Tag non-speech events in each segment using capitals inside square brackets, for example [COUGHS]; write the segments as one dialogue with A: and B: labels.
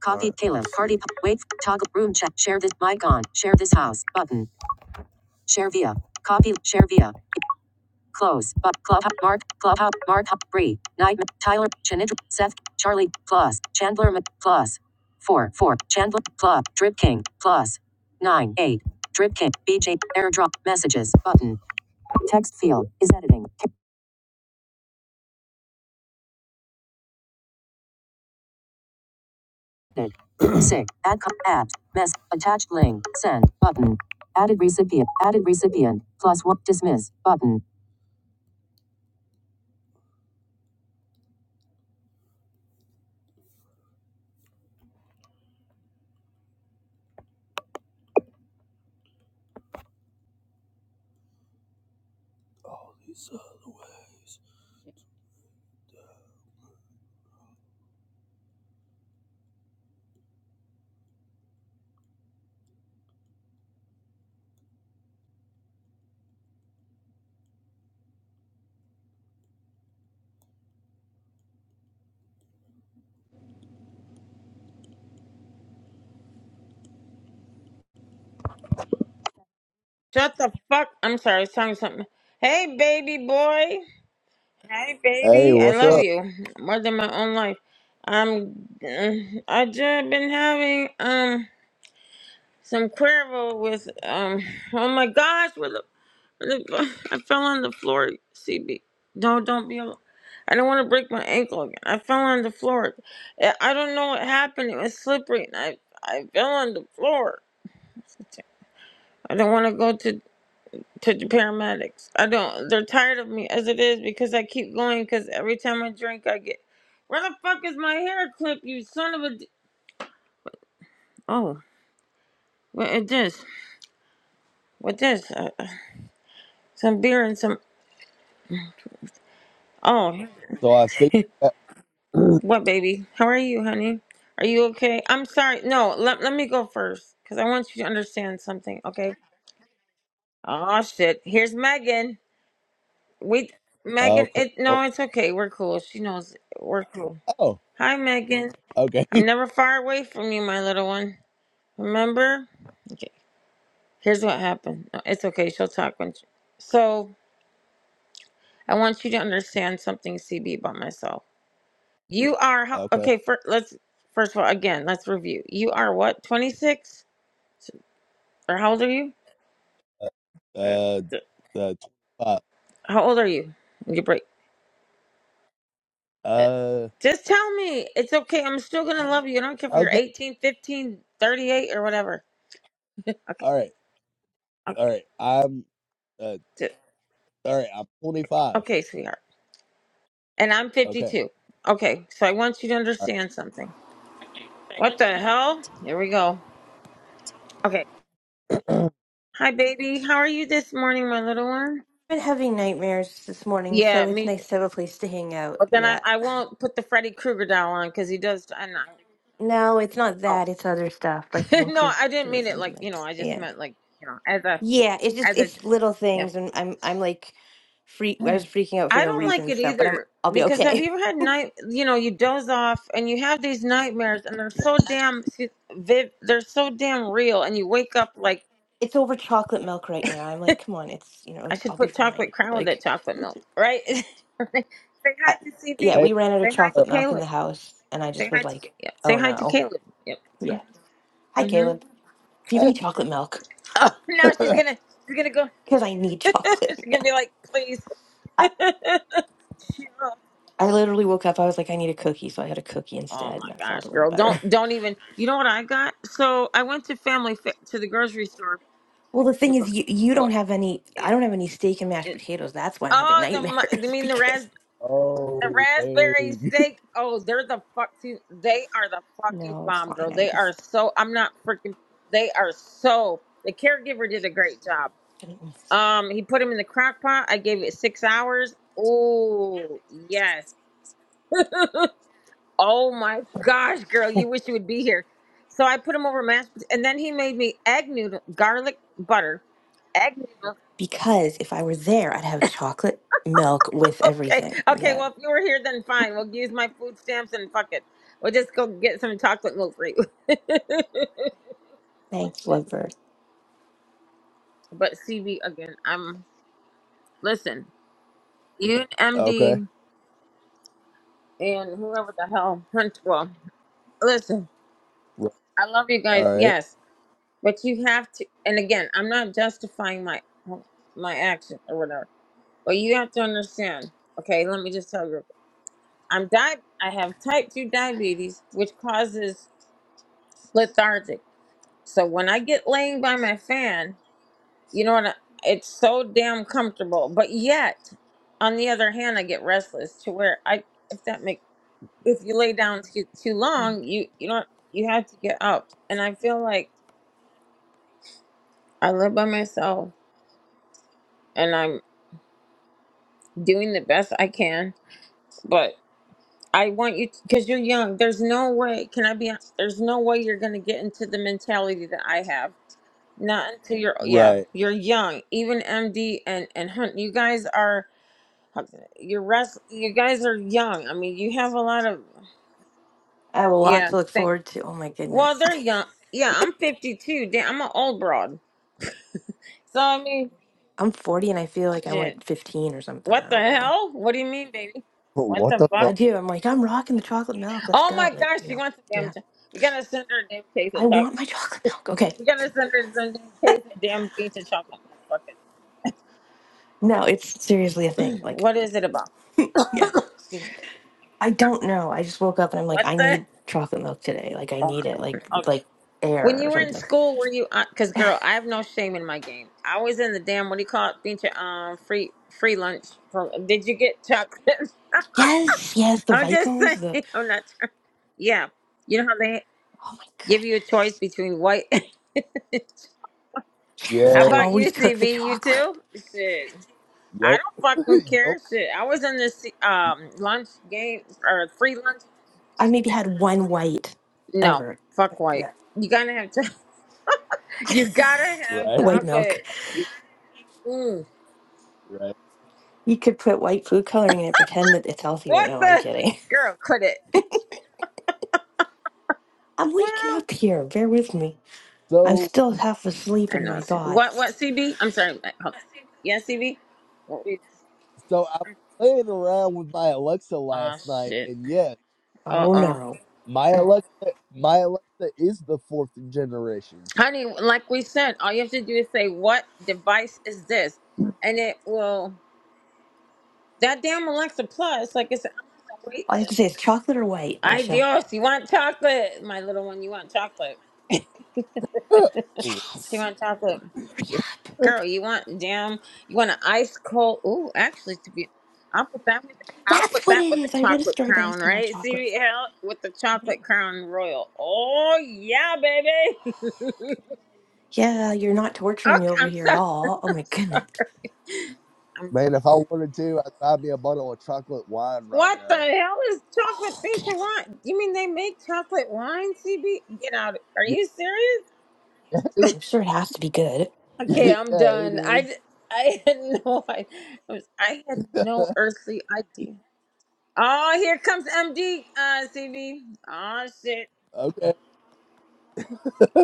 A: Copy Caleb. Party. Wait. Toggle. Room chat. Share this. Mic on. Share this house. Button.
B: Shut the fuck. I'm sorry, I was telling something. Hey, baby boy. Hey,
A: Hey,
B: baby. I
A: what's
B: love
A: up?
B: you more than my own life. Um, I just been having um some Cuervo with um. Oh my gosh, with a, with a, I fell on the floor. CB, no, don't be. al- I don't want to break my ankle again. I fell on the floor. I I don't know what happened. It was slippery, and I I fell on the floor. [LAUGHS] I don't want to go to to the paramedics. I don't. They're tired of me as it is because I keep going. Because every time I drink, I get. Where the fuck is my hair clip? You son of a. d- Oh, what is this? What this? Uh, uh, some beer and some. Oh,
A: So I think.
B: [LAUGHS] what baby? How are you, honey? Are you okay? I'm sorry. No, let let me go first because I want you to understand something. Okay. Oh shit. Here's Megan. Wait,
A: Oh.
B: Megan.
A: cr-
B: It no,
A: Oh.
B: it's okay. We're cool. She knows we're cool.
A: oh
B: Hi, Megan.
A: okay.
B: I'm
A: [LAUGHS]
B: never far away from you, my little one. Remember? Okay. Here's what happened. No, it's okay. She'll talk when she... So, I want you to understand something, CB, about myself. You are how...
A: okay.
B: okay. First, let's first of all, again, let's review. You are what? 26? Or how old are you? Uh,
A: Uh.
B: th-
A: Uh. Uh.
B: how old are you? You break. Uh,
A: uh
B: Just tell me. It's okay. I'm still gonna love you. I don't care if you're
A: okay.
B: 18, fifteen, thirty-eight, or whatever. [LAUGHS] Okay.
A: All right.
B: Okay,
A: All right. I'm. Uh.
B: d-
A: All right. I'm 25.
B: okay, sweetheart. and I'm
A: Okay.
B: 52. Okay, so I want you to understand something. What the hell? Here we go. Okay. Hi, baby. How are you this morning, my little one?
C: been having nightmares this morning,
B: Yeah,
C: so it's
B: me.
C: nice to have a place to hang out.
B: Well, then I,
C: Yeah.
B: I won't put the Freddy Krueger doll on because he does. I know.
C: No, it's not
B: Oh,
C: that, it's other stuff, but
B: [LAUGHS]
C: thank
B: no,
C: you
B: I
C: for
B: didn't
C: the
B: mean it like, you know,
C: sentiment.
B: I just
C: Yeah.
B: meant like, you know, as a,
C: Yeah, it's just
B: as a,
C: it's little
B: yeah.
C: things and I'm I'm like freak I was freaking out for
B: I
C: no
B: don't like
C: reason,
B: it
C: so but I'm
B: either
C: I'll be
B: because have
C: okay.
B: you
C: [LAUGHS]
B: ever had night, you know, you doze off and you have these nightmares and they're
C: Yeah.
B: so damn viv, they're so damn real and you wake up like
C: It's over chocolate milk right now. I'm like, come on, it's you know,
B: I
C: it's,
B: should
C: I'll be
B: put
C: fine.
B: chocolate crown with that
C: Like
B: chocolate milk, right? [LAUGHS] Say hi
C: I,
B: to
C: yeah,
B: CB.
A: Hey.
C: we ran out
B: Say
C: of
B: hi
A: uh,
B: to
C: chocolate milk in the
B: Caleb.
C: house and I
B: Say
C: just
B: hi
C: was
B: to
C: like,
B: yeah. Say
C: oh
B: hi to
C: no.
B: Caleb. Yep.
C: Yeah. Hi
B: hmm
C: Caleb. Do you have
A: hey.
C: any chocolate milk?
B: Oh, [LAUGHS] now she's
A: [LAUGHS]
B: gonna she's gonna go.
C: Because I need [LAUGHS]
B: [LAUGHS] she's
C: chocolate
B: gonna
C: milk.
B: be like, please. [LAUGHS] Chill.
C: I literally woke up. I was like, I need a cookie, so I had a cookie
B: oh
C: instead,
B: my
C: and I felt
B: gosh,
C: a little
B: girl, don't
C: better. [LAUGHS]
B: don't even. You know what I got? So I went to family Fa- to the grocery store.
C: Well, the thing is, you you
B: What?
C: don't have any. I
B: It,
C: don't have any steak and mashed
B: it,
C: potatoes. That's why I'm having
B: oh, the mu- you
C: nightmares [LAUGHS]
B: mean the raspberry?
C: because
B: The
A: oh.
B: raspberry
A: Dang. [LAUGHS]
B: steak. Oh, they're the fucking. They are the fucking
C: no, it's
B: bomb, girl.
C: fine. I'm
B: They are
C: just
B: so. I'm not freaking. They are so. The caregiver did a great job. Um, he put him in the crock pot. I gave it six hours. Oh yes. Oh my gosh, girl, you wish you would be here. So I put him over mashed, pot- and then he made me egg noodle, garlic butter, egg noodles.
C: because if I were there, I'd have chocolate milk with
B: Okay.
C: everything.
B: Okay.
C: Yeah,
B: Well, if you were here, then fine. We'll use my food stamps and fuck it. We'll just go get some chocolate milk for you. [LAUGHS]
C: thanks, Lovebird.
B: but CB again. I'm listen. You and
A: Okay.
B: MD and whoever the hell Hunt. Well, listen.
A: Right.
B: I love you guys.
A: All right.
B: Yes, but you have to. And again, I'm not justifying my my action or whatever. But you have to understand. Okay, let me just tell you. I'm di- I have type two diabetes, which causes lethargic. So when I get laying by my fan, you know, and I- it's so damn comfortable. But yet, on the other hand, I get restless to where I, if that make, if you lay down too, too long, you you know you have to get up. And I feel like I live by myself, and I'm doing the best I can. But I want you because you're young. There's no way. Can I be? hon- There's no way you're gonna get into the mentality that I have. Not until you're yeah,
A: Right.
B: you're young. Even MD and and Hunt, you guys are You're rest. You guys are young. I mean, you have a lot of.
C: I have a lot
B: Yeah.
C: to look
B: Thank.
C: forward to. Oh my
B: Well,
C: goodness,
B: they're young. Yeah, I'm 52. Damn, I'm an old broad. So I mean,
C: [LAUGHS] I'm 40 and I feel like I'm
B: shit.
C: like 15 or something.
B: What
C: I
B: the
C: don't know.
B: hell? What do you mean, baby?
A: [LAUGHS]
B: What
A: What
B: the
A: the
B: fuck?
C: I
A: fuck?
C: do. I'm like I'm rocking the chocolate milk. Let's
B: Oh my
C: go. Like
B: gosh,
C: you
B: she
C: know.
B: wants a damn.
C: Yeah.
B: Ch- we gotta send her a damn case
C: I
B: of
C: want my [LAUGHS]
B: chocolate.
C: chocolate milk. Okay.
B: We gotta send her some damn case of damn pizza chocolate. Fuck it.
C: No, it's seriously a thing. Like,
B: What
C: okay.
B: is it about? [COUGHS] [LAUGHS]
C: Yeah.
B: Excuse me.
C: I
B: I mean,
C: don't know. I just woke up and I'm like,
B: what
C: I
B: the?
C: need chocolate milk today. Like, I need it. Like,
B: Oh,
C: like
B: When
C: air or
B: you were in
C: something.
B: school, were you? Because girl, I have no shame in my game. I was in the damn. What do you call it? Beach um free free lunch. Pro- Did you get chocolate?
C: Yes. Yes.
B: [LAUGHS]
C: The
B: I'm just
C: Vicos. The,
B: saying. I'm not. trying- Yeah, you know how they
C: oh my
B: give you a choice
C: goodness.
B: between white. [LAUGHS]
C: Yes.
B: how
C: I
A: Yeah.
B: about
C: always took the
B: UCB? You
C: chocolate.
B: too? Shit, I
A: Yup.
B: don't
A: [LAUGHS]
B: fucking care.
A: yup.
B: Shit, I was in this um lunch game or free lunch.
C: I maybe
B: Shit,
C: had one white
B: no,
C: ever.
B: fuck white. You gotta have. Cho- [LAUGHS] you gotta have
A: Right.
C: White milk.
B: chocolate. Mm.
A: Right.
C: You could put white food coloring in it, pretend that it's healthier.
B: What
C: No, I'm
B: the
C: kidding. [LAUGHS]
B: girl? Quit it.
C: I'm waking
B: Well,
C: up here. Bear with me. I'm
A: So.
C: still half asleep
B: I
C: in
B: know.
C: my
B: it's- What? What?
C: thoughts.
B: CB? I'm sorry. I- hold- Yeah, CB. What we-
A: So I was playing around with my Alexa
B: Oh
A: last night,
B: shit.
A: and yes,
B: Uh
C: Oh
B: oh.
C: no.
A: my Alexa, my Alexa is the fourth generation.
B: Honey, like we said, all you have to do is say, "What device is this?" and it will. That damn Alexa Plus. Like I said, I'm on the wait
C: All I have to
B: list.
C: say is chocolate or white, and
B: I
C: she'll.
B: Dios, you want chocolate? My little one, you want chocolate? [LAUGHS]
A: [LAUGHS] Ooh.
B: She
C: Yes,
B: want chocolate.
C: rehab.
B: girl, you want damn, you want an ice cold. Ooh, actually, to be, I'll put that with, I'll
C: That's
B: put
C: what
B: that
C: it
B: with
C: is.
B: a
C: I read a
B: chocolate
C: story about ice
B: crown,
C: cream called
B: right?
C: chocolate.
B: CBL with the chocolate crown royal. Oh yeah, baby. [LAUGHS] okay,
C: Yeah, you're not torturing me over
B: I'm
C: here at
B: sorry. [LAUGHS]
C: all. Oh
B: I'm
C: my goodness.
B: sorry. I'm-
A: Man, if I wanted to, I'd buy me a bottle of chocolate wine right
B: what the
A: now.
B: hell is chocolate
C: Oh,
B: feature
C: Caleb.
B: wine? You mean they make chocolate wine? CB, get out! Are
A: Yeah,
B: you serious?
A: [LAUGHS]
C: I'm sure it has to be good.
B: Okay,
C: Like,
B: I'm
A: yeah, it
B: done. I d-
A: is.
B: I [LAUGHS] had no I, I was- I had no earthly idea. Oh, here comes MD uh, CV. Oh shit.
A: Okay.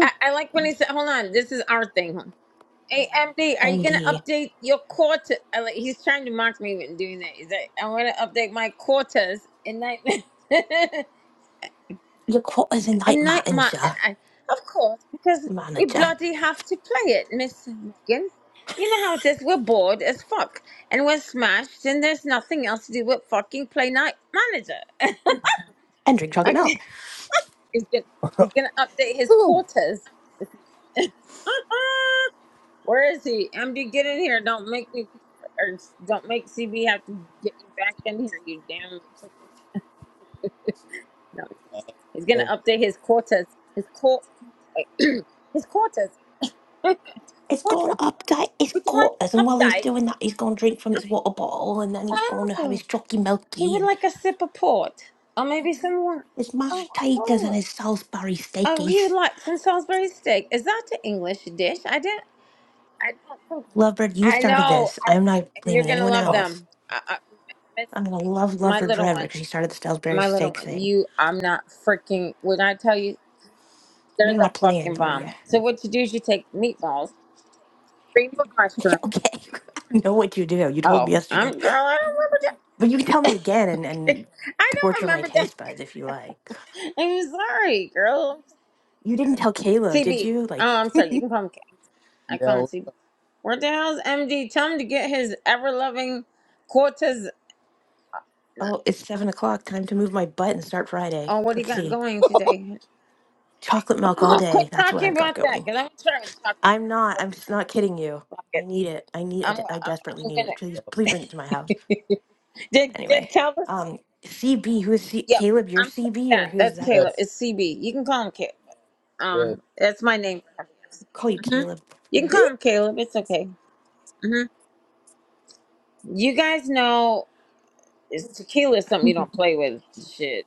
B: I, I like when he said, "Hold on, this is our thing." Hold on. Hey MD, are you gonna
C: MD,
B: update your Cortez? I like, he's trying to mock me when doing that. He's like, i want to update my Cortez and night [LAUGHS]
C: your quote is a night
B: and night my."
C: manager.
B: I, of course, because we
C: Manager.
B: bloody have to play it, Miss Megan. You know how it is. We're bored as fuck, and we're smashed, and there's nothing else to do but fucking play night manager. [LAUGHS]
C: And drink chocolate
B: Okay.
C: milk.
B: He's gonna he's gonna update his
A: [LAUGHS]
B: quotas. [LAUGHS] Where is he? MD, get in here! Don't make me or don't make CB have to get you back in here. You damn freaking no. He's gonna
A: Uh,
B: update his quotas. His quote. [CLEARS THROAT] his quotas. [LAUGHS]
C: It's going to
B: Quotas.
C: update his
B: Would you like to
C: quarters. And while he's
B: update?
C: doing that, he's going to drink from his water bottle. And then he's going to have
B: Oh,
C: his chalky
B: he
C: milky
B: would
C: and
B: like a sip of port, or maybe some wine.
C: his
B: Of
C: mashed potatoes and
B: course.
C: his Salisbury
B: Oh, he would
C: steakies.
B: like some Salisbury steak. Is that an English dish? I don't. I don't think
C: Lovebird, you
B: I
C: started
B: know.
C: this.
B: I
C: I'm not
B: and you're
C: blaming
B: gonna
C: anyone
B: love
C: else.
B: them. I, I, miss
C: I'm gonna love
B: my
C: Loveford
B: little
C: forever
B: one,
C: because she started the Salisbury
B: my little
C: steak
B: one.
C: thing.
B: You, I'm not freaking. When I tell you, they're
C: You're
B: the
C: not
B: fucking
C: playing, are you?
B: bomb.
C: [LAUGHS]
B: So what you do is you take meatballs, cream of
C: Yeah,
B: mushroom.
C: okay, [LAUGHS] I know what you do. You told me
B: Oh,
C: yesterday,
B: I'm girl. I don't remember that.
C: but you can tell me again and, and
B: [LAUGHS] I don't
C: torture my
B: remember that.
C: taste buds if you like.
B: [LAUGHS] I'm sorry, girl.
C: You didn't tell Caleb, did
B: CB.
C: you? Like,
B: Oh, I'm sorry. You can call him. K. I call
A: yeah,
B: him CB. Where the hell's MD? Tell him to get his ever loving quarters
C: oh, it's seven o'clock. Time to move my butt and start Friday.
B: on what he
C: Let's
B: got
C: see,
B: going today.
C: chocolate milk all
B: Oh, quit
C: day. That's what
B: talking
C: I've got
B: about that
C: going.
B: because I'm trying to talk about
C: I'm not.
B: it. Fuck
C: I'm
B: it.
C: s- not kidding you.
B: Fuck
C: I
B: it.
C: need it. I need. I,
B: I'm,
C: de- I
B: I'm,
C: desperately need it. Please, please bring it to my house.
B: I'm gonna. [LAUGHS] did did
C: Anyway,
B: Calvin?
C: um, CB. Who is C-
B: Yep.
C: Caleb? Your
B: I'm.
C: CB or
B: Yeah,
C: who is
B: that's
C: that?
B: Caleb.
A: Yes.
B: It's CB. You can call him Caleb.
A: Yes.
B: Um, that's my name.
C: Call you
B: hmm
C: Caleb.
B: You can call him Caleb. It's okay. hmm You guys know it's tequila is something you don't play with. Shit.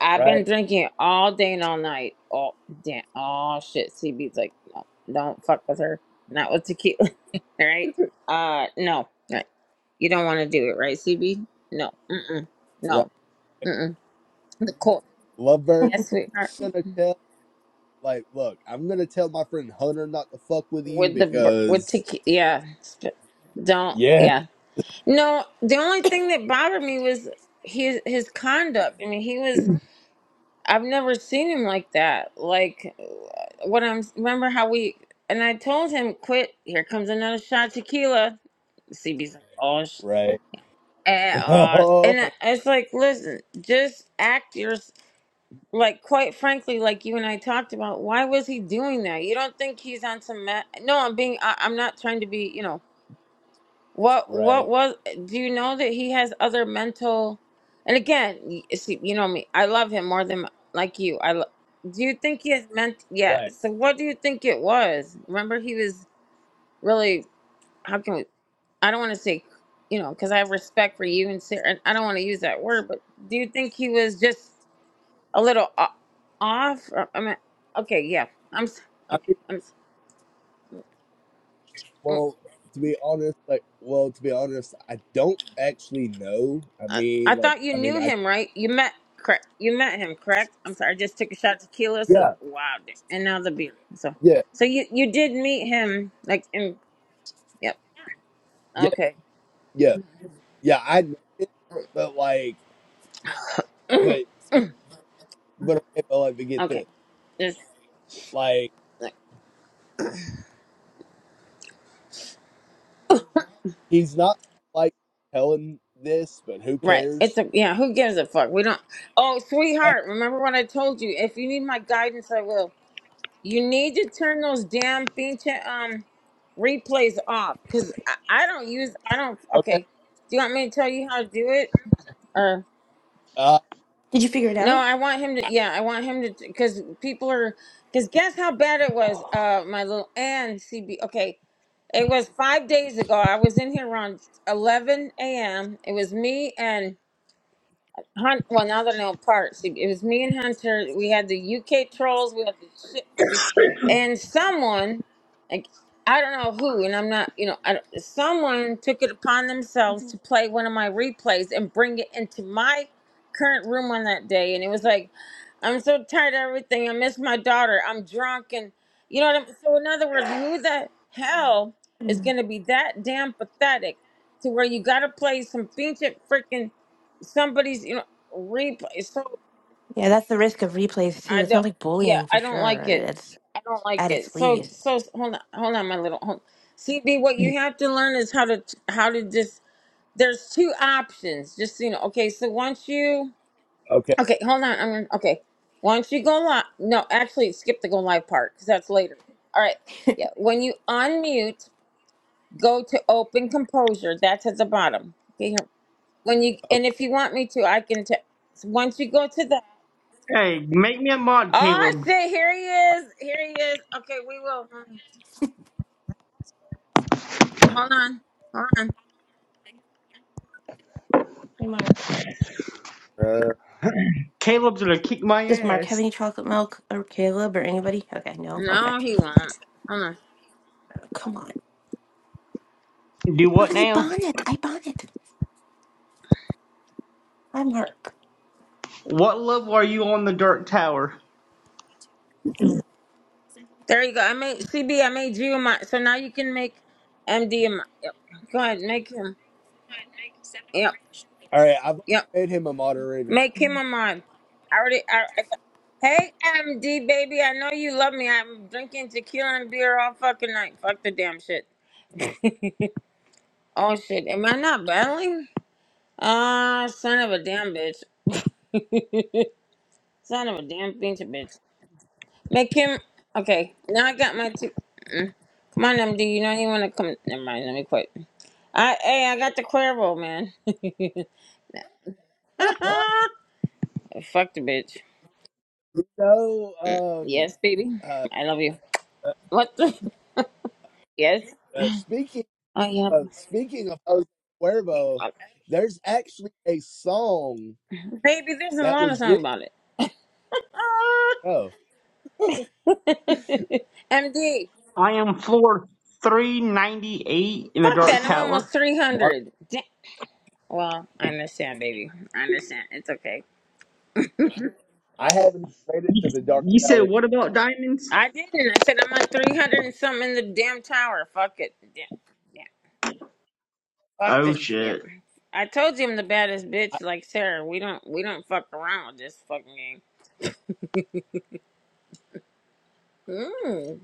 B: I've been
A: Right.
B: drinking all day and all night. All damn. Oh shit. CB's like, no, don't fuck with her. Not with tequila All right? Uh, no, right. you don't want to do it, right, CB? No, mm-mm,
A: Right.
B: no, mm-mm. The court,
A: Lovebird.
B: yes, we are
A: I'm gonna tell. Like, look, I'm gonna tell my friend Hunter not to fuck with you
B: with the br- with
A: because.
B: tequila. Yeah, Sp- don't.
A: Yeah.
B: Yeah, no. The only thing that bothered me was his his conduct. I mean, he was. I've never seen him like that. Like what I'm. Remember how we and I told him, quit. Here comes another shot, of tequila. CB's like, oh. sh-
A: Right.
B: at
A: [LAUGHS]
B: all.
A: Oh.
B: And it's like, listen, just act your like. Quite frankly, like you and I talked about, why was he doing that? You don't think he's on some? Ma- no, I'm being. I, I'm not trying to be. You know what? What
A: Right.
B: was? Do you know that he has other mental? And again, y- see, you know me. I love him more than like you. I lo- do. You think he has meant? Yeah.
A: Right.
B: So what do you think it was? Remember, he was really. How can we? I don't want to say, you know, because I have respect for you and Sarah, and I don't want to use that word, but do you think he was just a little o- off? Or, I mean, okay, yeah, I'm s-
A: I
B: okay.
A: mean,
B: I'm. s- mm,
A: well, to be honest, like, well, to be honest, I don't actually know. I
B: I, I
A: mean, like,
B: thought you
A: I mean,
B: knew
A: I.
B: him, right? You met, correct? You met him, correct? I'm sorry, I just took a shot of tequila, so
A: Yeah.
B: wow, d- and now the beer. So,
A: Yeah.
B: so you you did meet him, like, in, yep,
A: Yeah.
B: okay,
A: Yeah. Yeah. I know him, but like, but but okay, but like, but get
B: okay,
A: this,
B: just.
A: like,
B: like,
A: he's not like telling this, but who
B: Right.
A: cares?
B: It's a yeah, who gives a fuck? We don't Oh,
A: Like,
B: sweetheart, remember what I told you? If you need my guidance, I will. You need to turn those damn pinche um replays off because I, I don't use I don't
A: okay,
B: okay. Do you want me to tell you how to do it? Or
A: uh,
C: Did you figure it
B: no,
C: out?
B: I want him to yeah, I want him to because people are because guess how bad it was, uh my little and CB okay. It was five days ago. I was in here around eleven AM. It was me and Hunt, well, now that I know parts, it was me and Hunter. We had the UK trolls. We had the shit, see, and someone, like I don't know who, and I'm not, you know, I, don't- someone took it upon themselves to play one of my replays and bring it into my current room on that day, and it was like, I'm so tired of everything. I miss my daughter. I'm drunk, and you know what I'm. So in other words, who the hell is
C: Mm.
B: gonna be that damn pathetic to where you gotta play some ancient freaking somebody's. you know? replay. So
C: Yeah, that's the risk of replays
B: I
C: too. It
B: don't.
C: sounds like
B: Yeah,
C: bullying for
B: I don't like
C: sure.
B: it.
C: It's
B: I don't like
C: at
B: it.
C: its
B: So
C: least.
B: so hold on, hold on, my little. Hold, CB, what you have to learn is how to how to just. There's two options. Just so you know. Okay, so once you.
A: okay,
B: Okay, hold on. I'm gonna. Okay, once you go live. No, actually, skip the go live part because that's later. All right. Yeah, when you unmute, go to open composure. That's at the bottom. Okay, here. When you
A: okay.
B: and if you want me to, I can. T- once you go to that. Oh, I see. Here he is. Here he is. Okay, we will. Hold on. Hold on.
C: Hey, Mark.
A: Uh,
D: Fine.
C: Does Mark have any chocolate milk or Caleb or anybody? Okay, no. Okay.
B: No, he won't. Hold on.
C: Oh, Come on.
D: Do
C: But
D: what
C: I
D: now?
C: bought it. I bought it. Hi, Mark.
D: What level are you on the Dark Tower?
B: There you go. I made CB. I made you a mod. So now you can make MD a mod. Yep. Go ahead. Make him. Yep.
A: All right, I've
B: Yep.
A: made him a moderator.
C: It's
B: Make him
C: me.
B: a mod. I already. I, I, hey, MD baby. I know you love me. I'm drinking tequila and beer all fucking night. Fuck the damn shit. Oh shit. Am I not battling? Ah, son of a damn bitch. [LAUGHS] son of a damn bitch, bitch. Make him okay. Now I got my two. Come on, MD. You know you want to come. Never mind. Let me quit. I hey, I got the Cuervo, man.
A: [LAUGHS]
B: [LAUGHS] Fuck the bitch.
A: you know, um,
B: Yes, baby.
A: uh,
B: I love you.
A: uh,
B: What the? [LAUGHS] Yes.
A: uh, speaking
B: Oh yeah.
A: of speaking of Jose Cuervo, there's actually a song
B: Baby, there's a
A: that
B: lot of
A: was
B: song
A: written.
B: about
A: Oh,
B: it. MD. [LAUGHS]
D: I am floor 398 in the
B: Fuck
D: Dark
B: that. I'm
D: Tower.
B: almost three
A: Mark,
B: hundred. Well, I understand, baby. I understand. It's okay.
A: I haven't traded to the Dark
D: You said
A: Tower.
D: what about diamonds?
B: I didn't. I said I'm on three hundred and something in the damn tower. Fuck it. Yeah. Fuck
D: Oh
B: this. Yep.
D: shit.
B: I told you I'm the baddest
A: I,
B: bitch like Sarah. We don't we don't fuck around with this fucking game. Mm.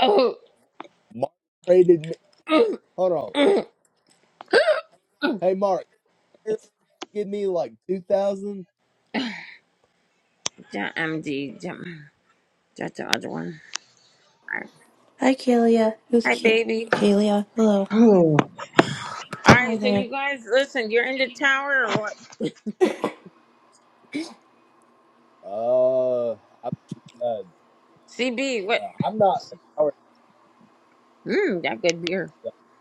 B: Oh.
A: Mark traded me.
B: Mm,
A: Hold on,
B: mm.
A: hey Mark, here,
B: It's
A: give me like two thousand.
B: Ja- MD. Ja- That's the other one. All right.
C: Hi, Kalia. Who's
B: Hi,
C: Ka-
B: baby.
C: Kalia? Hello.
D: [SIGHS] Oh,
B: All
C: Hi
B: right. So
C: there.
B: you guys, listen. You're in the tower or what?
A: Uh, I'm uh, uh,
B: CB. What?
A: I'm not.
B: Mmm. That good beer.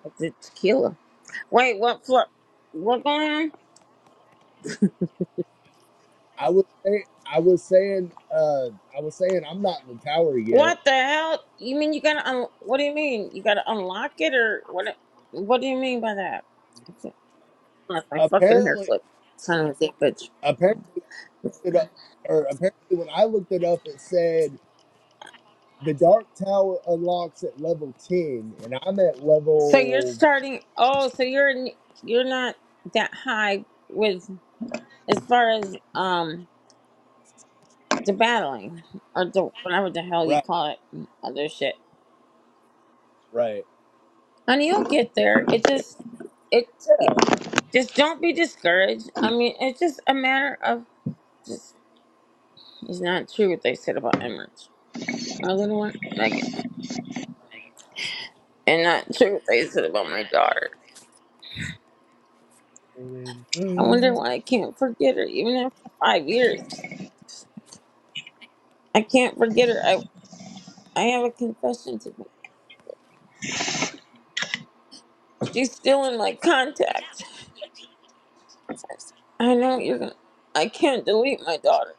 B: It's a tequila. Wait. What? Floor? What going on?
A: I was say I was saying uh I was saying I'm not in the tower yet.
B: What the hell? You mean you gotta? Un- what do you mean? You gotta unlock it or what? What do you mean by that? That's my fucking hair
A: Apparently
B: clip. Son of a dick bitch.
A: apparently it, uh, or apparently when I looked it up it said the dark tower unlocks at level 10 and I'm at
B: So you're
A: level
B: starting. Oh, so you're n- you're not that high with as far as um the battling or the whatever the hell you
A: right
B: call it mm, other shit.
A: right.
B: And you'll get there. It just it
A: Yeah.
B: just don't be discouraged. I mean, it's just a matter of just it's not true what they said about Emirates, my little one Megan, and not true what they said about my daughter. I wonder
A: [LAUGHS]
B: why I can't forget her even after five years.
C: Oops.
B: I can't forget her. I I have a confession to make. She's still in my contacts. I know you're gonna. I can't delete my daughter.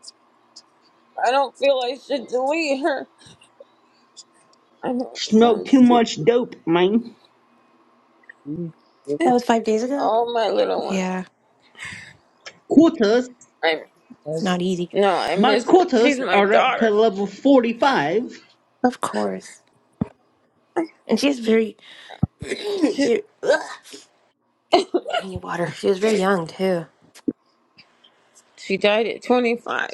B: I don't feel I should delete her. I know it
D: Smoked
B: sounds
D: too
B: stupid.
D: much dope, man.
C: That was five days ago?
B: Oh, my little one.
C: Yeah,
D: Quarters.
B: I
C: it's
A: All
C: not easy.
B: no, I
D: My
B: miss her.
D: quarters
B: She's my
D: are up to
B: daughter.
D: level 45.
C: Of course. And she's very. [CLEARS THROAT]
B: She,
C: very ugh. I need water. She was very young, too.
B: she died at 25.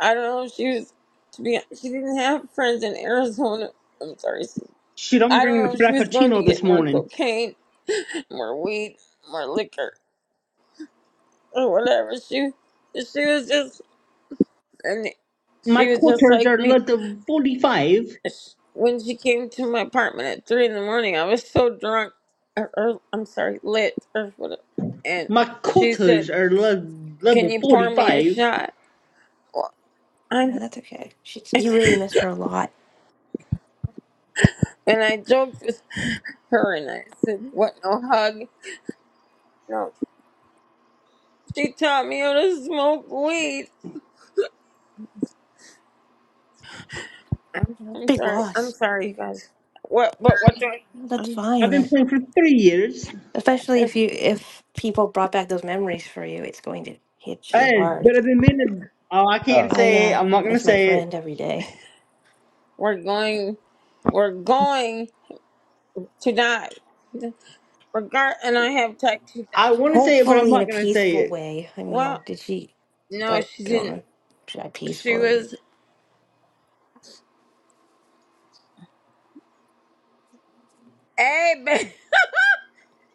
B: I don't know if she was to be. She didn't have friends in Arizona. I'm sorry. She,
D: Shit, I'm
B: I don't
D: drinking
B: know
D: a
B: if she was going to
D: frappuccino
B: get
D: this
B: more
D: morning.
B: cocaine, more weed, more liquor. or whatever. She she was just and
D: My
B: she was just
D: quarters
B: like
D: are
B: me.
D: level 45.
B: Sh- When she came to my apartment at three in the morning, I was so drunk, or, or I'm sorry, lit or whatever. And
D: My
B: she said,
D: quarters are le-
B: "Can
D: level
B: you pour me a
D: 45.
B: shot?" Well, I
C: Yeah, that's okay. She,
B: [LAUGHS]
C: you really miss her a lot.
B: and I joked with her and I said, "What? No hug? No." She taught me how to smoke weed. I'm,
C: You know,
B: I'm
C: big
B: sorry. I'm
C: loss.
B: sorry, you guys. What? But what do I?
C: That's
B: I'm,
D: I've been
C: fine.
D: playing for three years.
C: Especially
B: if
C: if you if people brought back those memories for you, it's going to hit you
D: Hey, but
C: hard.
D: I've been meaning. Oh, I can't
C: I
D: say it.
C: uh
D: I'm not gonna
C: miss my
D: say it.
C: friend every day.
B: we're going, we're going. tonight. Regard and I have talked to
D: I want to say it, but I'm
C: Hopefully
B: that.
C: in a
D: not gonna say
C: peaceful
D: it.
C: way. I
B: Well,
C: mean, did she
B: no,
C: I
B: she
C: don't
B: didn't.
C: know. Should I
B: She
C: peacefully?
B: was hey, ba-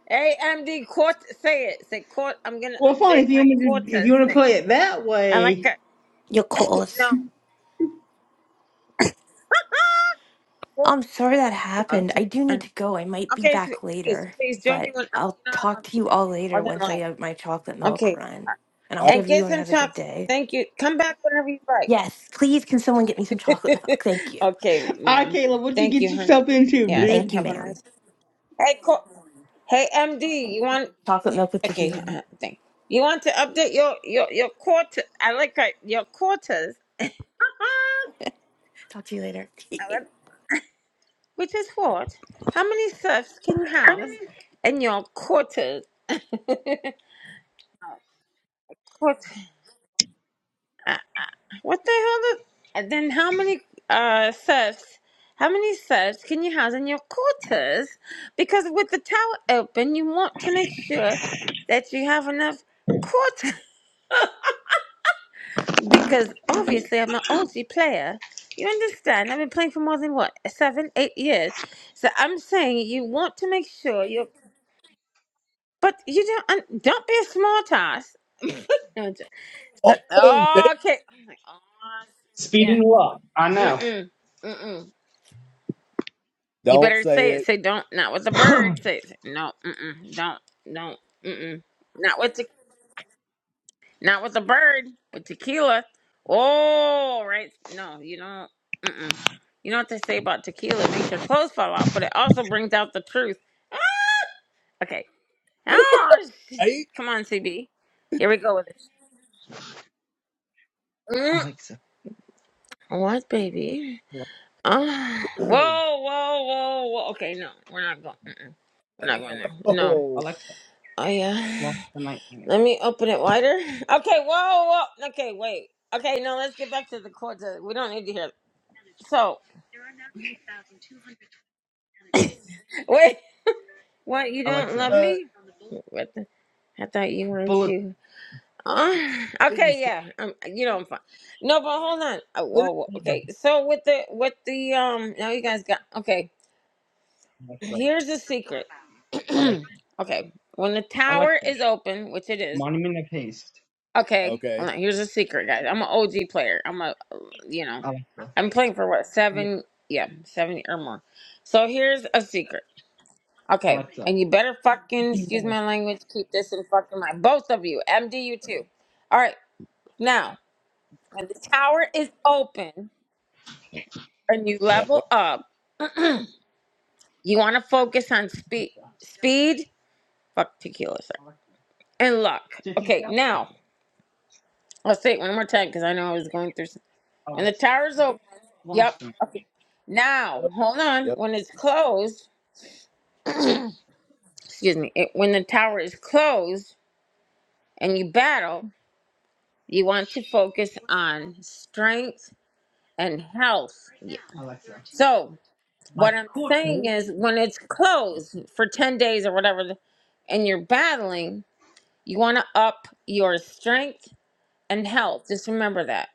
B: [LAUGHS] hey, MD court. Say it. Say court. I'm gonna
D: Well, fine. If
B: update
D: you
B: my
D: want me to, if you
B: quarter.
D: want to
B: Say
D: play it that
B: and like
D: way,
B: that.
C: Your calls.
B: no court.
C: I'm sorry that
B: No.
C: happened.
B: it's-
C: I do need
B: and-
C: to go. I might be
B: Okay, so
C: back
B: please,
C: later,
B: please join me
C: but
B: when um, you
C: I'll
B: know I
C: talk
B: love
C: to
B: you
C: you all
B: more
C: later
B: than
C: once I
B: life.
C: have my chocolate milk
B: Okay,
C: run.
B: sweetheart.
C: And I
A: right.
C: hope
B: and get
C: everyone
B: some
C: has a good
B: chocolate.
C: day.
B: Thank you. Come back whenever you
C: Yes, please can someone get me some chocolate
B: like.
C: milk? [LAUGHS] Thank
B: [LAUGHS]
C: you.
B: okay,
D: all right,
B: ma'am.
D: Caleb, what you
B: Thank
D: get
B: you, honey.
D: yourself into,
B: Yes.
C: Thank
D: dude?
C: you,
B: Have a
C: ma'am.
B: nice. Hey, co- hey, MD, you want?
C: Chocolate milk with tequila
B: Okay,
C: in it.
B: uh, thing. You want to update your your your quarter? I like uh, your quarters, [LAUGHS]
C: Talk to you later. [LAUGHS]
B: Uh, which is what? How many serfs can you house in your quarters? [LAUGHS] Quarter. Uh, what the hell? is- And then how many uh serfs? How many serfs can you house in your quarters? Because with the tower open, you want to make sure that you have enough quarters. because obviously I'm an oldie player. You understand? I've been playing for more than what seven, eight years. So I'm saying you want to make sure you, but you don't and don't be a smart ass. [LAUGHS] No, I'm joking. So-
A: Oh, dang.
B: okay. I'm like, oh,
D: Speed
B: yeah.
D: and walk. I know.
B: Mm-mm. Mm-mm. You
A: don't
B: better
A: say
B: say it. Say don't. Not with the bird. Say it. Say, no. Mm-mm. Don't. Don't. Mm-mm. Not with the Not with a bird, with tequila. Oh, right. No, you know, mm-mm. You know what they say about tequila? It makes your clothes fall off, but it also brings out the truth. Ah, Okay. Oh, sh-
A: it. Right?
B: come on, CB. Here we go with this. Mm,
D: Alexa,
B: What, baby?
D: Alexa,
B: Oh,
A: [CLEARS THROAT]
B: whoa, whoa, whoa, whoa. Okay, no, we're not going. Mm-mm. We're not going there. No.
A: oh,
D: Alexa,
B: Oh
D: launch
B: yeah.
D: the night manager.
B: Let me open it wider. Okay. Whoa, whoa. Okay, wait. Okay, no. Let's get back to the court. We don't need to hear. So [LAUGHS] wait. What, you
D: Alexa,
B: don't love
A: uh,
B: me? What the, I thought you wanted
D: bullet
B: to. Uh,
A: I
B: [LAUGHS]
A: didn't
B: okay,
A: see
B: yeah. Um, you know I'm fine. No, but hold on. Oh, whoa,
A: it.
B: whoa,
D: leader.
B: okay. So with the with the um, now you guys got okay. [CLEARS THROAT]
D: Alexa,
B: Here's the secret. [CLEARS THROAT]
D: Alexa,
B: okay, when the tower
D: Alexa,
B: is open, which it is.
D: monument of haste.
B: Okay, hold
A: Okay.
B: on. Here's a secret, guys. I'm an OG player. I'm a, you know,
D: Alexa,
B: I'm playing for what
D: yeah,
B: seven? Yeah, seven or more. So here's a secret. Okay,
D: Alexa,
B: and you better fucking excuse my language. Keep this in fucking mind, both of you. MD, you too. All right, now when the tower is open and you
A: Right.
B: level up, you want to focus on speed, speed, fuck tequila, sir,
D: Alexa,
B: and luck.
D: city
B: Okay,
D: tower.
B: now I'll say it one more time because I know I was going through. Some. When the
D: Alexa,
B: tower's open,
D: launch
B: yep. Okay, now
A: Yep.
B: hold on.
A: yep,
B: When it's closed, excuse me. It, when the tower is closed and you battle, you want to focus on strength and health. Yeah. So
D: my
B: what I'm saying
D: quarter.
B: is, when it's closed for ten days or whatever, the- and you're battling, you want to up your strength and health. Just remember that.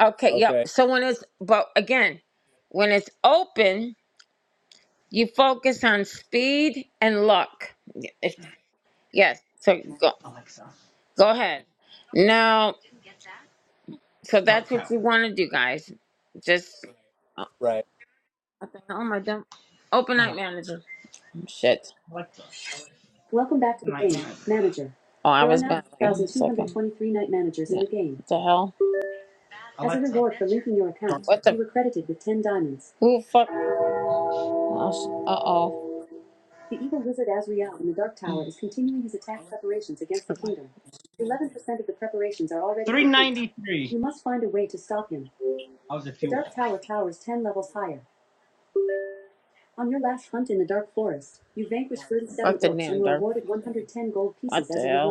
B: Okay.
A: Okay.
B: Yep. So when it's but again, when it's open, you focus on speed and luck. Y- If, yes. So go
D: Alexa,
B: go ahead. Now, so that's
D: dark
B: what you
D: tower.
B: want to do, guys. Just oh,
A: Right.
B: what the hell am I done? Open night manager. Shit.
D: Alexa, the night manager.
B: Oh, I Wait the hell? Who the fuck? Oh, Uh oh.
D: I was a few off.
B: Fuck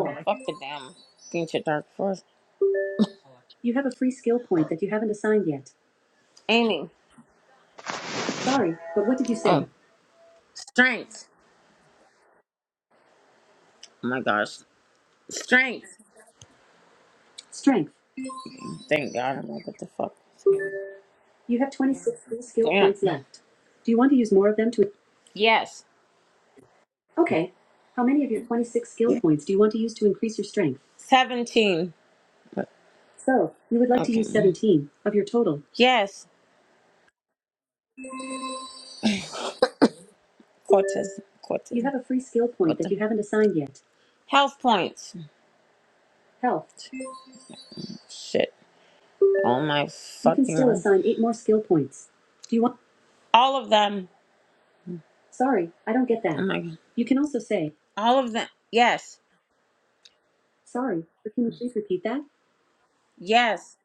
D: I like
B: Fuck the damn. Ancient dark forest.
D: her.
B: Aiming. strength. Oh my gosh. Strength. Thank God. I'm like, what the fuck? Yes. 17. Okay. Okay. Yes. Cortez. Cortez. You Health points. Shit. Oh my fucking. All of them. that. Oh my. All of them. Yes. Yes.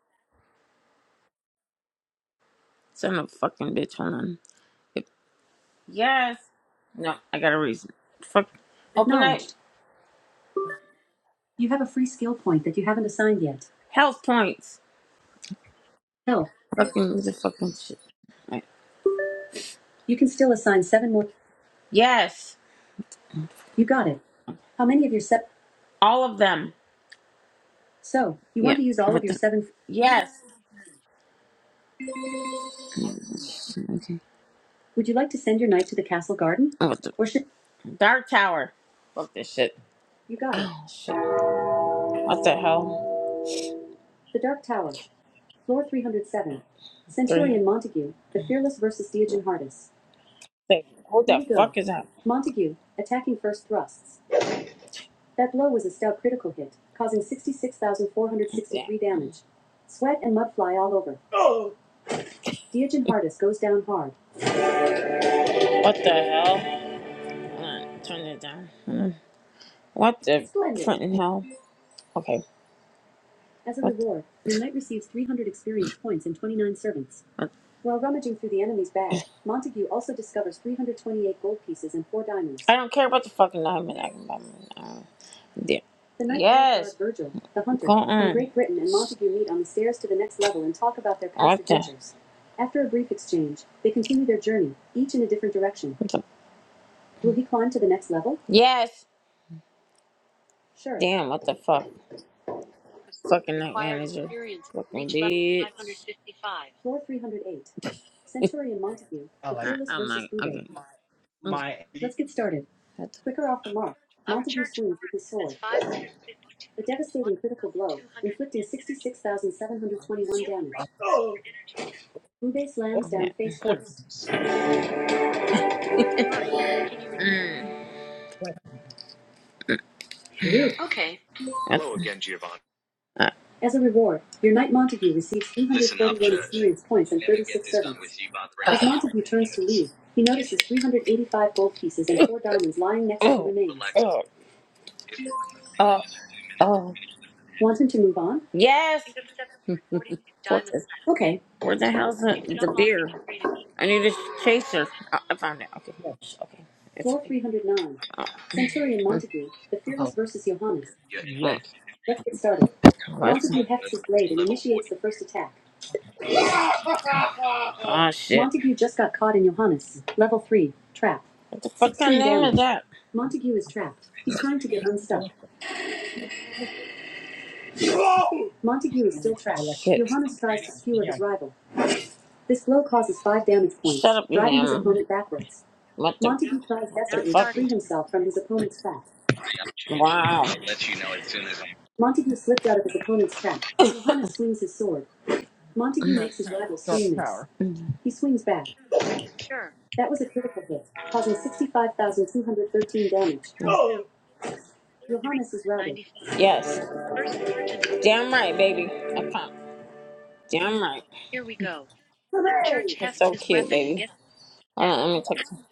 B: Son of a fucking bitch. Hold on. Yes. No, I got a reason. Fuck. Open up. Health points. Fucking the fucking shit. Right. Yes. All of them. Yep. What the? Yes. Okay. Oh, what the? Dark Tower. Fuck this shit. Shit. What the hell? Three. Wait, who the Way fuck is that? Yeah. What the hell? Hold Turn it down. What the front hell? Okay. don't care about the fucking diamond. I can buy mine. Uh, yeah. the, yes. Damn, what the fuck? Fucking night manager. Fucking bitch. okay.
D: My
B: That's-
A: Oh,
D: fortunes. Like
B: that's, uh, Oh, oh, oh. Yes! What is, where the hell's the, the beer? I need a chaser. Oh, I found it. Okay. It's Okay. It's Oh,
D: power.
B: mm,
D: Yes.
B: what's- oh, shit. What the damage.
D: I like
B: that?
D: I like yes.
B: What Wow.
D: Dark power.
B: Yes. Damn right, baby. I can't. Damn right. You're so cute, baby. Hold on, let me take some.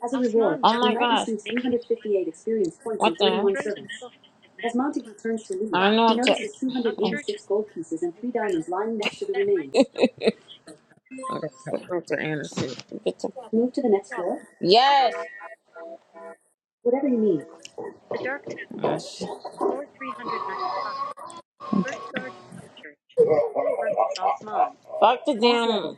B: Oh, [LAUGHS] Mr. Anderson. Get the, yes. Oh, Fuck the damn.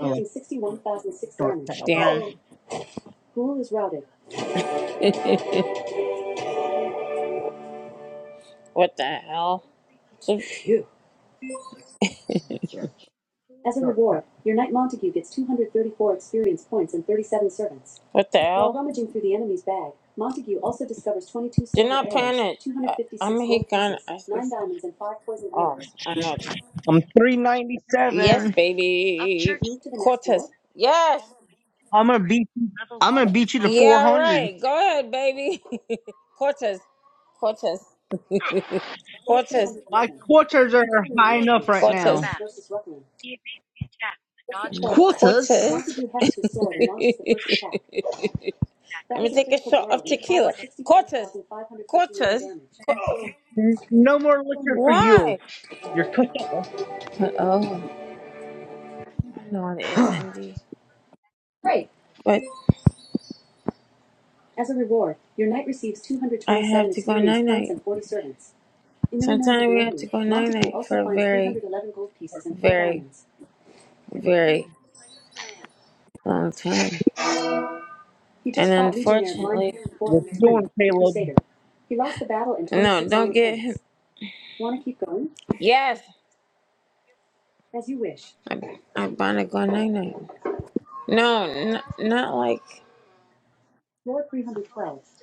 D: I like dark power.
B: What the hell? So-
D: That's your dark power.
B: What the hell? not plan he Oh, I know.
D: I'm
B: Yes,
D: 397.
B: baby. Yes.
D: I'm gonna beat. You, I'm gonna beat you to
B: Yeah,
D: 400.
B: right. Go ahead, baby. [LAUGHS] Cortez. Cortez. [LAUGHS] Cortez.
D: My quarters are high enough right now.
B: Cortez. Mm. Cortez.
D: Quarters.
B: [LAUGHS] Let me take a shot of tequila. Cortez. Cortez.
D: No more liquor for you.
B: Why?
D: You're cut off.
B: Oh, no, it is
D: [SIGHS]
B: MD. But I have to go night night. Sometimes we have to go night night for a very, very very long time. And unfortunately,
D: What's you doing, Caleb?
B: no, don't get him. Yes, I, I want to go night night. No, n- not like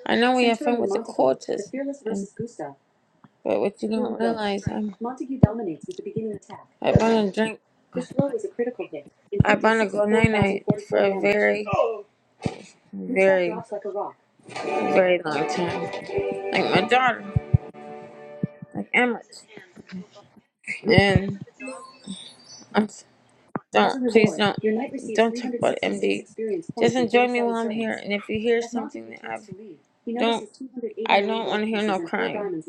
B: I know we have fun with the quarters, and but what you don't realize, I'm I want to drink. I want to fifty-six go and night night for a four thousand forty-four very, Gustav very, very long time. Like my daughter, like Emmett, and I'm Don't please don't don't talk about MD. Just enjoy me while I'm here, and if you hear something that I've don't I don't want to hear no crying.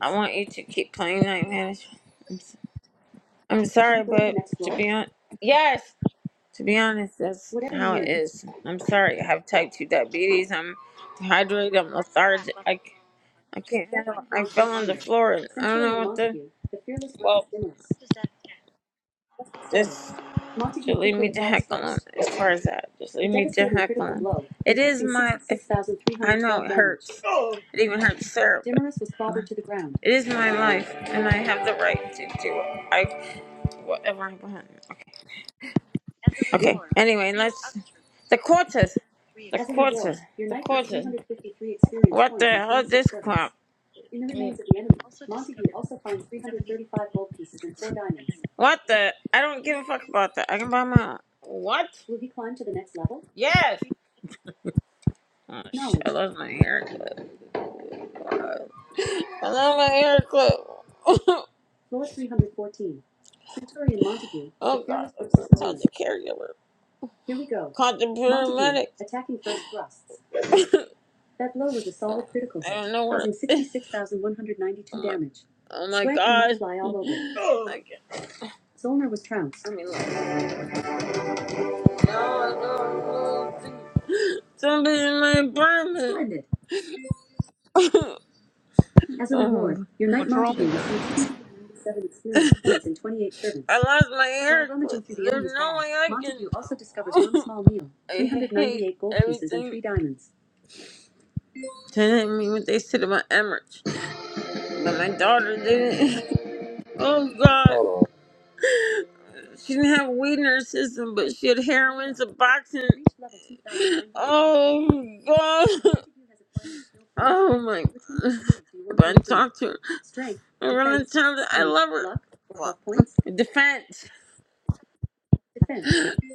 B: I want you to keep playing Night Manager. I'm, s- I'm sorry, but to be on yes, to be honest, that's how it is. I'm sorry. I have type two diabetes. I'm dehydrated. I'm lethargic. I c- I can't handle. it. I fell on the floor and I don't know what to. Well, just just leave me to heck alone as far as that. Just leave me to heck alone. It is my. If, I know it hurts. It even hurts Sarah. but- It is my life, and I have the right to do I whatever I want. Okay. Okay. Anyway, let's. The quarters. The quarters. The quarters. What the hell is this crap? What the? I don't give a fuck about that. I can buy my What? Yes. Oh shit! I love my hair clip. I love my hair clip. [LAUGHS] oh Oh god, I'm to tell the caregiver. Called the paramedic. thrusts. [LAUGHS] I I don't know where. [LAUGHS] Oh my god. [LAUGHS] Oh my god. I mean, look. No, I do Somebody in my apartment. Splendid. As a reward, your [LAUGHS] Knight
D: What's wrong?
B: Montague receives 297 experience points and 28 servants. I lost my hair. While rummaging through the There's enemy's no bag, way I can. Montague also [LAUGHS] discovers one small meal, 398 gold pieces, and three diamonds. Telling me what they said about Emirates, but my daughter didn't. [LAUGHS] Oh God. She didn't have weed in her system, but she had heroin, Suboxone. Oh God! Oh my God! But I talk to her. I'm gonna tell her I love her. Well, defense.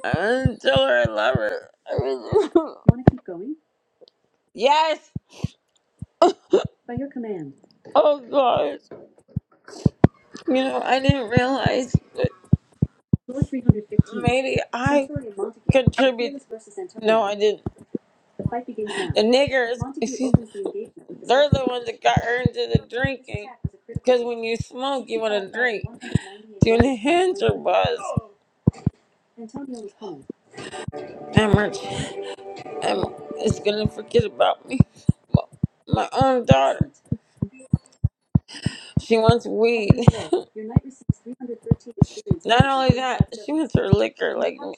B: I'm gonna tell her I love her. I really do. yes. Oh God! You know I didn't realize, that maybe I contribute. No, I didn't. Fight begins now. The niggers, Montague opens the engagement with the they're the ones that got her into the drinking. Because when you smoke, you want to drink to enhance her buzz. And her, and is going to forget about me. My, my own daughter. She wants weed. [LAUGHS] Your knight receives three hundred thirteen experience. Not only that, she wants her liquor like me.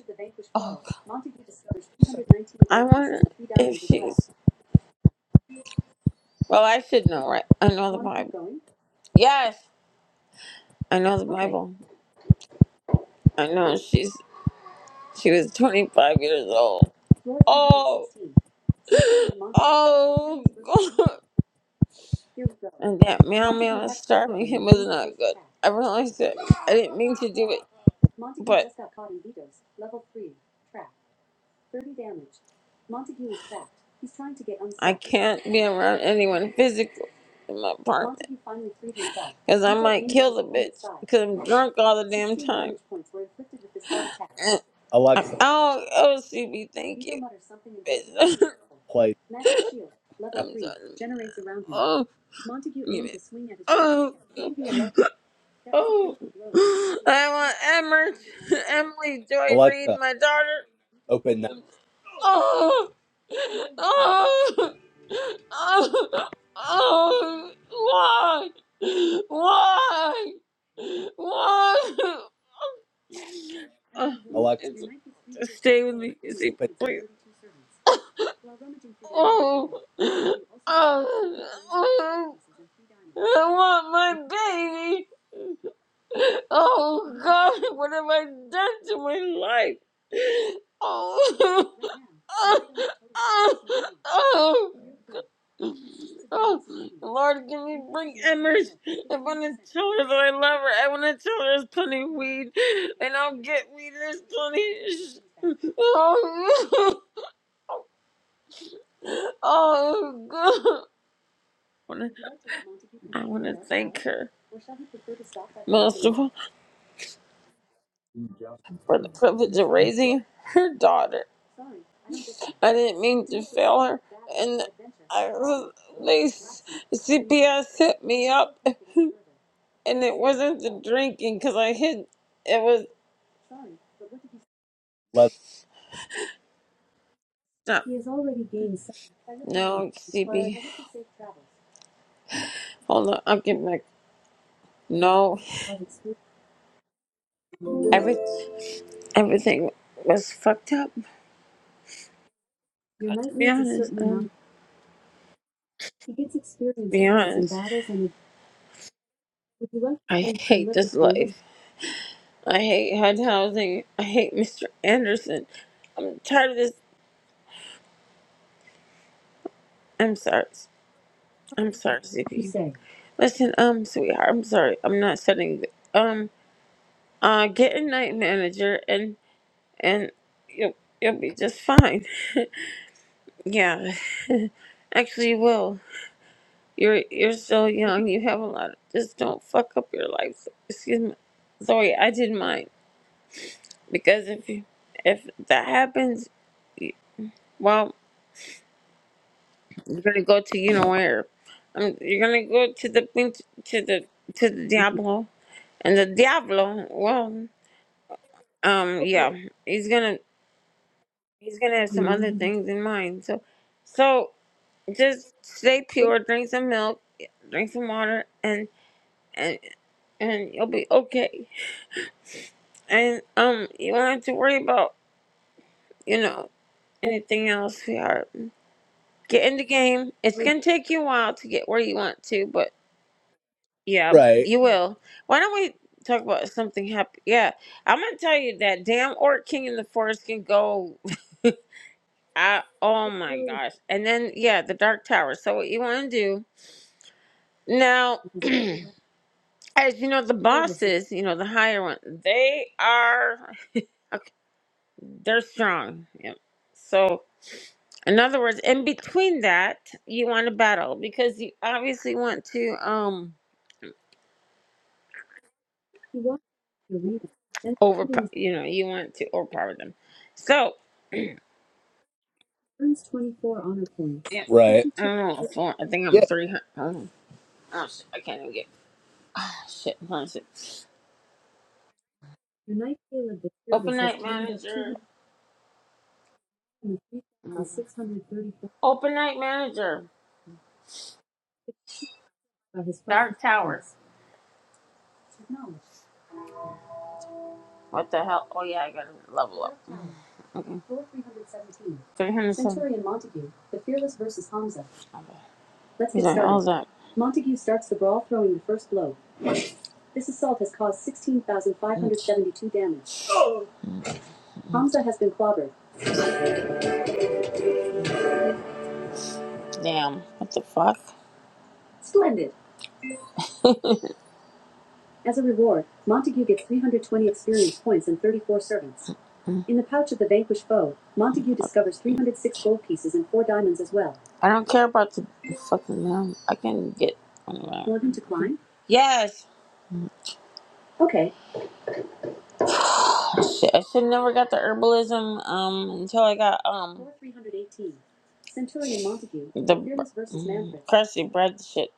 B: Oh, God. Montague discovers three hundred nineteen I wonder if she's. Well, I should know, right? I know the Bible. Yes. I know the Bible. I know she's she was 25 years old. Oh, [LAUGHS] oh, God. And that meow meow is starving him was not good. I realized that I didn't mean to do it, but I can't be around anyone physically in my apartment because I might kill the bitch because I'm drunk all the damn time. [LAUGHS]
A: Alexa.
B: Oh, oh, CB, thank you. Bitch. [LAUGHS]
A: play
B: I'm
A: Apple.
B: sorry. Oh, give me- Oh, oh, I want Emmer, [LAUGHS] Emily Joy Reed,
A: Alexa,
B: my
A: open that.
B: daughter. Oh, oh, oh, oh, why? Why? Why? Oh,
A: Alexa,
B: it's, stay with me. Izzy,
A: open
B: please. Oh, oh, oh, I want my baby. Oh God, what have I done to my life? Oh, [LAUGHS] oh, oh, oh, Lord, can you bring Emmer's? I want to tell her that I love her. I want to tell her there's plenty of weed, and I'll get weed. There's plenty. Oh, [LAUGHS] oh God. I want to thank her. most of all. for the privilege of raising her daughter. I didn't mean to fail her, and I they CPS hit me up, and it wasn't the drinking because I hid. It was
A: leather.
B: not. No, CP. Hold on, I'll get back. No, every everything was fucked up. God, to be honest, um, to be honest, I hate this life. I hate HUD housing. I hate Mr. Anderson. I'm tired of this. I'm sorry. I'm sorry, Zippy. Listen, um, sweetheart, I'm sorry. I'm not setting. Um, uh, get a night manager, and and you'll you'll be just fine. [LAUGHS] Yeah, actually, you will. You're you're so young. You have a lot. Of, just don't fuck up your life. Excuse me. Sorry, I did mine because if you if that happens, well, you're gonna go to you know where. Um, you're gonna go to the pin- to the to the Diablo and the Diablo. Well. um yeah he's gonna he's gonna have some other things in mind so so just stay pure drink some milk drink some water and and and you'll be okay and um you won't have to worry about you know anything else sweetheart get in the game it's gonna take you a while to get where you want to but yeah
A: Right.
B: you will why don't we talk about something happy yeah i'm gonna tell you that damn orc king in the forest can go I oh my gosh. And then yeah, the Dark Tower. So what you want to do now? As you know, the bosses, you know, the higher one, they are okay, they're strong. Yep. So in other words, in between that, you want to battle because you obviously want to um over you know you want to overpower them. So yeah,
A: Right.
B: I don't know. Four, I think I'm
A: Yeah.
B: three hundred. Oh, oh shit, I can't even get. [SIGHS] Oh shit, hold on a sec. Open night manager. Open night manager. Dark Tower. What the hell? Oh yeah, I gotta level up. Okay. 307. Centurion Montague, the fearless versus Hamza. Let's get started. All that. Damn. What the fuck? I don't care about the fucking um. I can get. Welcome to Klein. Yes. Oh, shit. I should never got the herbalism um until I got um. Four three hundred eighteen. Centurion Montague. The fearless versus Manfred. Crusty bread shit.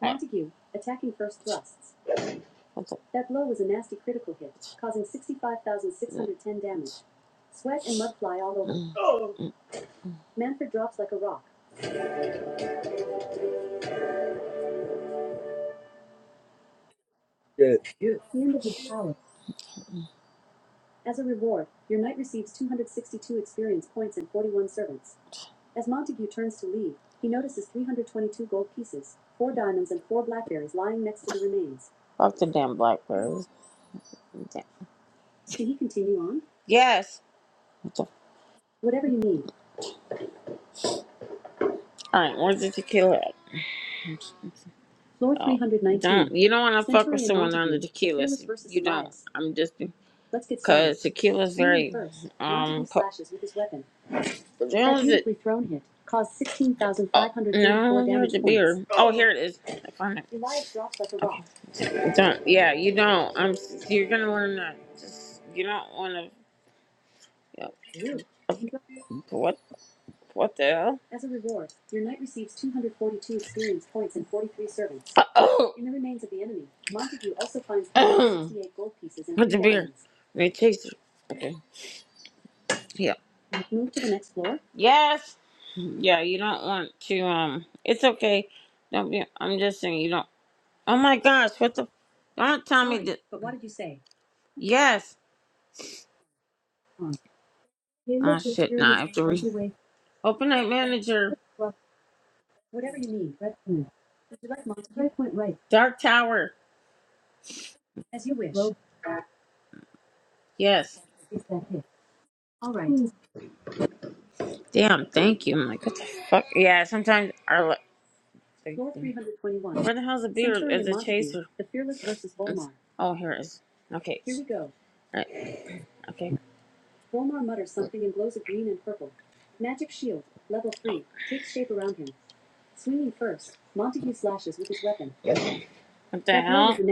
B: Montague attacking first thrusts. What the
A: Good.
B: fuck the damn blackbird? Okay. Yes. All right. Where's the tequila? At? Oh, don't you don't want to fuck with someone on the tequila. You don't. I'm just because tequila's very um. Po- Jones is Oh no, where's the beer? Oh, here it is. I found it. Don't. Yeah, you don't. I'm. s- You're gonna learn that. Just you don't want to. You know, What? What the hell? [CLEARS THROAT] Put the beer. It tastes okay. Yeah. Yes. Yeah, you don't want to um it's okay. Don't be I'm just saying you don't Oh my gosh, what the don't tell me that yes. Oh shit, now I have to re open night manager. Dark Tower. Yes. Damn, thank you. I'm like, what the fuck? Yeah, sometimes our. There Where the hell's the beer Is as a chaser? oh, here it is. Okay. Right. Okay. What the hell?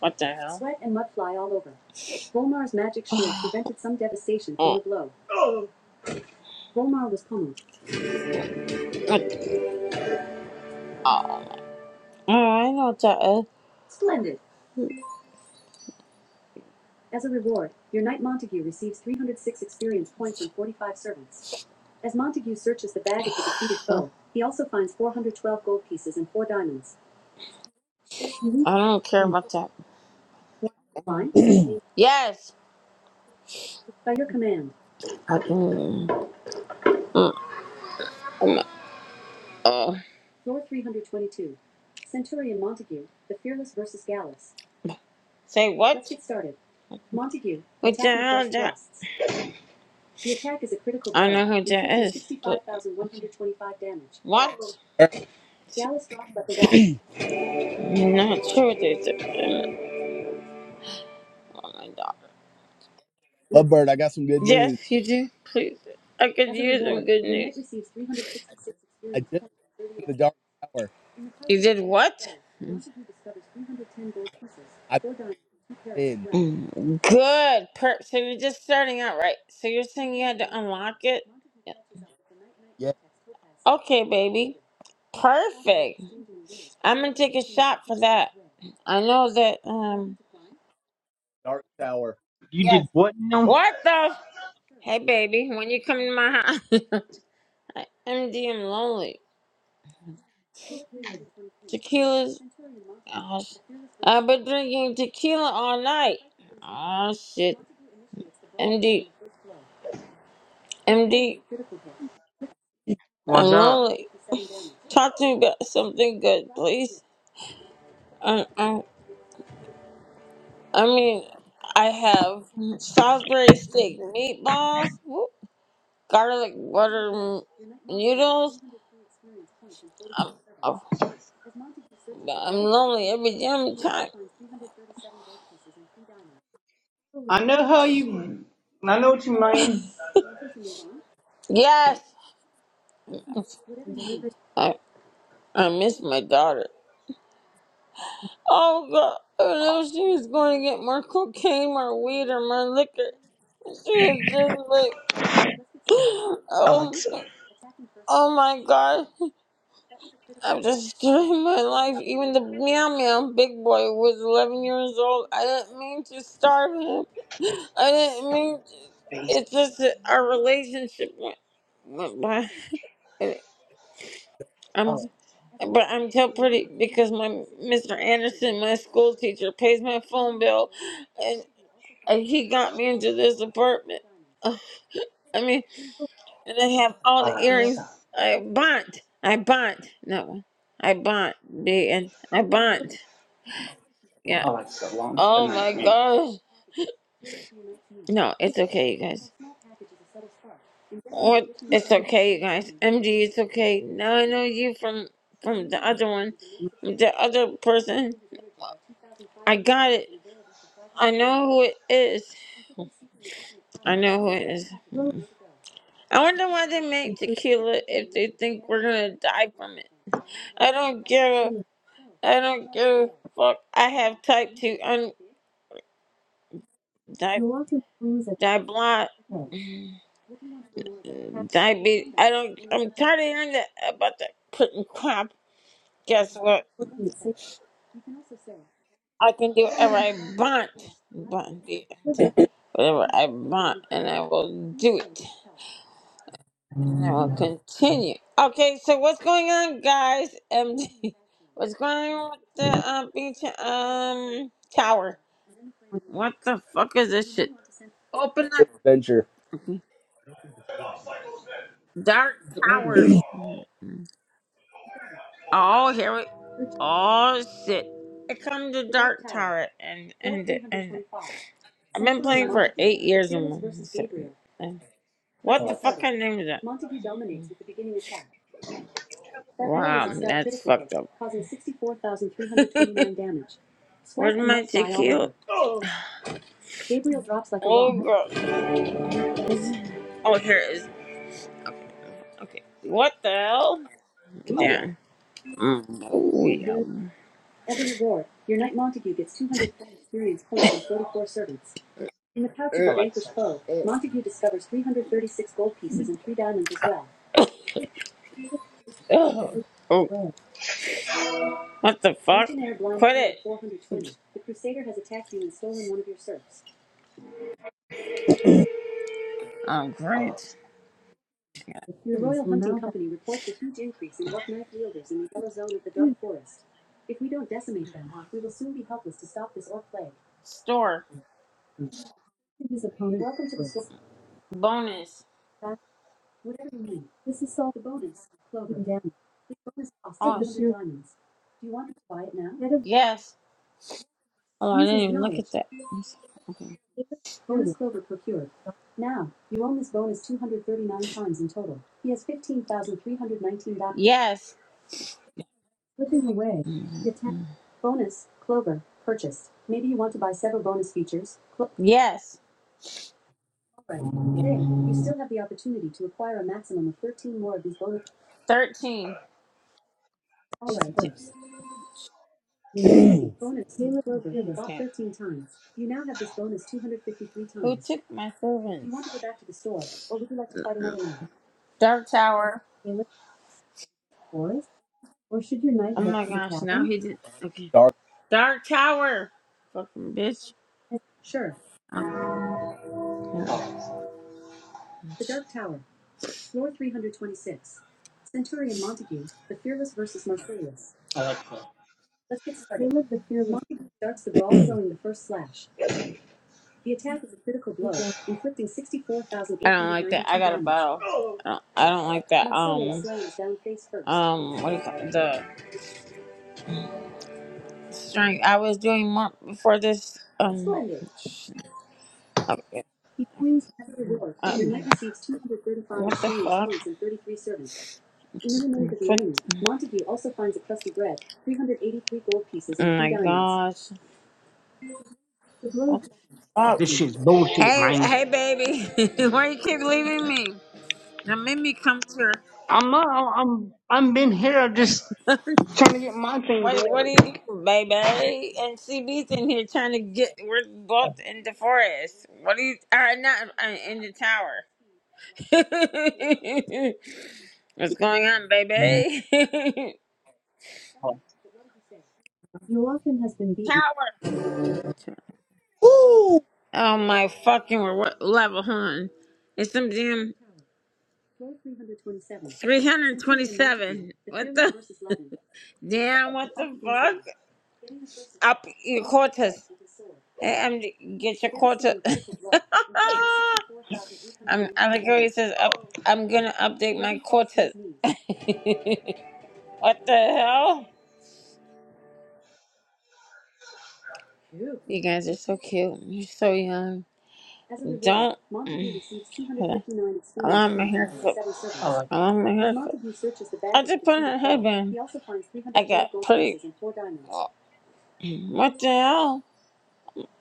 B: What the hell? [SIGHS] oh, oh, oh, I know what that is. I don't care about that. Yes. I- mm, mm, mm, uh, say Let's what? Let's What the hell I know who that is. what?
A: right.
B: I'm not sure they took them on my daughter.
A: Lovebird, I got some good
B: Yes,
A: news.
B: you do. Please, I could use some good news.
A: I just went to the Dark Tower.
B: You did what?
A: I've been.
B: Mm, Good. Per- so you're just starting out, right? So you're saying you had to unlock it?
A: Yeah.
B: Okay, baby. Perfect. I'm gonna take a shot for that. I know that. Um.
A: Dark Tower.
D: You
B: Yes.
D: did what now?
B: What the? Hey, baby. When you come to my house, [LAUGHS] I MD, I'm lonely. Tequila's. Oh, sh- I've been drinking tequila all night. Oh shit. M D. am
D: What's up?
B: lonely. Talk to me about something good, please. I, I, I mean, I have Salisbury steak meatballs. garlic butter noodles. I'm, I'm I'm lonely every damn time.
D: I know how you. I know what you mean.
B: Yes, I I miss my daughter. Oh God, I know she was going to get more cocaine, more weed, or more liquor. She was just like, [GASPS] oh,
D: Alexa,
B: my- oh my God. I'm just [LAUGHS] doing my life. Even the meow meow big boy was 11 years old. I didn't mean to starve him. [LAUGHS] I didn't mean. To.
D: please.
B: It's just that our relationship went went by. And I'm,
D: Oh,
B: but I'm so pretty because my Mr. Anderson, my school teacher, pays my phone bill, and, and he got me into this apartment. [SIGHS] Ugh, I mean. And I have all the earrings. I bought. I bought. No. I bought. Big and I bought. Yeah. Oh my gosh. No, it's okay, you guys. What? It's okay, you guys. MG, it's okay. Now I know you from from the other one, the other person. I got it. I know who it is. I know who it is. I wonder why they make tequila if they think we're gonna die from it. I don't give a I don't give a fuck. I have type two. un- Di- Di- blah, diabetes. I don't. I'm tired of hearing that about that putting crap. Guess what? I can do whatever I want. But the- Whatever I want, and I will do it, and I will continue. Okay, so what's going on, guys? MD, [LAUGHS] what's going on with the uh, beach um tower? What the fuck is this shit? Open up,
A: Adventure.
B: dark tower. Oh, here we. Oh shit! Here comes the dark tower and and and. I've been playing for eight years and and- What the
D: Alexa.
B: fuck kind of name is that? Wow, that's fucked up. [LAUGHS] Where's my tequila? Oh girl. Is- Oh, here it is. Okay. What the hell?
D: Oh,
B: Damn. Mm, Oh yeah.
D: Alexa.
B: Ugh. Oh. What the fuck? Oh, great. Store. Bonus. yes. Oh, I didn't that. Okay. thirty nine Yes. Yes. 13. took my Do you Dark Tower. Oh my gosh, now he did. Okay.
A: Dark.
B: Dark Tower! Fucking bitch. Oh, God. I don't, I don't like um, what do you call it? The strength. I was doing more before this. Um, sh- okay. Uh, what servants. What? Oh my three diamonds. gosh. What the
D: This
B: fuck?
D: shit's bullshit,
B: Hey,
D: man.
B: hey, baby. [LAUGHS] Why you keep leaving me? Now make me come to. her.
D: I'm not. I'm. I'm been here. I'm just
B: [LAUGHS]
D: trying to get my thing to
B: what What do
D: work.
B: you do, baby? And CB's in here trying to get. We're both in the forest. What do you? Or not uh, in the tower. [LAUGHS] What's going on, baby? [LAUGHS]
D: Oh,
B: tower.
A: Woo!
B: Oh my fucking what level, hun. It's some damn 327. What the? [LAUGHS] Damn, what the fuck? Up your quarters. Hey, I'm, get your quarter. [LAUGHS] I'm, Allegory says, up, I'm gonna update my quarters. [LAUGHS] what the hell? You guys are so cute. You're so young. As a result, Don't. mm, Hold on. Allow me here. for-
D: Alexa.
B: Allow me here. for- I just put on a headband. He also finds I got three hundred twelve gold pretty. oh, What the hell?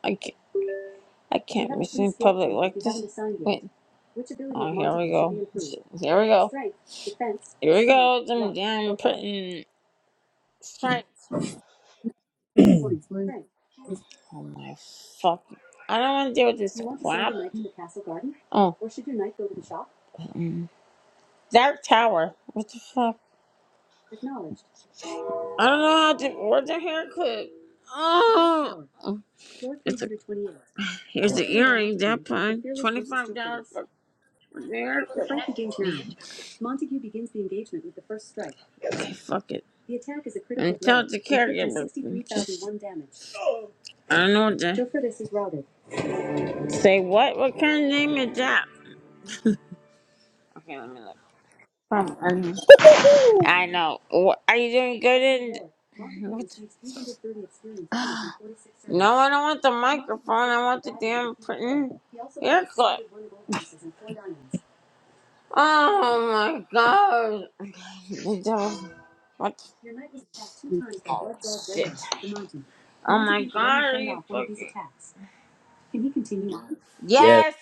B: I can't, I can't miss in public like this. Wait. Which ability Oh, of here we Montague's go. should be improved? Here we go. Strength, defense, Here we go. Them luck, damn okay. putting strength. Oh my fucking. I don't want to deal with this You want to spend crap. the night to the castle garden? Oh, mm. Dark Tower. What the fuck? I don't know how to wear the haircut. Oh, it's a, here's the earring. That fine. Twenty five dollars for for the haircut. Okay, fuck it. And tell it to caregiver. Just- I don't know what to say. What? What kind of name is that? Okay, let me look. Um,
A: Woo!
B: I know. Wha are you doing good in? [LAUGHS] What? [SIGHS] [GASPS] No, I don't want the microphone. I want the damn printing ear clip. Oh my god. The devil- What? Oh shit. Oh my god. Are you fucking?
A: Yes.
B: Yes.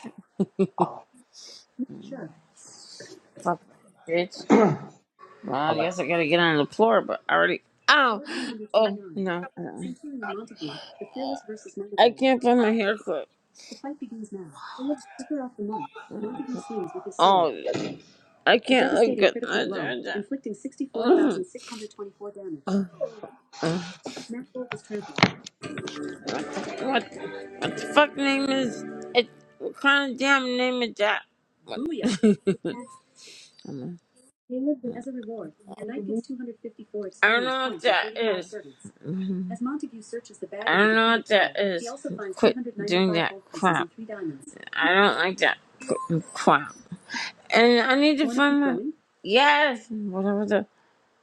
B: Fuck, bitch. Well, I
D: Alexa.
B: guess I gotta get on the floor, but I already. Ow! Oh, no. uh, I can't find my hair clip. Oh, I can't look good. Uh, uh, What, what the fuck name is it? What kind of damn name is that? What? [LAUGHS] I'm I don't know what that is. that I don't know what that is. he Quit doing that crap. I don't like that crap. And I need to find my yes, whatever the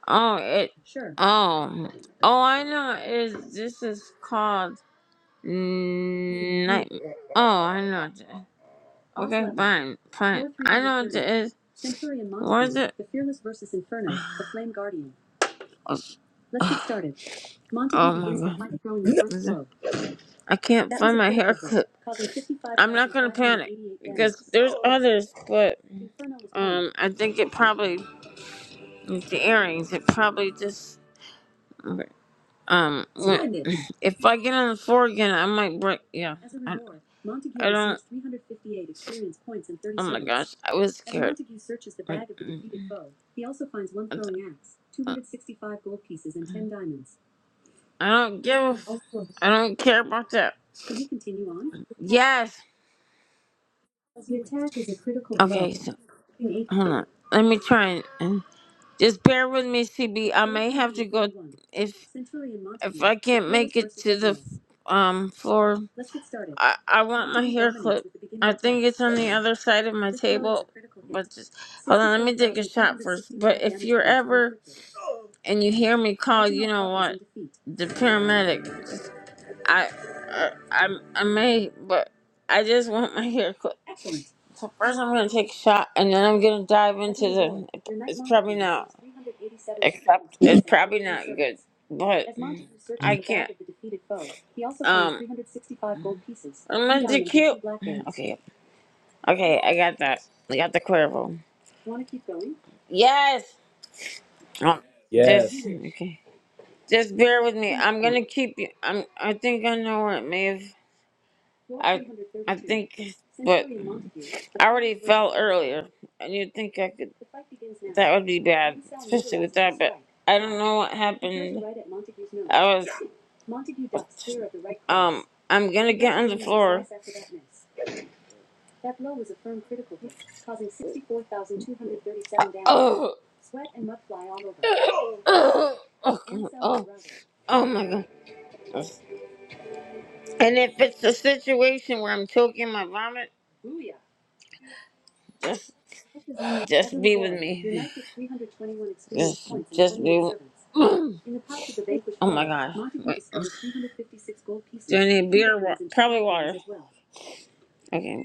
B: oh it oh oh I know is this is called night. Oh, I know what it is. Okay, fine, fine. I know what it is. Montague, What is it? Oh oh my
A: No.
B: god. I can't find my haircut. I'm not gonna panic because there's others, but um, I think it probably with the earrings. It probably just okay. um. when- If I get on the floor again, I might break. Yeah. I, I don't. Oh my gosh, I was scared. I- mm, mm, uh, I don't give. a f- I don't care about that. Yes. Okay. So hold on. Let me try and, and just bear with me, CB. I may have to go if if I can't make it to the um floor. I I want my hair clip. I think it's on the other side of my table. But just hold on. Let me take a shot first. But if you're ever and you hear me call, you know what? The paramedic. I, I, I, I may, but I just want my hair clipped. So first I'm gonna take a shot, and then I'm gonna dive into the. It's probably not. Except it's probably not good, but I can't. Um, I'm gonna do cute. Okay, okay, I got that. I got the Cuervo. Yes. Um, just
A: Yes.
B: okay. Just bear with me. I'm gonna keep you. I'm. I think I know where it may have. I, I think, but I already fell earlier, and you'd think I could. That would be bad, especially with that. But I don't know what happened. I was, um, I'm gonna get on the floor. [COUGHS] Oh, oh, oh, oh my god! And if it's a situation where I'm choking my vomit, Just be with me. Yes, just be. with- oh my gosh. Wait. Do I need beer? or Wa- probably water. Okay.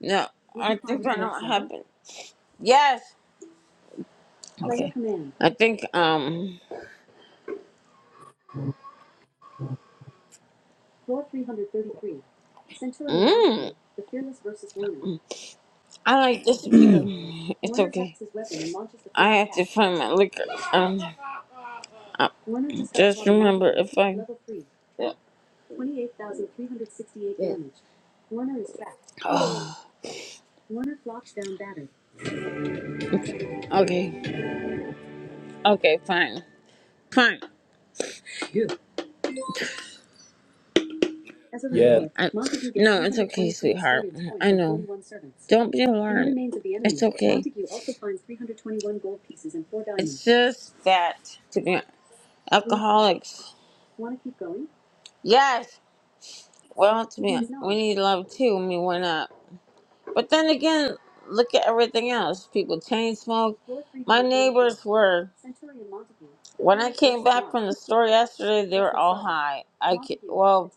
B: No, I think I know what happened. Yes. Okay. I think um. Mm, I like this beer. It's okay. I have to find my liquor. Um. uh, Just remember if I. [SIGHS] Okay. Okay. Fine. Fine.
A: Yes.
B: I, no, it's okay, sweetheart. I know. Don't be alarmed. It's okay. It's just that to be alcoholics. Yes. Well, to be no. we need love too. I mean, why not? But then again, look at everything else. People chain smoke. My neighbors were. When I came back from the store yesterday, they were all high. I ca- well,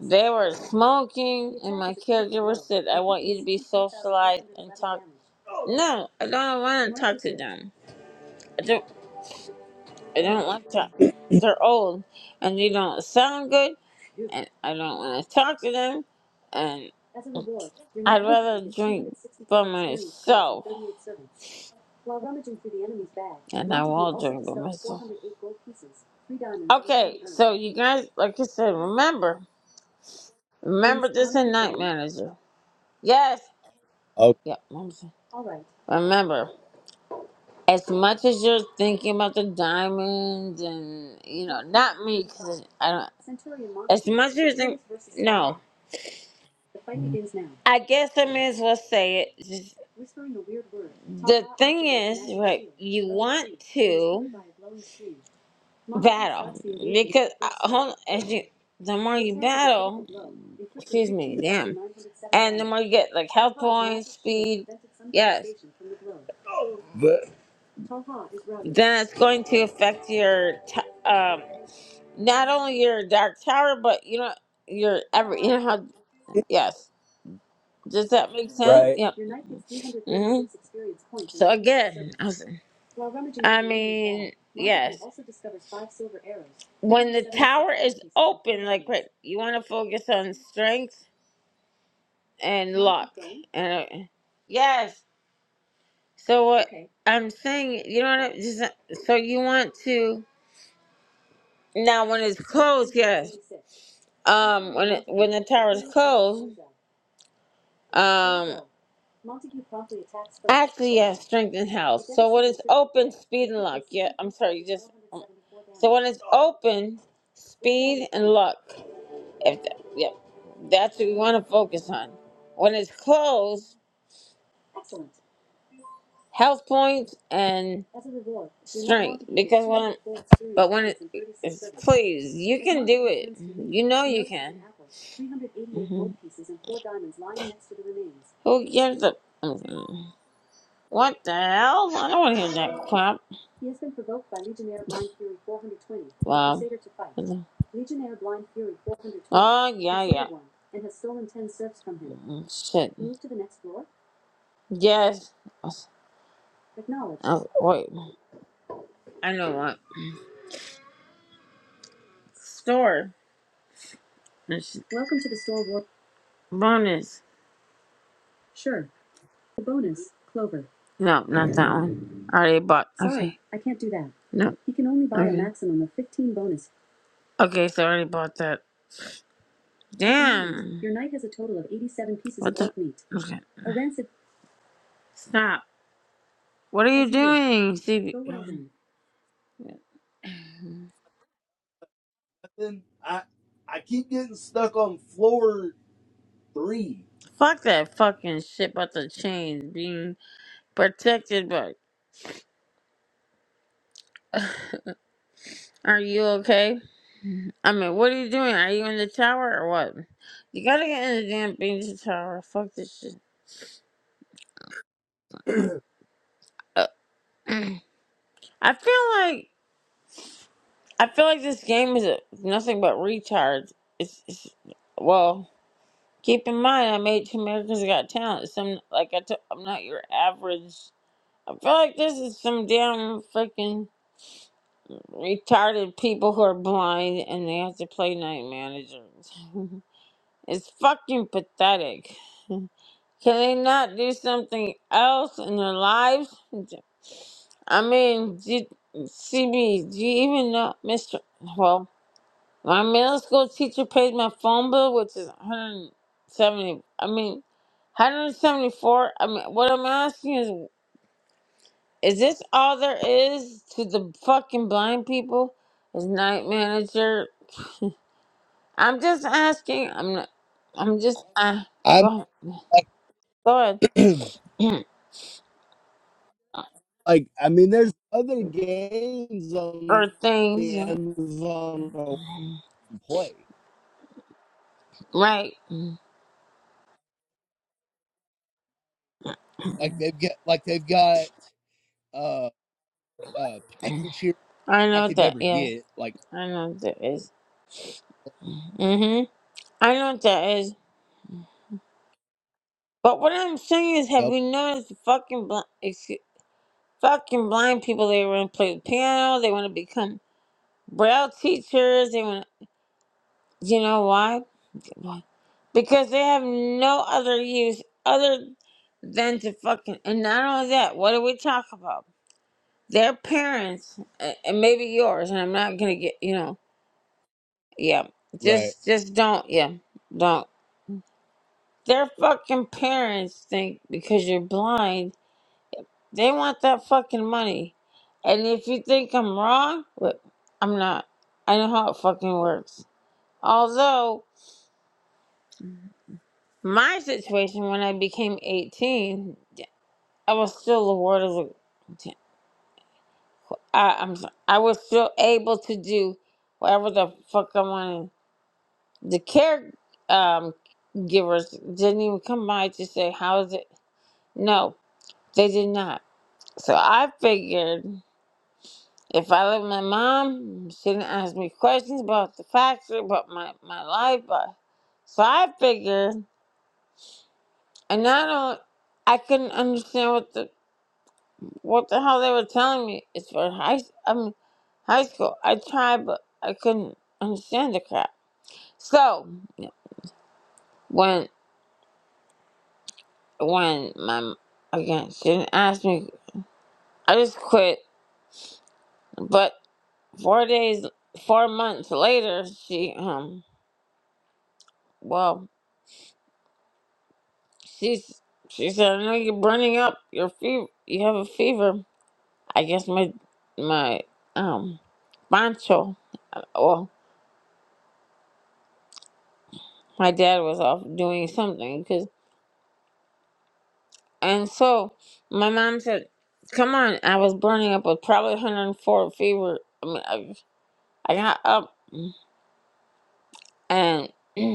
B: they were smoking, and my caregiver said, "I want you to be socialized and talk." No, I don't want to talk to them. I don't. I don't like to. They're old, and they don't sound good, and I don't want to talk to them, and I'd rather drink by myself. And I will drink with Okay, so you guys, like I said, remember, remember this in Night Manager. Yes.
A: Okay.
B: Yep. I'm saying- Remember, as much as you're thinking about the diamonds and you know, not me because I don't. As much as you think, no. I guess I may as well say it. Just the thing is, right? You want to battle because uh, hold as you, the more you battle, excuse me, damn, and the more you get like health points, speed, yes, But then it's going to affect your t- um not only your dark tower but you know your every you know how yes does that make sense?
A: Right.
B: Yep. Mhm. So again, I was- I mean, yes. When the tower is open, like right, you want to focus on strength and luck. And uh, yes. So what I'm saying, you know what? I, just, uh, so you want to now when it's closed, yes. Um, when it, when the tower is closed. um. Actually, yeah, strength and health. So when it's open, speed and luck. Yeah, I'm sorry, you just. um, So when it's open, speed and luck. If that, yep, that's what we want to focus on. When it's closed, health points and strength. Because when I'm, but when it, it's, please, you can do it. You know you can. Mhm. Who gives a? What the hell? I don't want to hear that crap. He has been provoked by Legionnaire Blind Fury 420. Wow. To fight. Legionnaire Blind Fury 420. Oh, yeah, yeah. One, And has stolen ten serfs from Mm, Shit. Move to the next floor? Yes. Acknowledge. Oh, wait. I know what. Store. This bonus. No, not that one. I already bought. Okay. Sorry. No. You can only buy Okay. a maximum of fifteen bonus. Okay, so I already bought that. Damn. What the? Okay. Stop. What are you doing, CB?
A: But then I I keep getting stuck on floor three.
B: Fuck that fucking shit about the chains being protected, but are you okay? I mean, what are you doing? Are you in the tower or what? You gotta get in the damn danger tower. Fuck this shit. Uh, I feel like I feel like this game is a, nothing but retards. It's, it's well, keep in mind I made two Americans Got Talent. Some like I t- I'm not your average. I feel like this is some damn freaking retarded people who are blind and they have to play night managers. [LAUGHS] it's fucking pathetic. Can they not do something else in their lives? I mean, do, CB, do you even know, Mr. Well, my middle school teacher paid my phone bill, which is 170. I mean, 174. I mean, what I'm asking is. Is this all there is to the fucking blind people? Is night manager? I'm just asking. I'm not. I'm just. Uh, go
A: I'm.
B: ahead. Go
A: [CLEARS THROAT]
B: ahead.
A: Like, I mean, there's other games
B: [CLEARS THROAT] or
A: on
B: things,
A: the
B: yeah.
A: Amazon or Play.
B: right?
A: Like they've got, like they've got uh, a package here
B: I
A: I
B: know what
A: could
B: that
A: never
B: is.
A: get. Like,
B: I know what that is. Mm-hmm. I know what that is. But what I'm saying is, have
A: yep,
B: you noticed the fucking blind, excuse, fucking blind people? They want to play the piano. They want to become braille teachers. They want. You know why? Why? Because they have no other use other than to fucking. And not only that, what do we talk about? Their parents, a- and maybe yours. And I'm not gonna get you know. Yeah,
A: right,
B: just just don't. Yeah, don't. Their fucking parents think because you're blind, they want that fucking money. And if you think I'm wrong, wh- I'm not. I know how it fucking works. Although My situation when I became 18, I was still the word of the. I, I'm so- I was still able to do whatever the fuck I wanted. The care um, givers didn't even come by to say how is it. No, they did not. So I figured if I let my mom, she didn't ask me questions about the facts about my my life. But, so I figured, and not only I couldn't understand what the what the hell they were telling me is for high. I mean, high school. I tried, but I couldn't understand the crap. So when when my again she didn't ask me, I just quit. But four days, four months later, she um well she's she said I know you're burning up. Your fever. You have a fever. I guess my my um poncho. uh, Well, my dad was off doing something because. And so my mom said, "Come on!" I was burning up with probably 104 fever. I mean, I, I got up and [CLEARS THROAT]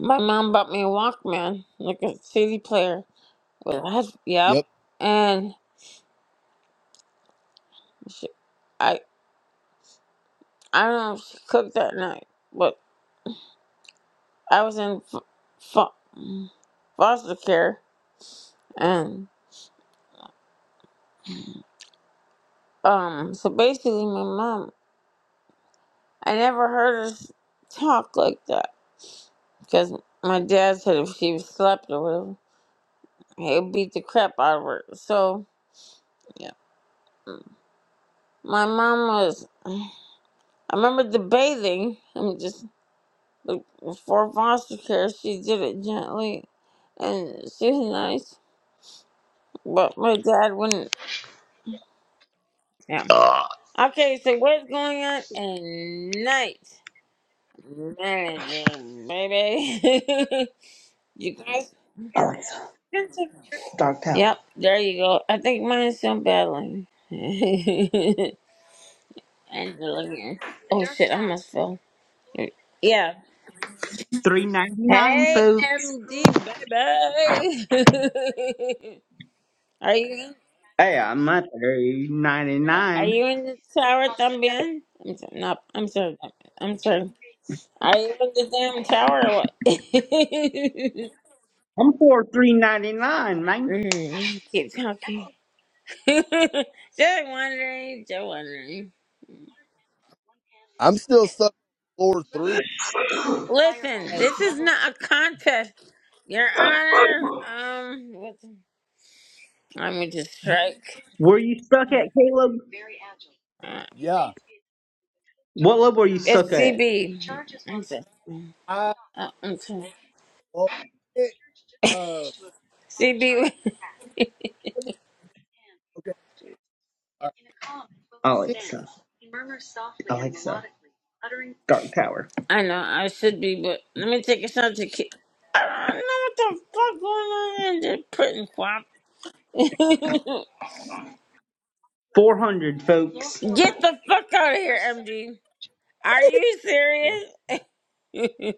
B: my mom bought me a Walkman, like a CD player. With a head, yep.
A: yep.
B: And she, I I don't know if she cooked that night, but I was in f- fo- foster care, and um, so basically my mom, I never heard her s- talk like that because my dad said if she slept or whatever, he'd beat the crap out of her. So yeah, my mom was. [SIGHS] I remember debating. I'm just like, for foster care. She did it gently, and she was nice, but my dad wouldn't. Yeah. Okay, so what's going on at night manager, baby? [LAUGHS] you guys.
D: Alexa. Dark
B: Yep,
D: Tower.
B: there you go. I think mine's still battling. [LAUGHS] Angela. yeah. Oh shit, I almost fell. Yeah.
D: Three ninety nine,
B: Hey,
D: folks.
B: MD baby. [LAUGHS] are you in,
D: Hey, I'm not three ninety
B: are
D: nine.
B: you in the tower, Tambian? I'm sorry. No, I'm sorry. I'm sorry. Are you in the damn tower or what? [LAUGHS] mm,
D: I'm for three ninety nine, man.
B: yeah, keep talking. [LAUGHS] just wondering. Just wondering.
A: I'm still stuck on floor three.
B: Listen,
A: Yes,
B: this is not a contest, Your Honor. Um, what- I'm gonna just strike.
D: Were you stuck at Caleb?
A: yeah,
D: What level were you stuck
B: It's
D: at?
B: CB. I'm sorry. Oh,
A: I
B: I'm sorry.
A: well, it, uh,
B: CB.
A: okay. all right.
D: Alexa. Alexa. Dark Tower.
B: [LAUGHS] I know I should be, but let me take a shot to keep. I don't know what the fuck going on in this prison swap. [LAUGHS]
D: 400, folks.
B: Get the fuck out of here, MD. Are you serious? [LAUGHS]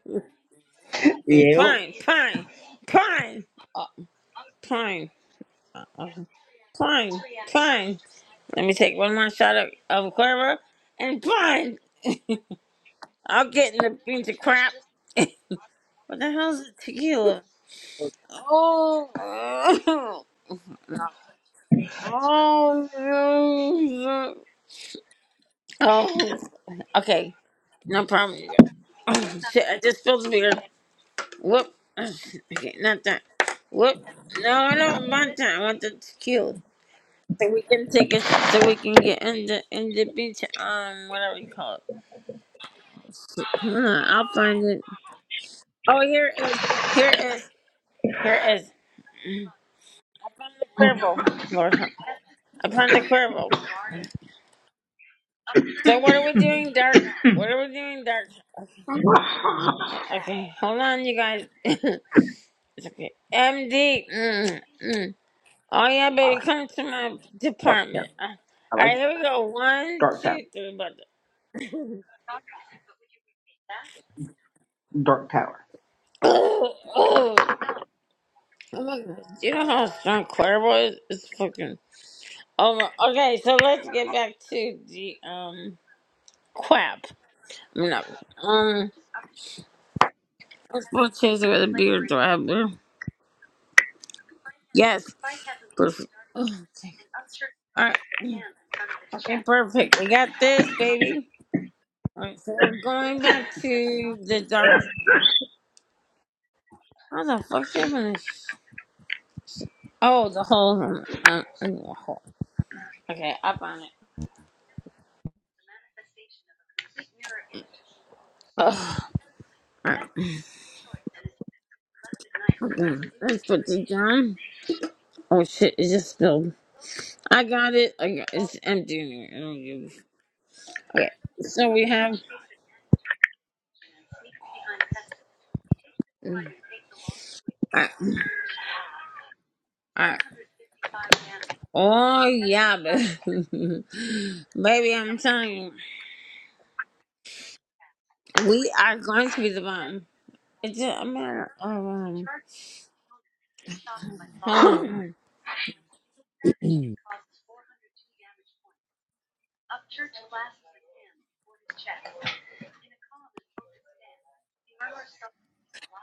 B: okay,
D: Yeah, four
B: fine, fine, fine, fine, okay, fine, fine. Let me take one more shot of, of Cuervo and fine. I'll get in the beans of crap. What the hell's a tequila? Oh, [LAUGHS] oh, no. oh. Okay, no problem. you guys. Oh, [LAUGHS] shit, I just spilled the beer. Whoop. [LAUGHS] Oh, shit. Okay, not that. Whoop. No, I don't want that. I want the tequila. So we can take it. So we can get in the in the beach. Um, whatever you call it. Hold on, I'll find it. Oh, here it is. Here it is. Here it is. Mm, I found the Cuervo. Lord, help. I found the Cuervo. So what are we doing, Dark? What are we doing, Dark? Yeah, Okay, hold on, you guys. [LAUGHS] it's okay. MD. Mm, mm. Oh yeah, baby,
D: hundred.
B: come to my
D: Yep.
B: department. Uh,
D: I
B: all
D: like
B: right, here we go. One,
D: Dark Tower. I
B: two,
D: like
B: three, but. [COUGHS]
D: Dark Tower. Dark Tower.
B: Oh, oh, oh my God! Do you know how strong Cuervo is? It's fucking. Oh, my- okay. So let's get back to the um quap. No, um, let's put chase with a beard. Do I have beard? Yes. Perfect. Oh, thank. you. All right. Okay, perfect. We got this, baby. All right, so we're going back to the dark. Okay. How the fuck's it open this? Oh, the hole. Uh, uh, in the hole. Okay, up on it. Ugh. All right. Okay, let's put this down. Oh shit, it just spilled. I got it. I got it's empty. in here. I don't give. a- f- Okay, so we have. Mm. All right. All right. Oh yeah, baby. [LAUGHS] baby, I'm telling you, we are going to be the bomb. It's just a matter of um. Hold on. hold
D: [GASPS]
B: on.
A: [CLEARS THROAT]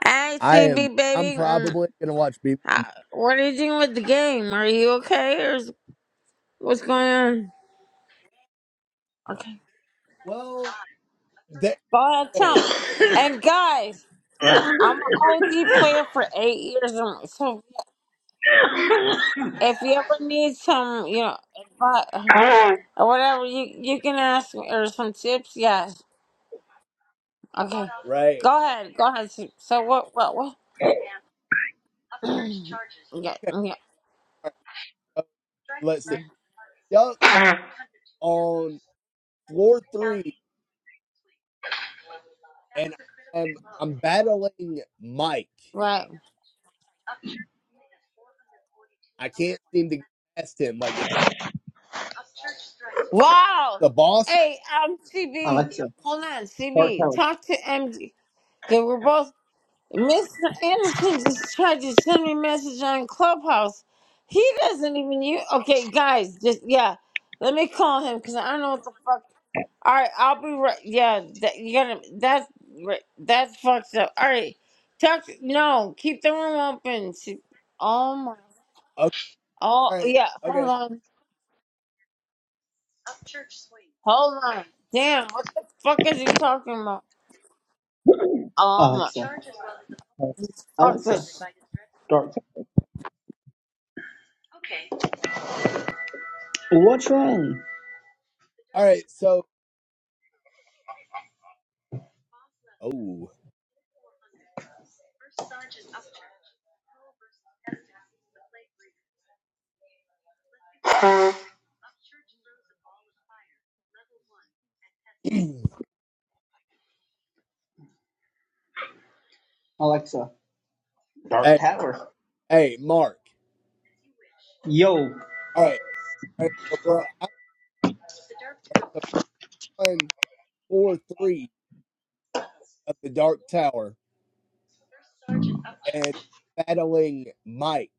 B: Hey,
A: I am.
B: CB
A: I'm
B: baby, Mm,
A: probably gonna watch Beavis. and-
B: how- what are you doing with the game? Are you okay, or is, what's going on? Okay,
A: Well, that
B: go ahead, tell me.
A: hey,
B: And guys, I'm an OG player for eight years, and so if you ever need some, you know, advice or whatever, you you can ask me or some tips. Yes. Okay.
A: right.
B: Go ahead. Go ahead. So so what? What? What? [CLEARS THROAT] yeah. Yeah.
A: Uh, Let's see. Duck on. floor three, and I'm I'm battling Mike.
B: Right.
A: I can't seem to get past him. Like it's
B: Wow.
A: the boss.
B: Hey, I'm CB,
D: Alexa,
B: hold on,
D: Dark
B: CB,
D: Tower.
B: talk to MD. Okay, we're both. Mr. Anderson just tried to send me a message on Clubhouse. He doesn't even use. Okay, guys, just yeah. Let me call him because I don't know what the fuck. All right, I'll be right. Yeah, that, you gotta. That's right. That's fucked up. All right, talk. To, no, keep the room open. C- Oh my.
A: Okay,
B: Oh
A: all right,
B: yeah. Hold
A: okay,
B: on. Hold on. Damn. What the fuck is he talking about? Um,
D: Alexa.
B: fuck
D: Alexa.
B: this shit.
D: Dark Tower. What's wrong?
A: all right. So, oh, [CLEARS THROAT] hey,
D: Alexa. Dark Tower.
A: hey, Mark.
D: Yo.
A: All right, all right, so bro. I was on floor three of the Dark Tower, and battling Mike.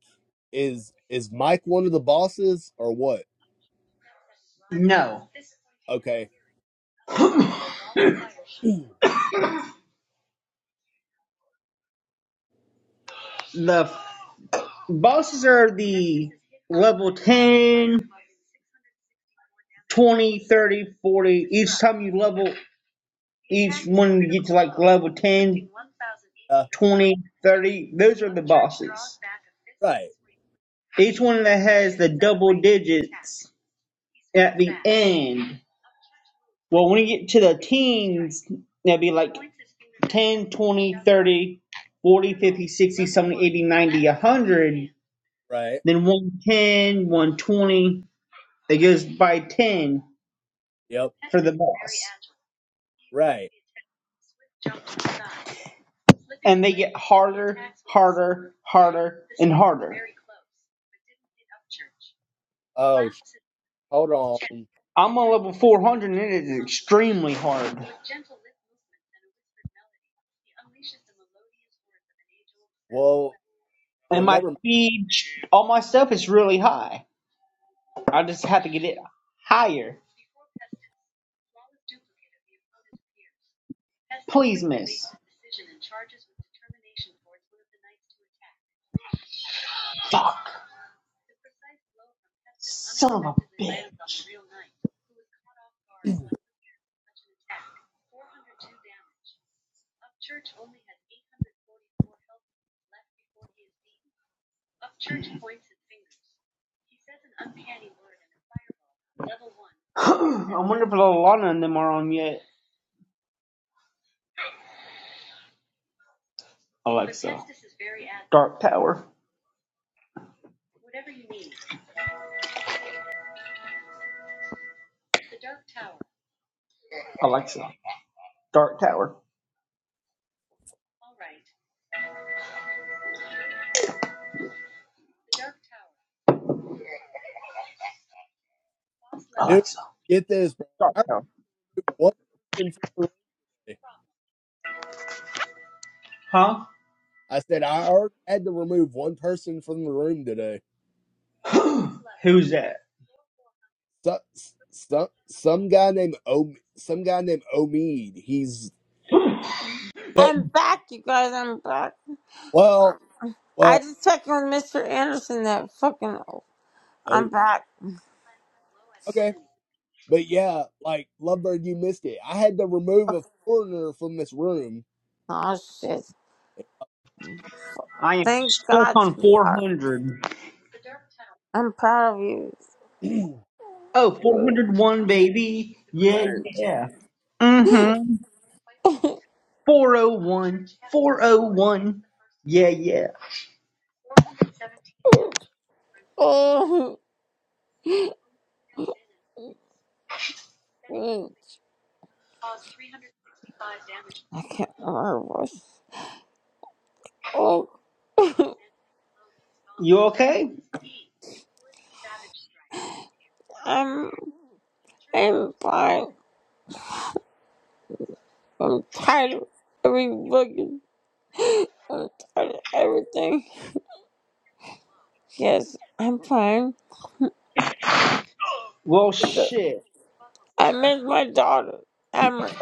A: Is is Mike one of the bosses or what?
D: No.
A: Okay. [CLEARS THROAT]
D: [LAUGHS] the Bosses are the level 10, 20, 30, 40. Each time you level, each one you get to like level 10,
A: Uh,
D: 20, 30. those are the bosses.
A: right,
D: Each one that has the double digits at the end. Well, when you get to the teens, that'd be like 10, 20, 100.
A: right.
D: Then one ten, one twenty, It goes by 10
A: Yep,
D: for the boss.
A: right.
D: And they get harder, harder, harder, and harder.
A: Oh, sh- hold on.
D: I'm on level 400 and it is extremely hard.
A: Well,
D: And
A: well,
D: my
A: never
D: speed, all my stuff is really high. I just have to get it higher. Please, miss. Fuck. Son of a bitch. [SIGHS] I wonder if Lana and them are on yet. Dark Tower. Alexa. Dark Tower.
A: Dude,
D: Alexa.
A: get this, bro.
D: Dark
A: I removed
D: Tower.
A: one person from the room.
D: Huh?
A: I said I already had to remove one person from the room today.
D: [CLEARS THROAT] [GASPS] Who's that?
A: Some some some guy named O some guy named Omid. He's that
B: I'm back, you guys. I'm back.
A: well
B: I
A: well
B: just checked with Mr. Anderson that fucking.
A: oh
B: I'm back.
A: okay. But yeah, like Lovebird, you missed it. I had to remove a foreigner from this room.
B: Oh shit!
D: I am
B: Thank
D: stuck
B: God,
D: on
B: sweetheart.
D: 400.
B: I'm proud of you.
D: Oh, 401, baby. Yeah,
B: [LAUGHS]
D: yeah. Mm hmm. 401. 401. Yeah, yeah.
B: I can't remember her voice. Oh,
D: You okay?
B: I'm. I'm fine. I'm tired of every fucking. I'm tired of everything. Yes, I'm fine.
D: Well, shit,
B: I miss my daughter. How It's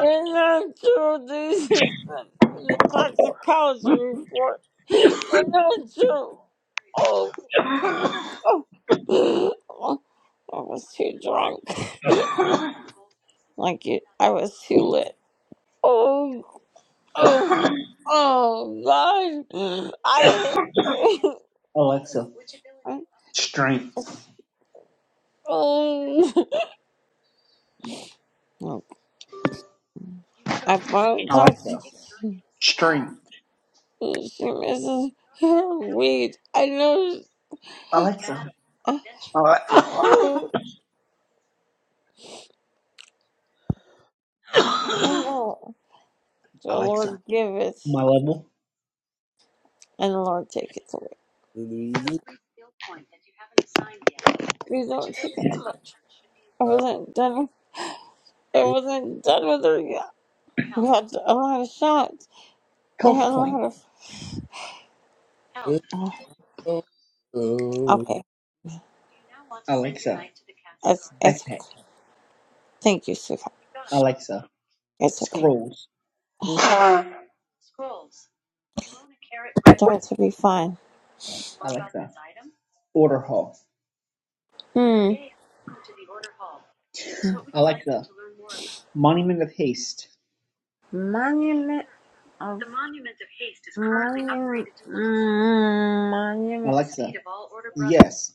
B: not true. this is the toxicology report. It's not true. Oh, oh. oh, I was too drunk. Like it, I was too lit. Oh, oh, oh, God. I. [LAUGHS]
D: Alexa. Strength.
B: Oh, I found
D: Alexa.
B: toxic.
D: Strength.
B: She misses her weed. [LAUGHS] I know.
D: Alexa. Ale-
B: Oh,
D: [COUGHS]
B: oh no. The
D: [LAUGHS] Alexa.
B: Lord giveth,
D: My level.
B: and the Lord taketh away. You don't take that much. I
A: I
B: wasn't done. I wasn't done with her yet. We had a lot of shots. We had
D: Health
B: a
D: point.
B: lot of. Oh, okay.
D: Alexa.
B: It's it's.
D: Backpack.
B: Thank you, sweetheart.
D: Alexa.
B: It's okay.
D: Scrolls.
B: I'm going to be fine.
D: Alexa. Order hall.
B: Hmm.
D: Alexa. Monument of haste.
B: Monument of monument. Mm, monument.
D: Alexa. Yes.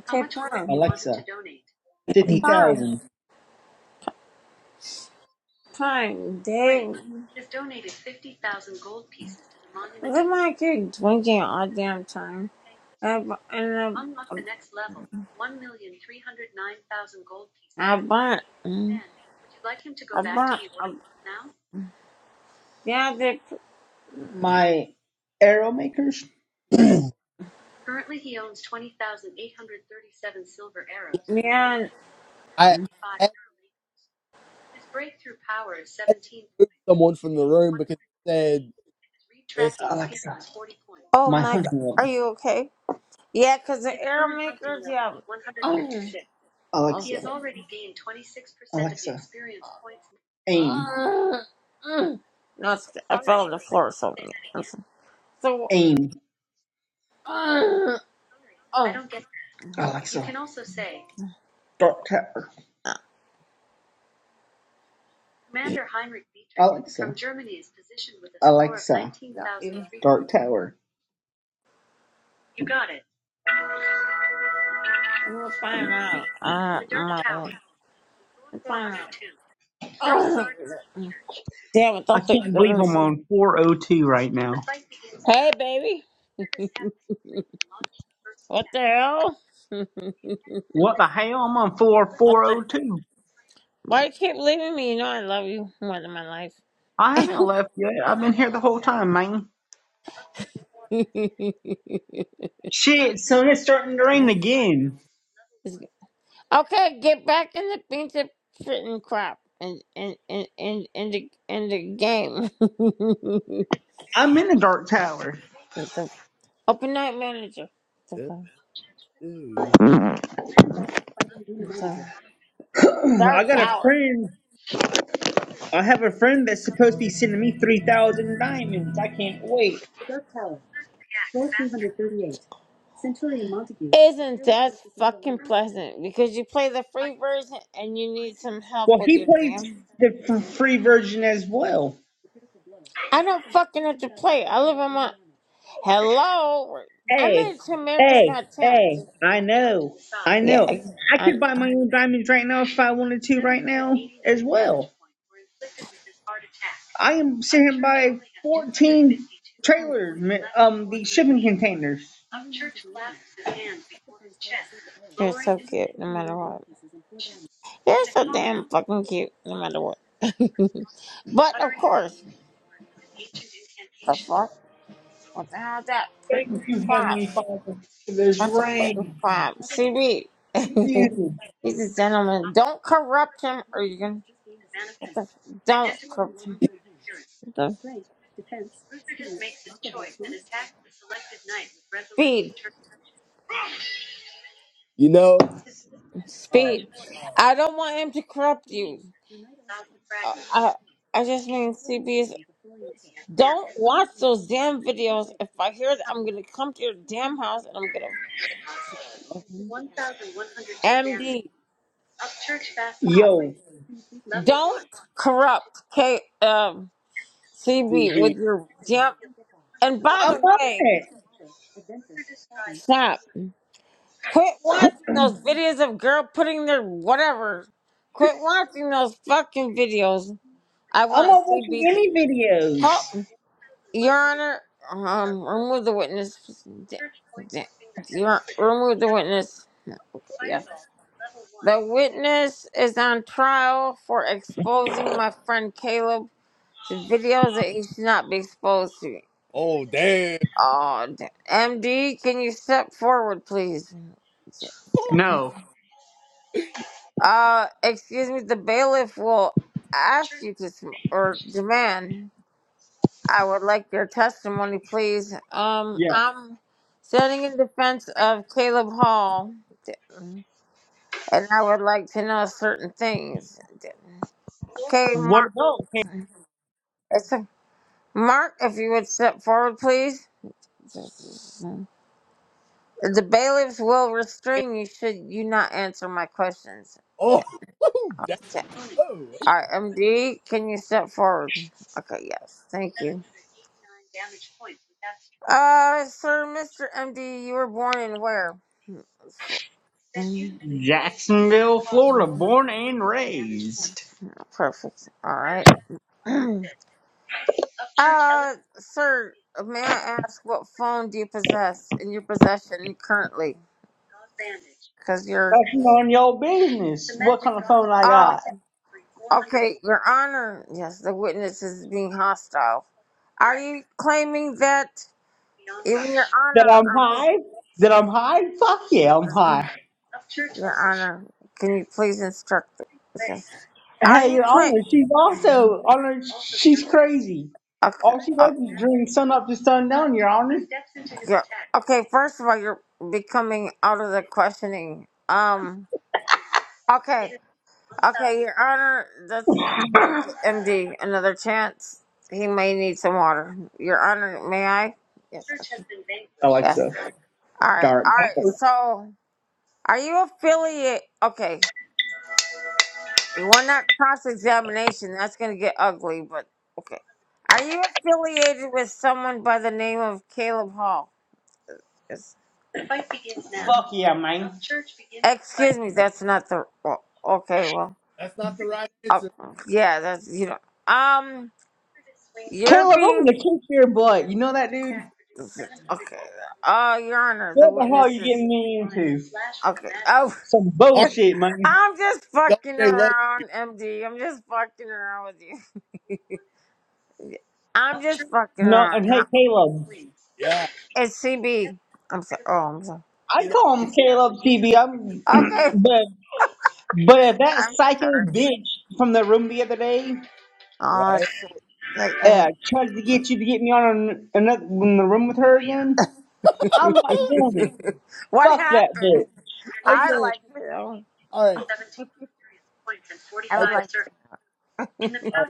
B: Okay, fine.
D: Alexa, fifty
B: Fine.
D: thousand.
B: Fine, dang. Look like you're drinking all damn time. And I And I, I bought, I bought, I, yeah, they,
D: My arrow makers.
B: yeah.
A: I had to remove someone from the room because they
D: Alexa,
B: Oh
D: my
B: my god,
D: hunting
B: are
D: level.
B: you okay? Yeah, cause the air makers, yeah. [CLEARS THROAT] Oh
D: Alexa,
B: shit.
D: Alexa, aim,
B: Uh, mm. No, it's, I fell on the floor, so yeah. I'm sorry. So,
D: aim.
B: uh, oh,
D: Alexa, You can also say. dark tower. Commander Heinrich. Dietrich from Germany is positioned with a Alexa, score of nineteen
B: yeah,
D: thousand
B: you.
D: three hundred. dark tower.
B: You're fine now. Uh, my, you're fine now. Oh, Damn, I
D: I
B: thought they
D: can't
B: were
D: believe
B: gonna
D: I'm
B: send.
D: on 402 right now. The fight begins
B: Hey,
D: now.
B: baby, [LAUGHS] what the hell? [LAUGHS]
D: What the hell? I'm on
B: what the?
D: 4402
B: Why you keep leaving me? You know I love you more than my life.
D: I haven't left yet. I've been here the whole time, man.
B: [LAUGHS]
D: Shit, soon it's starting to rain
B: Mm.
D: again.
B: It's- okay, get back in the beans of shit and crap and and and and in the in the game. [LAUGHS]
D: I'm in the dark tower.
B: What the- Open night manager. What
A: said
B: the
A: it's.
B: fuck? I'm sorry.
D: [CLEARS THROAT] I
B: Dark
D: got a
B: Tower.
D: friend. I have a friend that's supposed to be sending me 3,000 diamonds. I can't wait.
B: Isn't that fucking pleasant? Because you play the free version and you need some help
D: Well,
B: with
D: he
B: your
D: plays
B: damn.
D: the f- free version as well.
B: I don't fucking have to play. I live on my. Hello? I made
D: Hey,
B: it to America's
D: hey,
B: Got Talent.
D: hey, I know, I
B: Yeah,
D: know.
B: I,
D: I
B: I,
D: could buy my own diamonds right now if I wanted to right now as well. I am sitting here by 14 trailers, um, the shipping containers.
B: you're so cute no matter what. You're so damn fucking cute no matter what. [LAUGHS] but of course, the fuck? What the hell is that?
D: Thank
B: Pretty
D: you,
B: crap.
D: Heavenly Father, for this
B: That's a pretty
D: rain.
B: crab. CB,
D: Thank
B: [LAUGHS]
D: you.
B: he's a gentleman. [LAUGHS] Don't corrupt him or you're going to. Don't corrupt him. The speed.
A: You know, uh,
B: Speed. I don't want him to corrupt you. Uh, I, I just mean, CB is. Don't watch those damn videos. If I hear that, I'm going to come to your damn house and I'm going to. MD, stop.
D: Yo,
B: Don't corrupt K, um, CB with
A: CB.
B: your damn. And by
D: I'm
B: the
D: on
B: way,
D: it.
B: stop. Quit watching
D: [CLEARS THROAT]
B: those videos of girl putting their whatever. Quit watching those fucking videos. I
D: I'm
B: want
D: not watching
B: CB to
D: any videos.
B: call Your Honor. Um, remove the witness. D- d- Your remove the witness. No, okay, yeah. The witness is on trial for exposing my friend Caleb to videos that he should not be exposed to.
A: Oh damn.
B: Oh, d- MD, can you step forward, please? Uh, excuse me, the bailiff will ask you to, sm- or demand, I would like your testimony, please. Um,
D: Yeah.
B: I'm standing in defense of Caleb Hall, and I would like to know certain things. Okay,
D: What
B: Mark,
D: about?
B: it's a, Mark, if you would step forward, please. The bailiffs will restrain you should you not answer my questions.
A: Oh [LAUGHS] oh, damn. Oh,
B: All right, MD, can you step forward? Okay, yes, thank you. Uh, sir, Mr. MD, you were born in where? Fl-
D: Jacksonville, Florida, born and raised.
B: Perfect. All right. [CLEARS THROAT] uh, sir, may I ask what phone do you possess in your possession currently? Because you're.
D: Bashing on your business. What kind of phone I
B: Oh,
D: got?
B: okay, Your Honor. Yes, the witness is being hostile. Are you claiming that even Your
D: That
B: Honor
D: I'm
B: or Miss?
D: high? That I'm high? Fuck yeah, I'm high.
B: Your Honor, can you please instruct the witness? Are
D: Hey,
B: you
D: your
B: quit?
D: honor, she's also honor. She's crazy.
B: Okay,
D: All she does is drink sun up to sun down. Your honor.
B: okay, okay. First of all, you're becoming out of the questioning. Um. Okay. Okay, Your Honor, that's MD. Another chance. He may need some water. Your Honor, may I? Yes. Okay. Yes.
D: Alexa,
B: All right.
D: dark.
B: All right. So, are you affiliate? Okay. We're not cross examination. That's going to get ugly, but okay. Are you affiliated with someone by the name of Caleb Hall? Yes.
D: Fuck yeah, man.
B: Excuse me, that's not the. Well, okay, well,
A: that's not the right
B: uh,
A: answer.
B: yeah, that's you know. Um, you're
D: Caleb, I'm
B: being
D: gonna kick your butt. You know that dude?
B: okay. Uh, Your Honor, the
D: What the hell are
B: witness
D: you
B: is
D: getting me into?
B: okay. Oh,
D: Some
A: Mark
D: bullshit, man.
B: [LAUGHS] I'm just fucking
A: Dolce love.
B: around, MD. I'm just fucking around with you. I'm just fucking
D: No,
B: around.
D: and hey,
B: How-
D: Caleb.
A: Yeah.
B: It's CB. I'm sorry. Oh, I'm sorry.
D: I
A: You know,
D: call him Caleb CB. I'm, [CLEARS THROAT]
B: Okay.
D: but but if that
B: I'm
D: psycho
B: sorry.
D: bitch from the room the other day
B: Oh
A: right?
B: shit! Like
D: uh,
B: and
D: tries to get you to get me on an, another in the room with her again,
A: [LAUGHS]
D: I'm not doing
A: Yeah.
D: it.
B: [LAUGHS] what
D: Fuck that
B: happened?
D: bitch.
B: I
A: okay.
B: like you.
A: All right.
B: I would
A: Okay.
B: like to.
A: All right.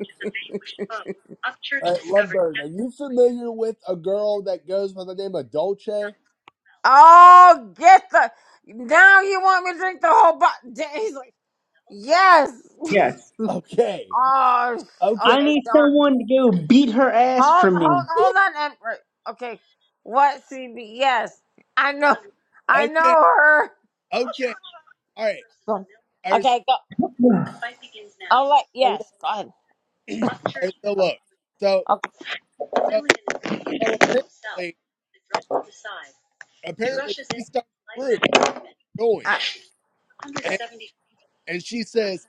A: All right. Lovebird. Are you familiar with a girl that goes by the name of Dolce?
B: Oh, get the now. You want me to drink the whole bottle? [LAUGHS] He's like, yes.
D: Yes,
A: Okay.
B: Oh, sh-
A: Okay.
D: I
B: okay.
D: need
B: Don't
D: someone to go beat her ass
B: hold,
D: for me.
B: hold, hold
A: [LAUGHS]
B: on. And right, okay, what CB? Yes, I know. I know
A: Okay.
B: her.
A: Okay. All right.
B: Go.
A: All right. So
B: Okay, go.
D: [SIGHS]
B: I'll let.
A: so
B: Yes,
A: look.
B: go ahead.
A: [CLEARS THROAT] All right. So look. So
B: Okay.
A: so so apparently apparently she starts the room
B: I,
A: going.
B: right.
A: and she says,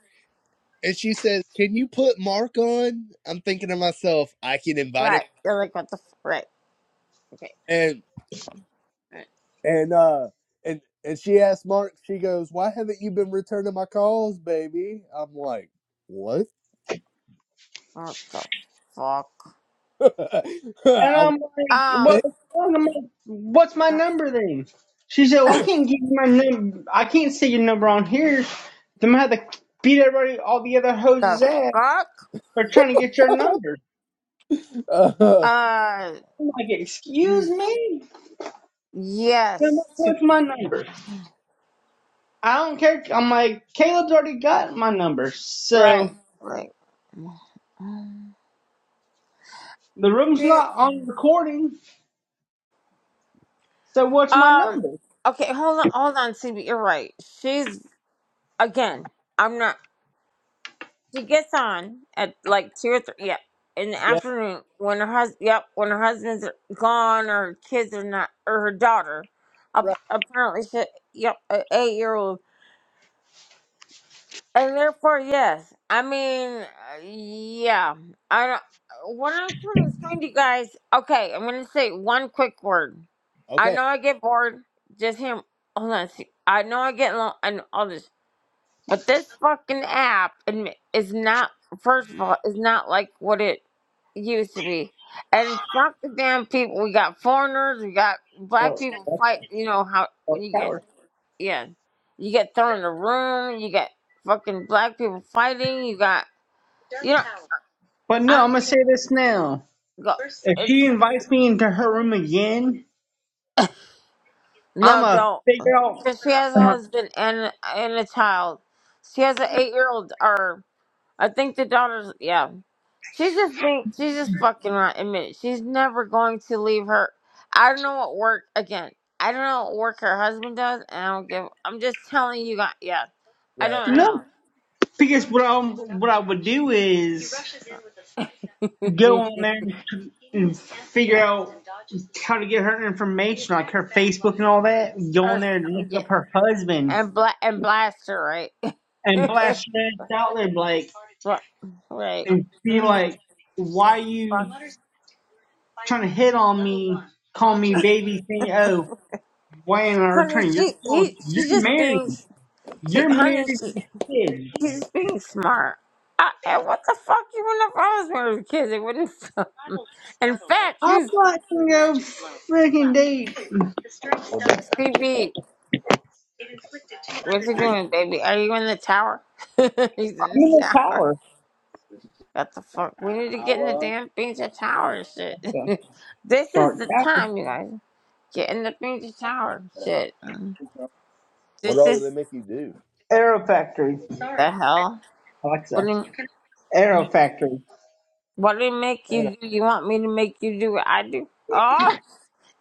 A: and she says, "Can you put Mark on?" I'm thinking to myself, I can invite him.
B: right. You're like what the f- right. Okay.
A: And and uh and and she asked Mark. She goes, "Why haven't you been returning my calls, baby?" I'm like, "What?"
B: What the fuck?
A: [LAUGHS] I
D: And I'm
A: was-
D: like,
B: Um,
D: what the fuck? I'm like, what's my
B: what
D: number then? She said, well, I can't give you my number. I can't say your number on here. Then I had to beat everybody, all the other hoes'
B: the
D: ass
B: fuck?
D: for trying to get your number.
A: [LAUGHS] uh,
B: Uh,
D: I'm like, excuse me? I'm like,
B: yes, to,
D: what's my number? I don't care. I'm like, Caleb's already got my number.
B: right,
D: So
B: like,
D: the room's
B: she,
D: not on recording. So what's my
B: um,
D: number?
B: okay, hold on, hold on, CB, you're right. She's, again, I'm not, she gets on at like two or three, yeah, in the
A: yeah,
B: afternoon when her hus, yep, when her husband's gone or her kids are not, or her daughter, Ap-
A: right.
B: apparently she, yep, an eight-year-old And therefore, yes. I mean, uh, yeah. I don't. uh, What I'm trying to explain to you guys, okay, I'm gonna say one quick word. I
A: Okay,
B: know I get bored. Just him. Hold on. See, I know I get long and all this, but this fucking app admi- is not. First of all, is not like what it used to be. And fuck the damn people. We got foreigners. We got black people fight. You know how when you get yeah. You get thrown in a room. You get fucking black people fighting. You got you know.
D: But no,
B: I
D: I'm going to
B: mean,
D: say this now.
B: go.
D: If she
B: It's
D: invites me into her room again, I'm
B: no,
D: going to
B: don't.
D: figure out.
B: Cause she has a husband and and a child. She has an eight year old, or I think the daughter's. Yeah, she's just being. She's just fucking right. Admit it. She's never going to leave her. I don't know what work again. I don't know what work her husband does, and I don't give. I'm just telling you guys. Yeah, I
A: right.
D: No,
B: don't
D: because what, i what I would do is go
B: know. [LAUGHS]
D: on there and, and figure out how to get her information, like her Facebook and all that. Go on
B: or
D: there and
B: yeah.
D: look up her husband
B: and bla- and blaster right,
D: and
B: [LAUGHS]
D: blast her ass out there, like,
B: Bla- right.
D: and be
B: Mm.
D: like, why
B: 'Cause fuck-
D: you trying to hit on me, call me baby, saying, oh, why ain't I
B: Honey,
D: returning? You're,
B: she
D: close.
B: he,
D: you're
B: she just
D: married.
B: being she
D: You're
B: honey
D: married
B: she
D: with
B: she's
D: kids.
B: just being smart. I, and what the fuck? You wouldn't if I was one of the kids, it wouldn't. stop me. [LAUGHS] in fact, she
D: I'm
B: was
D: watching your freaking date.
A: What the,
B: CB. What's he doing, baby? Are you in the tower? [LAUGHS] He's in
D: I'm
B: the
D: in the
B: tower.
D: tower.
B: What the fuck? We need to get in the damn Pizza Tower shit.
D: Yeah.
B: [LAUGHS] this is
D: Dark
B: the
D: Tower.
B: time, you guys. Get in the Pizza Tower shit.
A: what
B: This
A: all do they
B: is
A: make you do?
D: Aero Factory.
B: the hell. What do
D: Alexa.
B: you,
D: Aero Factory.
B: what do you make
A: Man, I
B: you do? You want me to make you do what I do? Oh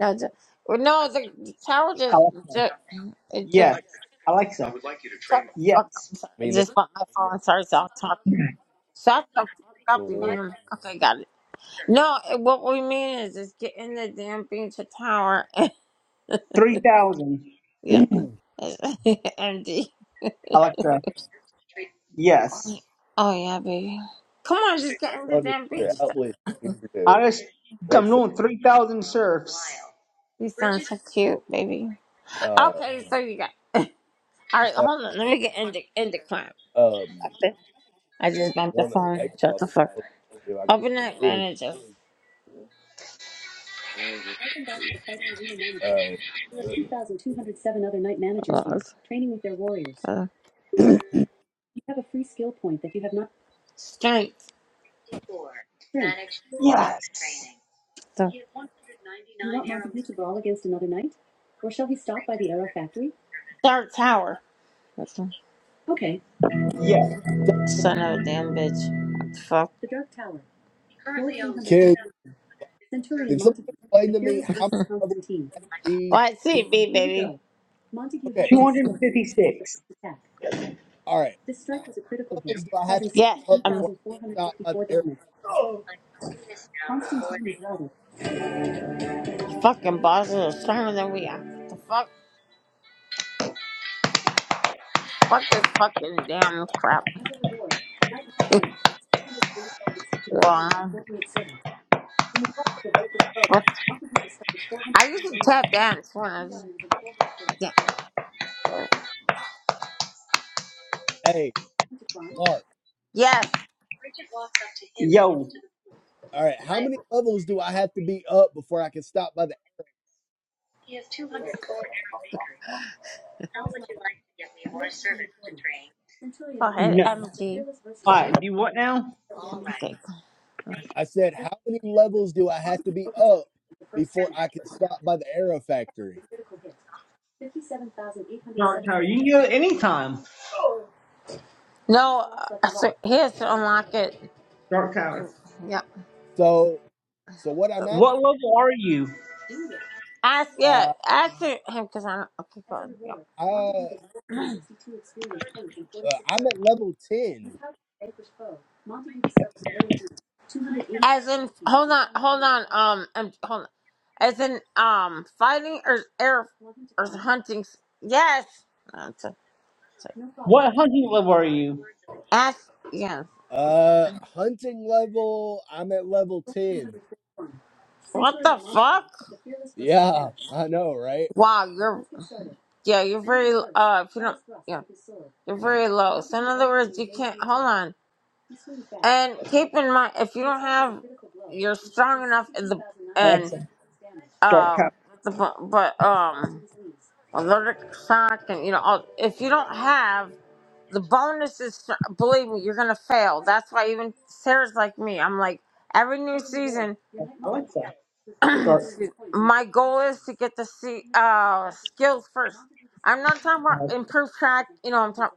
B: no, the, well, no, the, the tower just,
D: Alexa.
B: just it just
D: Yes. Alexa.
B: shut the fuck up.
D: Yes.
B: I'm sorry. I
A: mean, it's
B: just want my phone. Sorry, so I'll talk. to you. Shut the fuck
A: [CLEARS THROAT]
B: up, you damn. Okay, got it. No, it- what we mean is just get in the damn pizza tower. [LAUGHS]
D: 3000.
B: yeah,
A: fun
B: [LAUGHS] empty.
D: Alexa. Yes.
B: Oh yeah, baby. Come on, just get in the
A: with
B: damn
A: their
B: pizza.
A: outlet here to
D: I just, I'm
A: Alexa.
D: doing 3,000 surfs.
B: You sound so cute, baby.
A: Uh,
B: Okay, so you got. All right,
A: it's not.
B: hold on. Let me get in the in the crime.
A: um,
B: I think- I just bumped the
A: one of my
B: phone.
A: ex
B: Shut the fuck.
A: if I
B: Overnight
A: could.
B: manager.
A: Uh,
B: There are 2,207 other night managers Lord. training with their warriors. Uh, straight.
D: Yes.
B: The third tower. That's one.
D: Yeah.
A: so,
B: Son of a damn bitch. What the fuck?
A: can can someone explain to me how many levels
B: Well,
A: be?
B: I see it, B, baby. Here we baby. go.
A: Okay,
D: 256.
A: all right.
B: This strike was a critical
A: How many
B: hit,
A: Levels do I have
B: causing
A: to be up before I stop by the
B: 16,454
A: arrow?
B: damage. Fucking bosses are stronger than we are. The fuck? Fuck this fucking damn crap. Wow. What? I used to tap dance when I was. Yeah.
A: Hey, Mark.
B: Yes.
D: Yo.
A: All right. How many levels do I have to be up before I can stop by the?
B: Go ahead,
D: No.
B: MG.
D: All right. Do what now?
B: Okay.
A: I said, how many levels do I have to be up before I can stop by the arrow factory?
D: Dark Tower. You can do it anytime.
B: No, uh, so he has to unlock it.
D: Dark Tower.
B: Yeah.
A: So, so what I'm
B: So
A: at,
D: What level are you?
B: ask, yeah,
A: uh,
B: ask him because I don't. Okay, go
A: I, uh,
B: on. Yeah.
A: I'm
B: [CLEARS THROAT]
A: at level ten.
B: As in, hold on, hold on, um, um, hold on. As in, um, fighting or air or hunting? s- Yes. Uh, so- so
D: What hunting
B: Ask. Yes.
A: Uh, hunting level, I'm at level 10.
B: What the fuck?
A: Yeah, I know, right?
B: Wow, you're yeah, you're very uh, if you don't yeah, you're very low. So in other words, you can't hold on. And keep in mind, if you don't have, you're strong enough in the and
D: Alexa, dark
B: um,
D: power.
B: the, but um, allergic shock and you know, all, if you don't have the bonuses, believe me, you're gonna fail. That's why even Sarah's like me. I'm like every new season,
D: Alexa,
B: [CLEARS THROAT]
D: dark
B: excuse- my goal is to get the see uh skills first. I'm not talking about improved track. You know, I'm talking.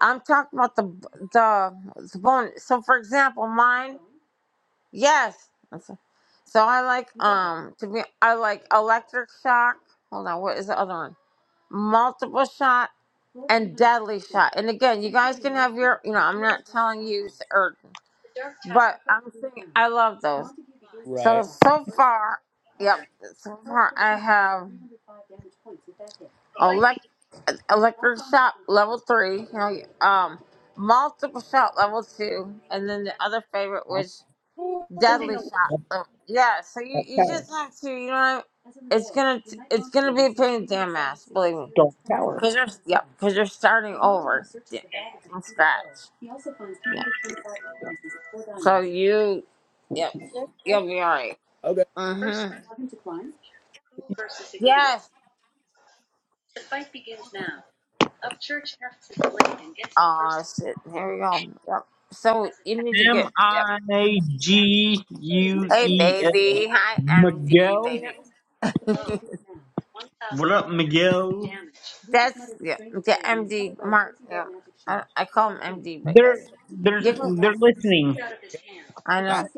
B: I'm talking about the the the bonus. So, for example, mine. Yes. That's- So I like Yeah. um to be I like electric shock. Hold on, what is the other one? Multiple shot and deadly shot. And again, you guys can have your you know, I'm not telling you s- or but I'm saying I love those. So
A: Right.
B: so far yep, so far I have elect electric shot level three, you know, um multiple shot level two, and then the other favorite was deadly shot. So, yeah, so you,
D: dark
B: you
D: power.
B: just have to, you know, it's gonna it's gonna be a pain in the damn ass, believe me.
D: Dark power.
B: Cause you're yeah, cause you're starting over yeah, from scratch. Yeah, so you yeah, you'll be alright.
A: Okay.
B: Mhm. Yes. Oh shit. Here we go. Yep. So you need to
D: M
B: get yep.
D: I G U
B: Hey
D: L.
B: baby. Hi MG
D: Miguel.
B: baby. That's yeah, yeah, MD Mark. Yeah, I, I call him MD, but
D: They're
B: yes,
D: they're
B: you can. Call
D: listening.
B: I
A: I
B: know.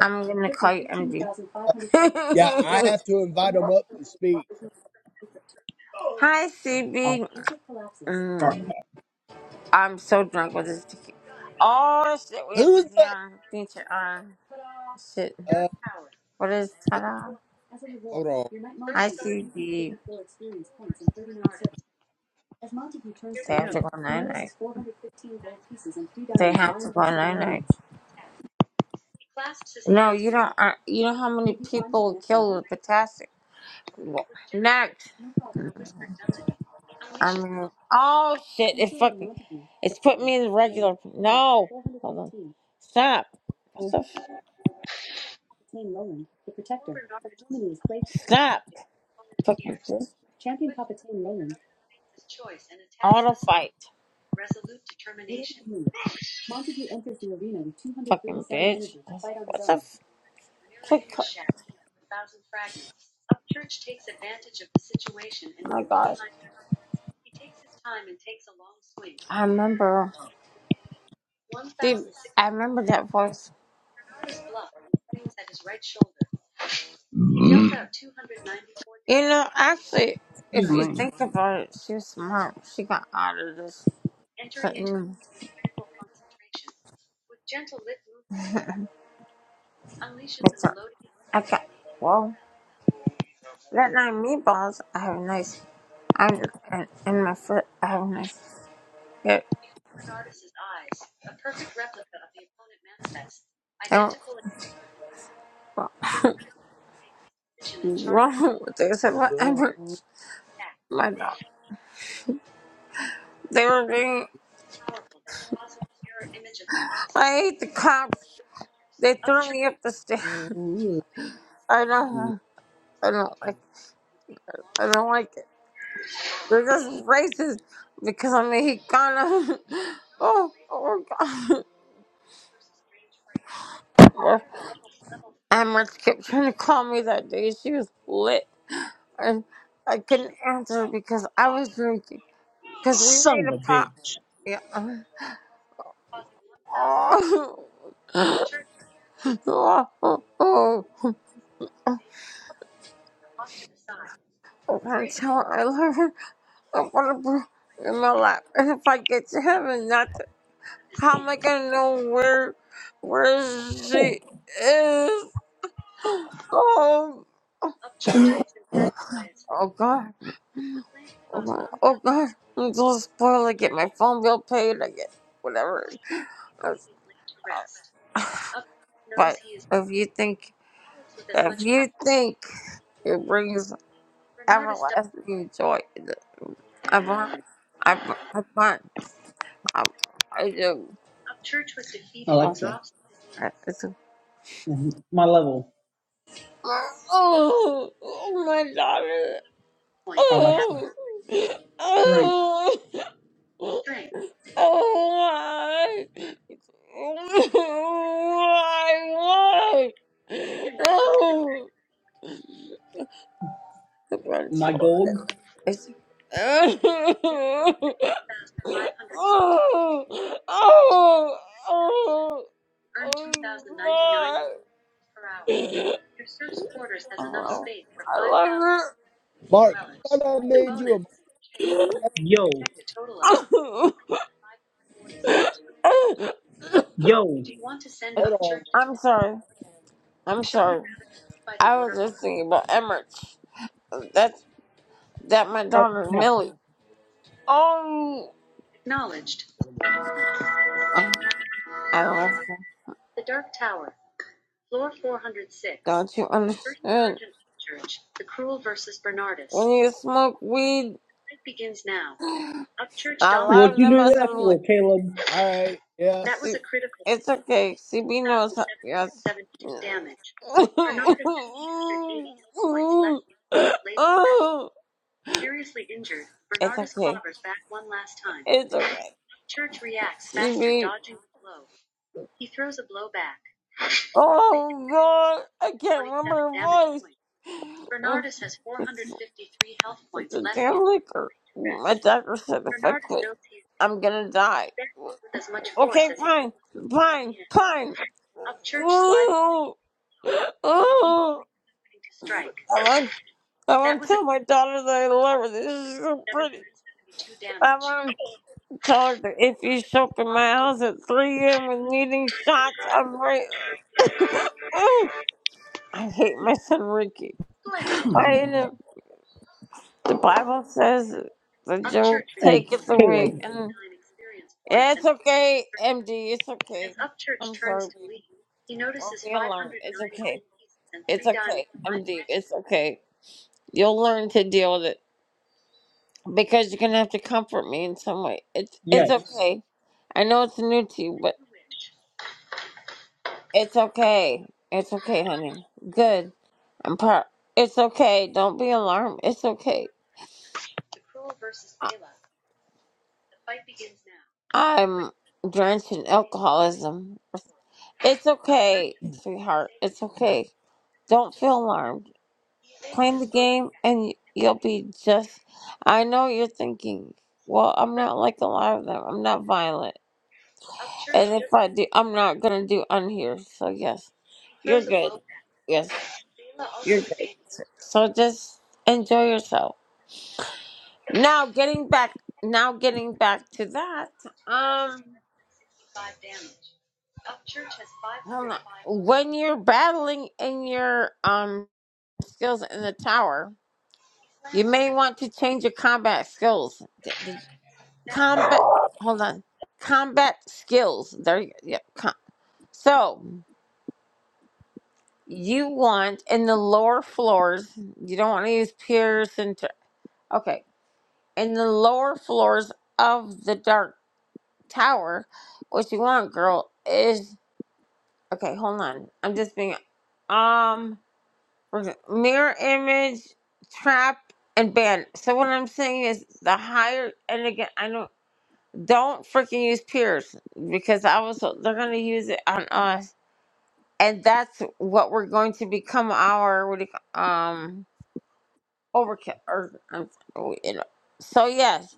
B: I'm gonna call you MD.
A: yeah, I
B: [LAUGHS]
A: have to invite him up to speak.
B: Hi,
D: Oh,
B: CB. Mm, I'm so drunk with this tequila. Oh shit, we had
A: Who's
B: the
A: the
B: damn feature on. Shit,
A: uh
B: what is ta-da?
A: hold on.
B: I see the. They have to go nine night. They have to go nine night. No, you don't. Uh, you know how many people are killed with potassium? Well, Next, I mean, oh shit! It's fucking. It's put me in the regular. No, hold on. Stop. What the? F- stop. Fucking bitch. Auto fight. Fucking bitch. What the? F- quick. Oh my gosh. I remember. See, I remember that voice. You know, actually,
D: excuse
B: if you
D: me.
B: think about it, she was smart. She got out of this. It's not. Okay. Well, you got meatballs. I have nice. i and, and my foot. I have nice. Yeah. I don't. Well, [LAUGHS] wrong with this? I My dog. They were being. I hate the cops. They threw me up the stairs. [LAUGHS] I don't. I don't like. I don't like it. They're just racist because I'm Mexicana. [LAUGHS] oh, oh my God. [LAUGHS] Well, Amherst kept trying to call me that day. She was lit. and I couldn't answer because I was drinking. Because we
D: Son
B: made a
D: of a
B: pot.
D: bitch.
B: Yeah. Oh, [LAUGHS] oh, oh, oh. I want to tell her I love her. I want to put her in my lap. And if I get to heaven, that's how am I gonna know where where
D: Cool.
B: she is? Oh, oh God, oh, my, oh God. I'm so spoiled. I get my phone bill paid. I get whatever. But if you think, if you think. It brings everlasting joy. to ever. I burn. I burn. I burn. I, I do. Oh, I- it's a,
D: Mhm. My level.
B: oh, oh, my daughter. Oh,
D: Drink.
B: oh, oh, why? Why? Why? [LAUGHS] Oh, I'm gonna
D: My
B: kill her.
D: gold.
B: It's. [LAUGHS] Oh, oh, oh, oh, God. Oh, I love
A: Mark, I thought I made you a
B: it.
D: Yo, yo.
A: hold on.
B: I'm sorry. I'm sorry. I was just thinking about Emmerich. That's that my
D: Start
B: daughter
D: power.
B: Millie. Oh, um, I love her. Don't you understand? When you smoke weed, a lot
D: What
B: of
D: you
B: them
D: do
B: are
D: that
B: some.
D: for, Caleb?
A: All right, yeah.
B: See, it's okay. CB knows. How, yes. it's okay. It's alright. CB. Oh God, I can't remember her voice. It's, it's a damn liquor. My doctor said if I quit, I'm gonna die. Okay, fine, fine, fine. Oh, oh, I want to tell my daughter that I love her. This is so pretty. I want to tell her that if you show up in my house at 3 a.m. with needing shots, I'm right. [LAUGHS] I hate my son Ricky. I hate him. The Bible says the joke taketh away. And yeah, it's okay, MD. It's okay. I'm sorry, baby. Don't be alarmed. It's okay. It's okay, MD. It's okay. You'll learn to deal with it. because you're gonna have to comfort me in some way. It's it's
D: Yes.
B: okay. I know it's new to you, but it's okay. It's okay, honey. Good. I'm proud. It's okay. Don't be alarmed. It's okay. I, I'm drenched in alcoholism. It's okay, sweetheart. It's okay. Don't feel alarmed. Play the game, and y- you'll be just. I know you're thinking. Well, I'm not like a lot of them. I'm not violent. And if I do, I'm not gonna do unhear. So yes, you're good. Yes. So just enjoy yourself. Now getting back, now getting back to that. Um, hold on. When you're battling in your um skills in the tower, you may want to change your combat skills. Did, did combat? Hold on. Combat skills. There. you- Yeah. Com- so. you want in the lower floors you don't want to use piers and t- okay in the lower floors of the dark tower what you want girl is okay hold on i'm just being um we're gonna- mirror image trap and ban so what i'm saying is the higher and again i don't don't freaking use piers because i was they're gonna use it on us and that's what we're going to become our what do you, ca- um Overkill. Or, um, oh, you know. So, yes.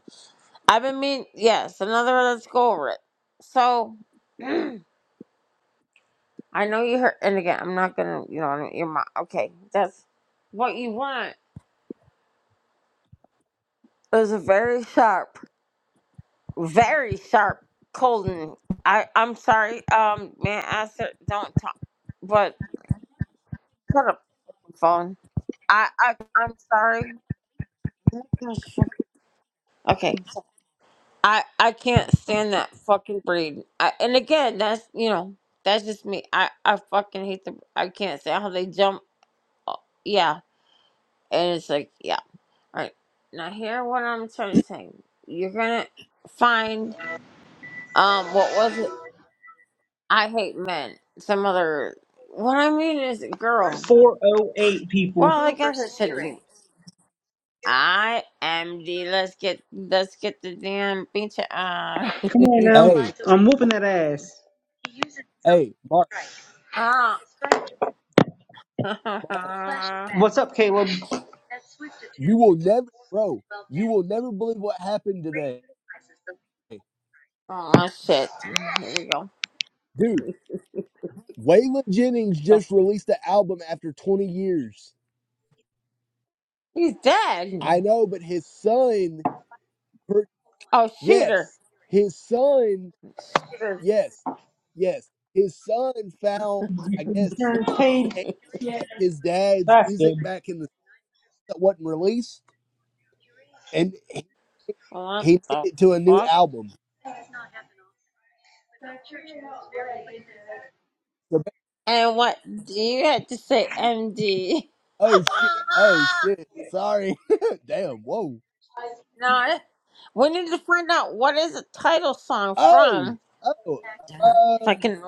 B: I've been mean. Yes, another. Let's go over it. So, [CLEARS THROAT] I know you heard. And again, I'm not gonna. You know, your mom. Okay, that's what you want. Is a very sharp, very sharp Colden. I. I'm sorry. Um, man, I said don't talk. But shut up, phone. I. I. I'm sorry. Okay. I I can't stand that fucking breed. I, and again, that's you know that's just me. I I fucking hate the. I can't stand how they jump. uh, Yeah, and it's like yeah. All right, now hear what I'm trying to say. You're gonna find um what was it? I hate men. Some other. What I mean is girl.
D: 408 people.
B: Well, I guess it shouldn't be. I am the. Let's get let's get the damn beach. Uh,
D: Come on
A: Hey,
D: whooping that ass.
A: hey, Mark,
B: [LAUGHS]
A: Mark,
B: ah. [LAUGHS]
D: up, Caleb?
A: you will never bro, you will never believe what happened today.
B: Oh shit. Here we go.
A: Dude, Waylon Jennings
B: What the
A: just released an album after 20 years.
B: He's dead.
A: I know, but his son, per-
B: Oh shooter.
A: yes, his son,
B: Shooter.
A: yes, yes, his son found, I guess,
D: Turn paid.
A: tape of his dad's
D: That's good.
A: music back in the that wasn't released, and he,
B: What
A: he made
B: the
A: it to a new
B: fuck?
A: album. So, ba-
B: And what do you have to say MD?
A: oh shit! Oh
B: [LAUGHS]
A: shit! Sorry. [LAUGHS] Damn. Whoa.
B: no, I- we need to find out what is the title song
A: Oh.
B: from.
A: Oh. Um.
B: Fucking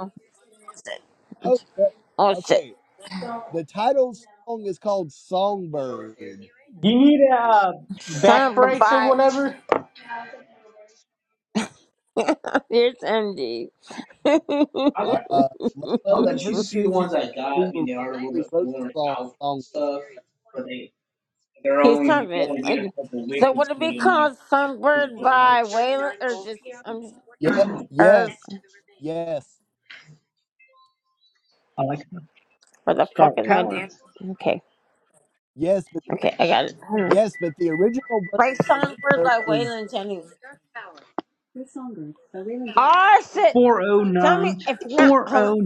A: Oh. uh,
B: oh shit.
A: Okay. The title song is called Songbird.
D: Do you need uh, back
B: Son of a
D: brace or
B: bye.
D: whatever?
B: [LAUGHS] Here's MD.
D: I got,
A: Uh, uh,
B: [LAUGHS]
D: I'll
A: Lovebird, I'm
D: let you
A: pretty
D: see
A: sure
D: the
A: you
D: ones I got.
A: who
D: I mean, they are
A: originally wrote the
D: worn
A: song.
D: out and
A: Song.
D: stuff. They, they're
B: He's
D: only, you
B: talking.
D: only need a couple of
B: So
D: weeks
B: would it
D: until
B: be
D: you
B: called
D: might.
B: Sunbird by Waylon or just?
A: Yeah.
B: Or
A: Yes. Yes.
D: I like that.
B: where the fuck is my
D: Tower.
B: damn? Okay,
A: Yes. But
B: okay, I got it. Hmm.
A: yes. But the original version
B: Play
A: of
B: Songbird
A: Songbird
B: by
A: was
B: Waylon Jennings. Oh shit! Tell me if not. Hold on.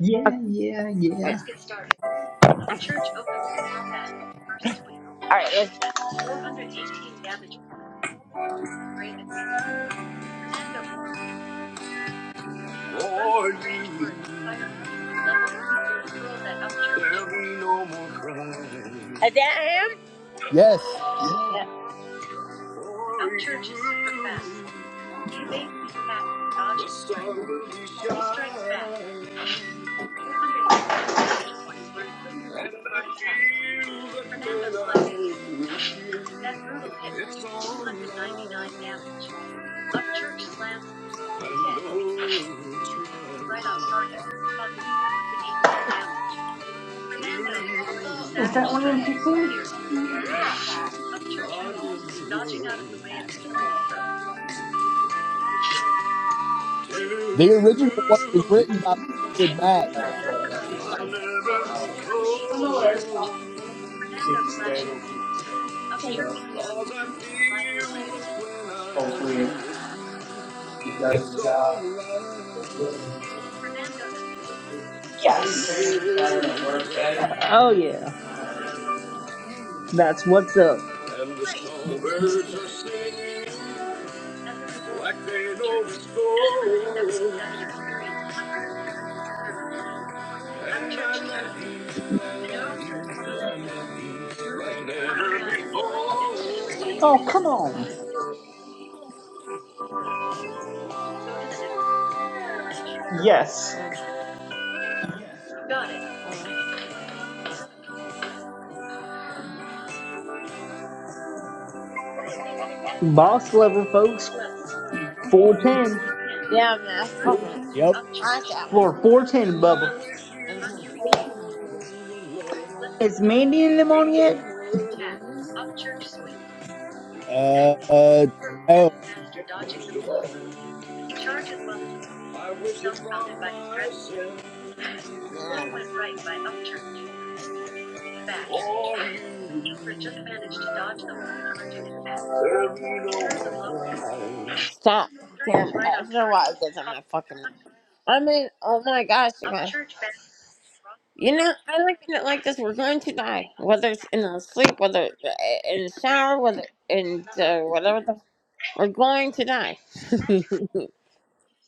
D: Yeah,
B: Okay,
D: yeah,
B: wait. All right, let's. For you, there'll be no more crying. Is that him?
A: yes.
B: Yeah. For you, the sun will be shining. And I feel that when I'm with you, it's all mine. I know it's right to
D: Is that one
B: you.
D: in Kissimmee?
B: I'll give it to
A: The original one was
B: you.
A: written by Fleetwood Mac.
B: I'll never go alone. 'Cause I feel that when I'm
D: Hopefully it
B: with you,
D: does
B: it's
D: the
B: all
D: job.
B: right.
D: Yes.
B: the roads run,
D: Oh yeah. That's what's up.
B: and the snowbirds are singing like they know the score. And I love you, I love you, I love you like never
D: Oh
B: before.
D: come on. Yes. Boss level, folks. Four ten.
B: Yeah, man, [LAUGHS] come
A: Yep.
B: I like that one.
D: Floor four ten,
B: And
D: Bubba.
B: I wish you all the love
D: Is Mandy in them on
B: in
D: yet?
B: the world,
A: Uh. uh no.
B: most of all, I wish it from myself. Yeah. For you, there be no one like Stop. Damn, after a while it gets on my fucking... I mean, oh my gosh, you guys. You know, I look at it like this. We're going to die. Whether it's in our sleep, whether i- in the shower, whether in the, whatever the... We're going to die. [LAUGHS]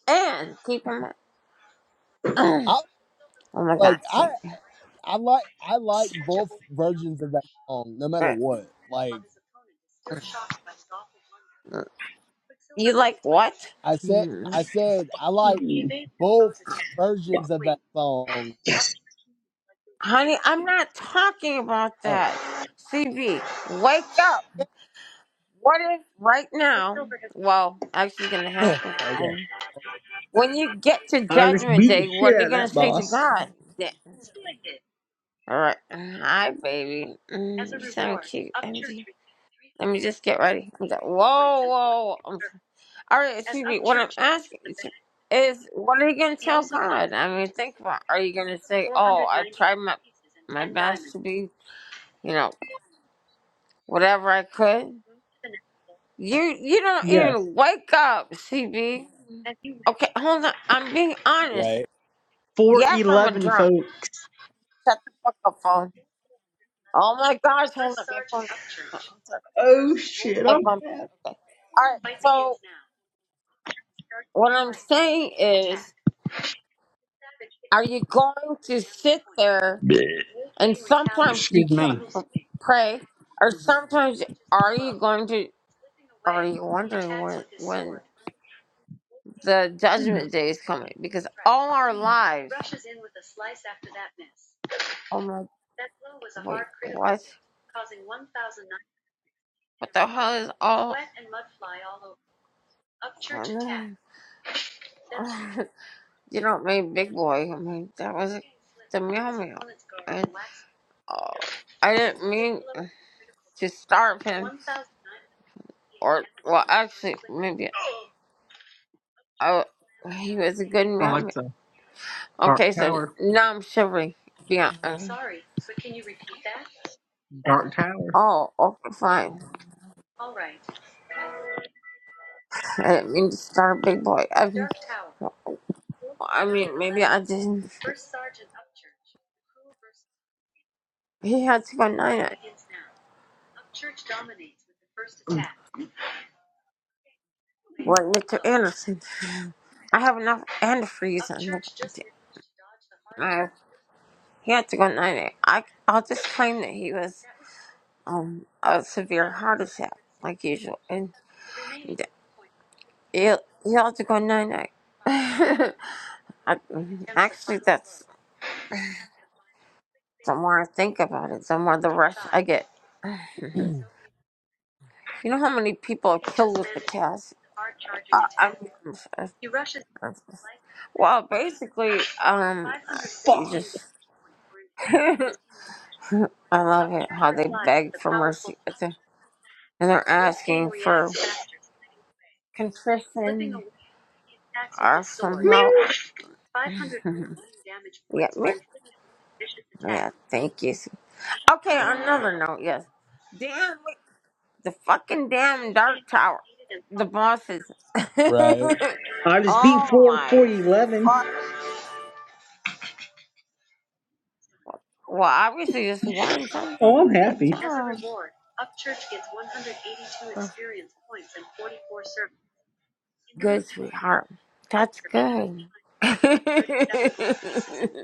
B: and keep in mind... [CLEARS THROAT]
A: I
B: Oh my gosh.
A: like. I.
B: Sick.
A: I like. I like both versions of that song, no matter
B: Uh,
A: what. Like
B: You like what?
A: I said.
B: Hmm,
A: I said. I like. both versions of that song.
B: Honey, I'm not talking about
A: Oh,
B: that. CB, wake up. What if right now, well, actually it's going to
A: [LAUGHS]
B: happen.
A: okay,
B: And when you get to
D: All right, let's
B: judgment
D: beat the
B: day, what
D: shit
B: are
D: out
B: you
D: of
B: going to
D: that
B: say to
D: boss.
B: God? Yeah. All right. Hi, baby. Mm, you sound cute, MG. Let me just get ready. I'm go- Whoa, whoa. I'm sorry. All right, CB, what I'm asking is, is what are you going to tell God? I mean, think about it. Are you going to say, oh, I tried my, my best to be, you know, whatever I could. You you don't
D: Yes.
B: even wake up, CB. Okay, hold on. I'm being honest.
A: right,
B: Yes, I'm a
D: 411
B: drunk.
D: folks.
B: Shut the fuck up, phone. Oh my gosh, hold on. My phone is fucking on. I'm sorry.
D: Oh shit,
B: I
D: I'm
B: bumped
D: bad.
B: it. Okay. All right. So what I'm saying is, are you going to sit there and sometimes you
D: Excuse me,
B: can't pray, or sometimes are you going to? Are you wondering when when the judgment day is coming? Because all our lives. oh my. Wait, what? What the hell is all? Oh, no. [LAUGHS] you don't mean big boy. I mean that was the meow meow. And oh, I didn't mean to starve him. Or well, actually, maybe I. He was a good meow meow.
D: Alexa. Dark
B: Okay, so
D: Tower.
B: now I'm shivering. Yeah. uh,
D: Dark Tower.
B: Oh, okay, fine. I didn't mean to starve big boy. I, I mean, maybe I didn't. He had to go nine like Mr. Anderson. I have enough antifreeze in the. I, he had to go nine eight. I I'll just claim that he was um a severe heart attack like usual, and th- he'll he'll have to go nine eight. [LAUGHS] I, actually, that's the more I think about it, the more the rush I get. [LAUGHS] you know how many people are killed with potassium? Uh, I mean, I'm s- I'm s- well, basically, um, you
D: Fuck.
B: just [LAUGHS] I love it how they beg for mercy. and they're asking for contrition or some help. [LAUGHS] yeah, me. Yeah, thank you. Okay, another note. Yes, damn the fucking damn dark tower. The bosses.
A: right,
B: [LAUGHS]
D: I just beat
B: oh
D: 4
B: my
D: 411.
B: fuck. Well, obviously just won
D: Oh, I'm
B: something. Good
D: happy.
B: job. Good sweetheart. That's good. [LAUGHS] the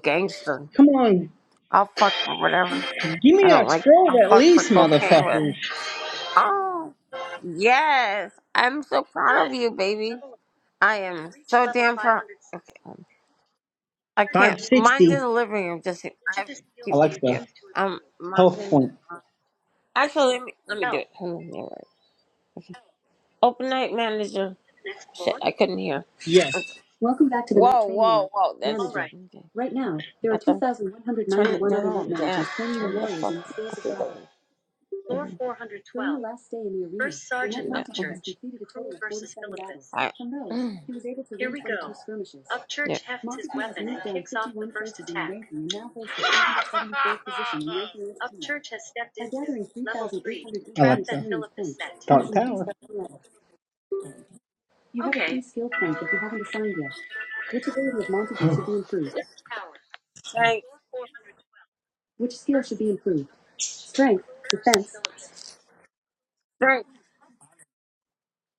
B: gangster.
D: Come on,
B: I'll fuck for whatever.
D: give
B: I
D: me a
B: don't like.
D: scroll
B: I'll
D: at
B: fuck for
D: least,
B: cocaine with.
D: motherfuckers.
B: Oh, yes. I'm so proud of you, baby. I am so damn proud. Okay. um, I can't. Mine's
D: 560.
B: in the living room. Just I have to keep. Yep.
D: Alexa,
B: Um. Mine's
D: health
B: in.
D: point.
B: The, actually, let me let me do it. Hold on. There. Right. Open night manager. Shit, I couldn't hear.
D: Yes.
B: Welcome back to the whoa, night training whoa, training whoa, that's, manager. okay. Right now, there are That's a- 2,191 turn it- no, no, remote managers training their Turn the the warriors fuck- in the skills of battle. No. I, yeah.
D: Alexa, Dark Tower.
B: Strength. Strength.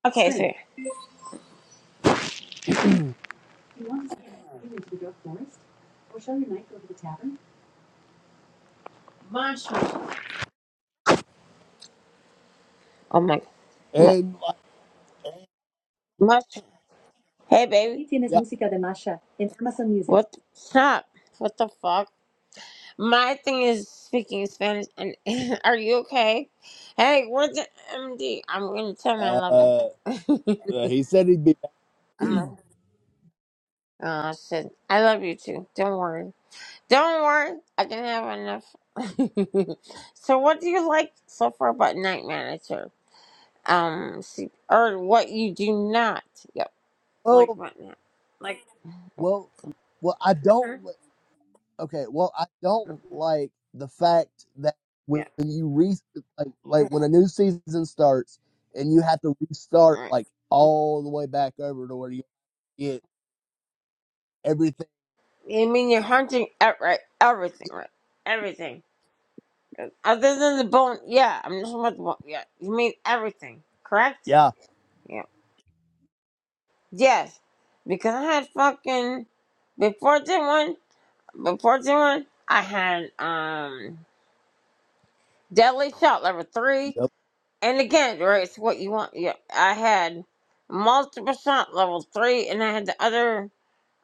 B: Okay, Strength.
A: [CLEARS THROAT] and
B: sir. Strength. Oh my. my
A: like,
B: much. Hey, baby.
A: yeah,
B: What? Stop. What the fuck? My thing is speaking Spanish. And [LAUGHS] are you okay? Hey, where's the MD? I'm gonna tell my
A: uh,
B: lover.
A: uh,
B: [LAUGHS] I'm
A: he said he'd be
B: like, oh shit. I love you too. Don't worry. Don't worry, I can have enough. [LAUGHS] so, what do you like so far about Night Manager? Um, see, or what you do not? Yep, like
A: well,
B: what now? Like,
A: well, well. I don't.
B: Mhm.
A: li- Okay, well, I don't
B: Mm,
A: like the fact that
B: yeah,
A: when you re like like when a new season starts and you have to
B: all
A: restart
B: right.
A: like all the way back over to where you get everything.
B: You mean you're hunting outright everything, right? Everything. Other than the bone, yeah, I'm just about the bone, yeah. You mean everything, correct?
A: Yeah.
B: Yeah. Yes, because I had fucking, before this one, before this one, I had, um, Deadly shot level three.
A: Yep.
B: And again, right, it's what you want. Yeah, I had multiple shot level three, and I had the other,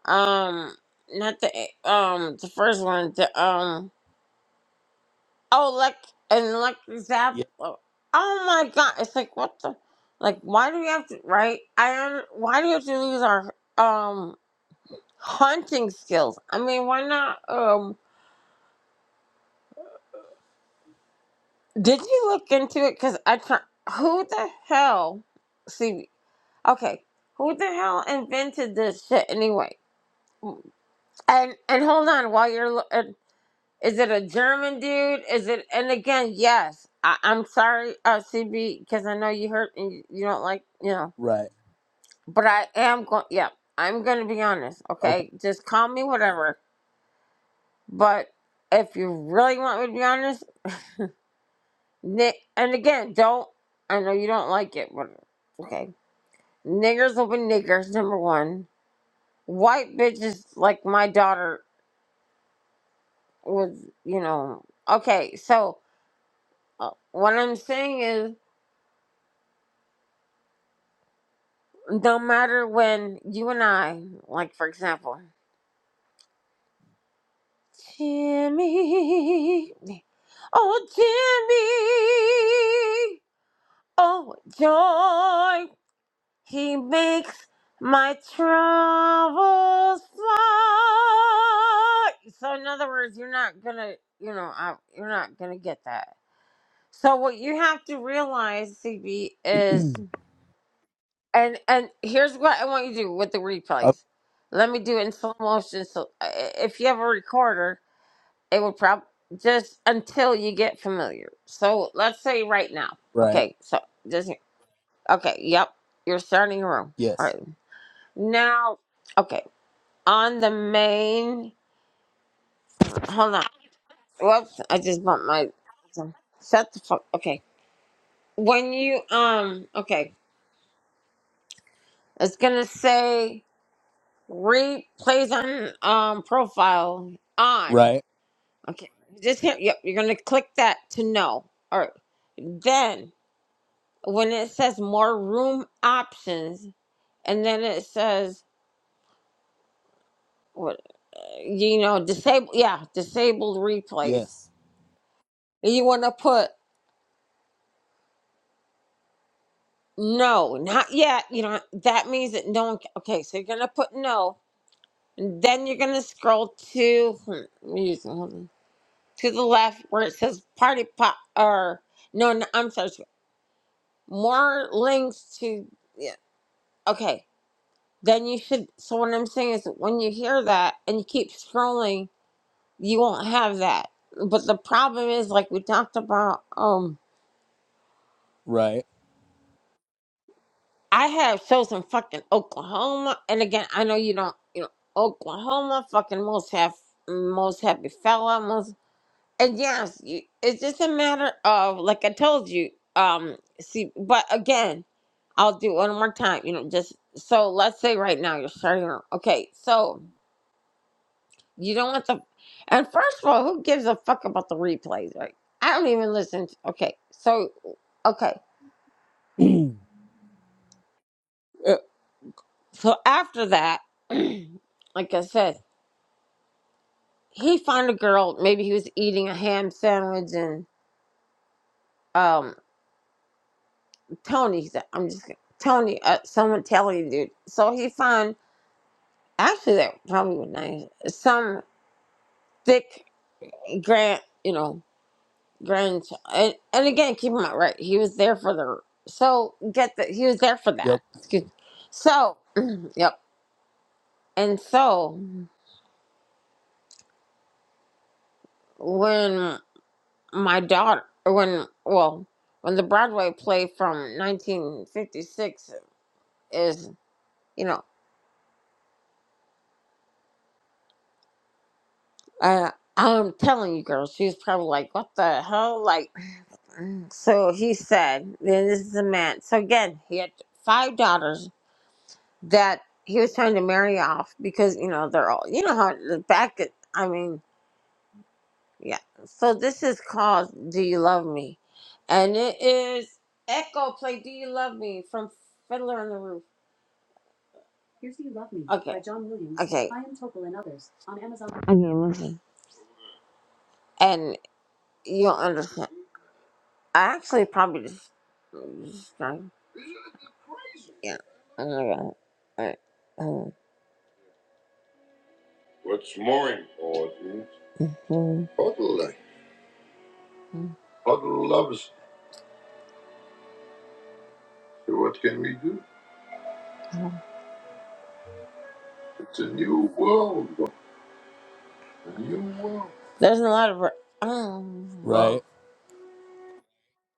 B: um, not the um, the first one, the um, oh, like and electric zap.
A: Yeah.
B: Oh oh my god, it's like what the, like why do we have to right? I don't. why do we have to lose our um hunting skills? I mean, why not? Um, did you look into it? Cause I try. Who the hell? See. Okay, who the hell invented this shit anyway? And and hold on, while you're lo- uh, is it a German dude? Is it? And again, yes. I, I'm sorry, uh, CB, because I know you hurt and you, you don't like you know.
A: Right.
B: But I am going. Yeah, I'm going to be honest.
A: Okay.
B: Okay, just call me whatever. But if you really want me to be honest, ni- and again, don't. I know you don't like it, but okay. Niggers will be niggers. Number one, white bitches like my daughter was you know okay so uh, what i'm saying is no matter when you and i like for example jimmy oh jimmy oh joy he makes my troubles fly so in other words you're not gonna you know I, you're not gonna get that so what you have to realize, CB, is And and here's what I want you to do with the
A: Okay.
B: replays. Let me do it in slow motion. So i- if you have a recorder, it would probably just until you get familiar. So let's say right now.
A: Right.
B: Okay, so just okay. Yep, you're starting your room. All
A: Yes.
B: right. Now, okay. On the main. Hold on. Whoops! I just bumped my. Shut the fuck. Okay. When you um. Okay. It's gonna say. Replays on um profile on.
A: Right.
B: Okay. Just hit, yep, you're gonna click that to know. Alright. Then when it says more room options and then it says what you know, disable yeah, disabled replays.
A: Yes.
B: And You wanna put no, not yet. You know, that means that no one ca- okay, so you're gonna put no. And then you're gonna scroll to hmm, let me use- hold on, to the left where it says party pop or no, no, I'm sorry. more links to yeah, okay then you should so what i'm saying is when you hear that and you keep scrolling you won't have that but the problem is like we talked about um
A: Right.
B: i have shows in fucking oklahoma and again i know you don't you know oklahoma fucking most have most happy fella most And yes, you- it's just a matter of like I told you. Um, see, but again, I'll do it one more time. You know, just so let's say right now you're starting. your- Okay, so you don't want the. And first of all, who gives a fuck about the replays, right? I don't even listen. To, okay, so okay,
A: [CLEARS THROAT] yep.
B: Uh, so after that, [CLEARS THROAT] like I said, he found a girl. Maybe he was eating a ham sandwich and um. Tony, said- I'm just kidding. Tony, uh, someone telling dude. So he found actually that probably was nice. Some thick grand, you know, grandchild. And, and again, keep in mind, right? He was there for the so get the he was there for that. Excuse me. So [CLEARS THROAT] yep. And so when my daughter, when well, when the Broadway play from 1956 is, you know, uh, I'm telling you, girl, she was probably like, "What the hell?" Like So he said, then this is a man. So again, he had five daughters that he was trying to marry off because, you know, they're all, you know how the back, I mean, yeah. So this is called Do You Love Me? And it is Echo play Do You Love Me from Fiddler on the Roof. Here's Do You Love Me okay. by John Williams, okay. Chaim Topol and others on Amazon. Okay, listen. And you'll understand. I actually probably just, just drank. Yeah. I know that. Alright. Um, What's more important? mhm. Huddle. Huddle loves. What can we do? It's a new world. A new world. There's a lot of. Um, Love.
A: Right.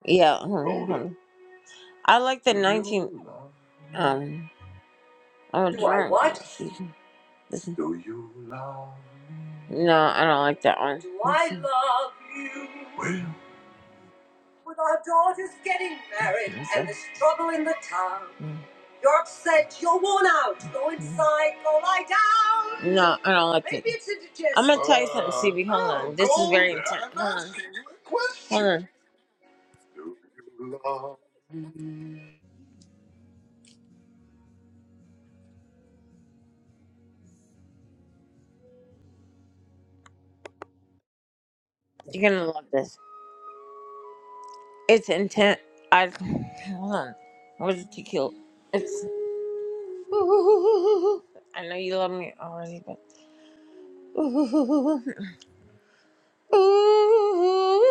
B: yeah. hold on, I like the 19. Um, I'm a drunk. Listen. Do you love me? No, I don't like that one. Do I love you? Well, With our daughters getting married Listen. and the struggle in the town. Mm. You're upset, you're worn out. Go inside, go lie down. No, I don't like Maybe it. it's indigestion. I'm gonna tell you something, uh, CB. Hold oh, on. Oh, This is go very go there. intense. I'm Hold on. asking you a question. Hold on. Do you love You're gonna love this. It's intense. I hold on. Where's the tequila? It's I know you love me already, but. Ooh, ooh, ooh.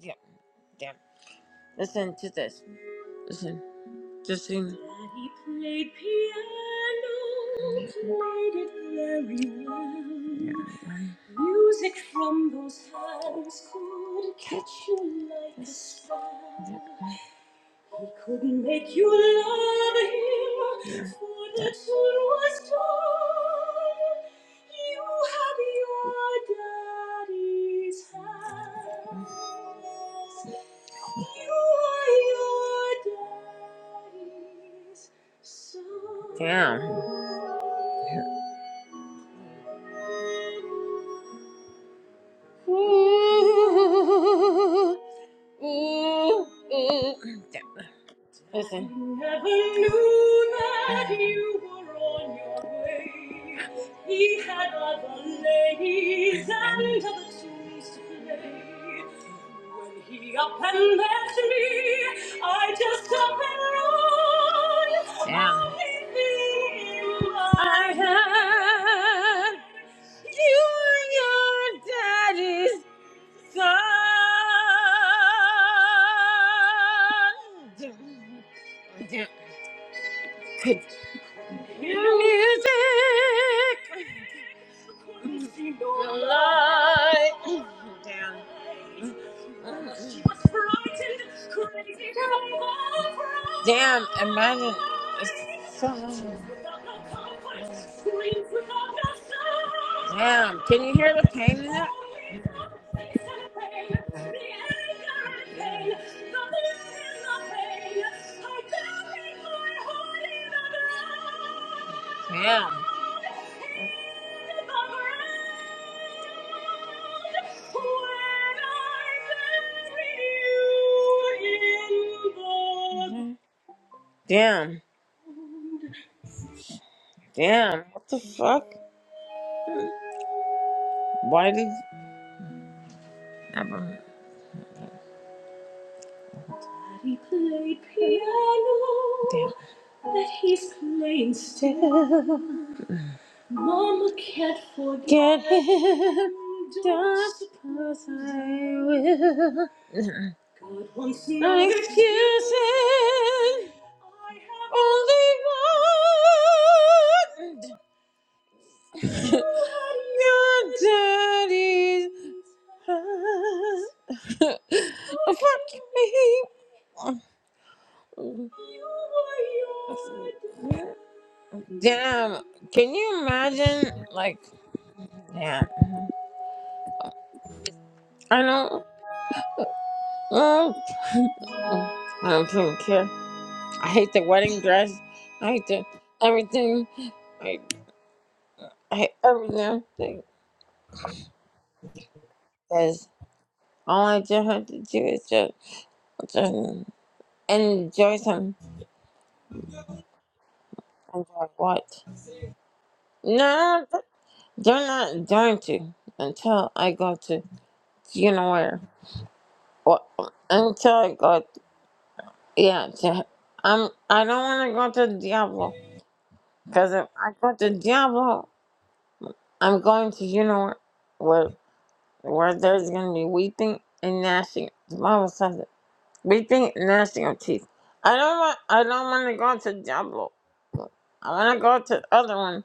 B: Yeah, damn. Listen to this. Listen. Just sing. Damn. Ooh, ooh. Damn, Listen. Never knew that you were on your way. Down. I had you and your daddy's son. Down. Could your music, the light. Down. Damn, imagine. It's so long. Damn, can you hear the pain in it? Mm. Damn. Mhm. Damn. Damn. What the fuck? Why did never get him? Don't say will. No excuses. Only one. [LAUGHS] Your daddy's. heart. [LAUGHS] Fuck me. Damn, can you imagine? Like, damn. I don't. Oh, [LAUGHS] I don't fucking care. I hate the wedding dress. I hate the everything. I, I hate everything. Because all I just have to do is just, just enjoy some. Enjoy what? No, they're not going to until I go to, you know where. Or, until I go. Yeah, to, I'm. I don't want to go to Diablo because if I go to Diablo, I'm going to you know where where, where there's gonna be weeping and gnashing. The Bible says it. Weeping and gnashing of teeth. I don't want. I don't want to go to Diablo. I want to go to the other one.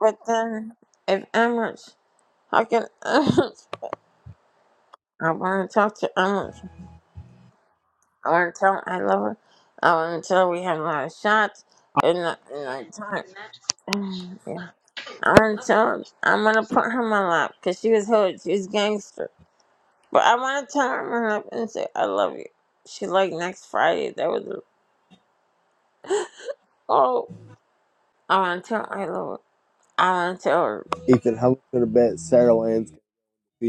B: But then, if Emirates, how can Emirates? I want to talk to Emirates. I want to tell her I love her. I want to tell her we have a lot of shots and not, and not time. [SIGHS] Yeah. I tell her I'm gonna put her in my lap because she was hood, she was gangster. But I wanna tell her in my lap and say I love you. She like next Friday. That was oh, I wanna tell her I love her. I wanna tell her.
A: Ethan, how much would have bet Sarah Lance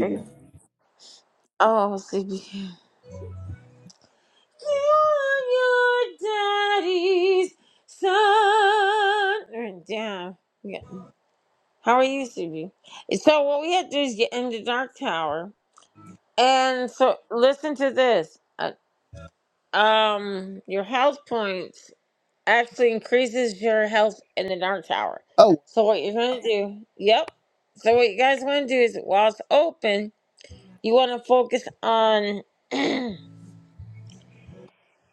B: Yeah. Oh, sleepy. [LAUGHS] You're your daddy's son. Damn. Yeah. How are you, sleepy? So what we had to do is get in the dark tower, and so listen to this. Uh, um, your health points. actually increases your health in the dark tower.
A: Oh,
B: So what you're gonna do, yep. So what you guys wanna do is while it's open, you wanna focus on [CLEARS THROAT] uh,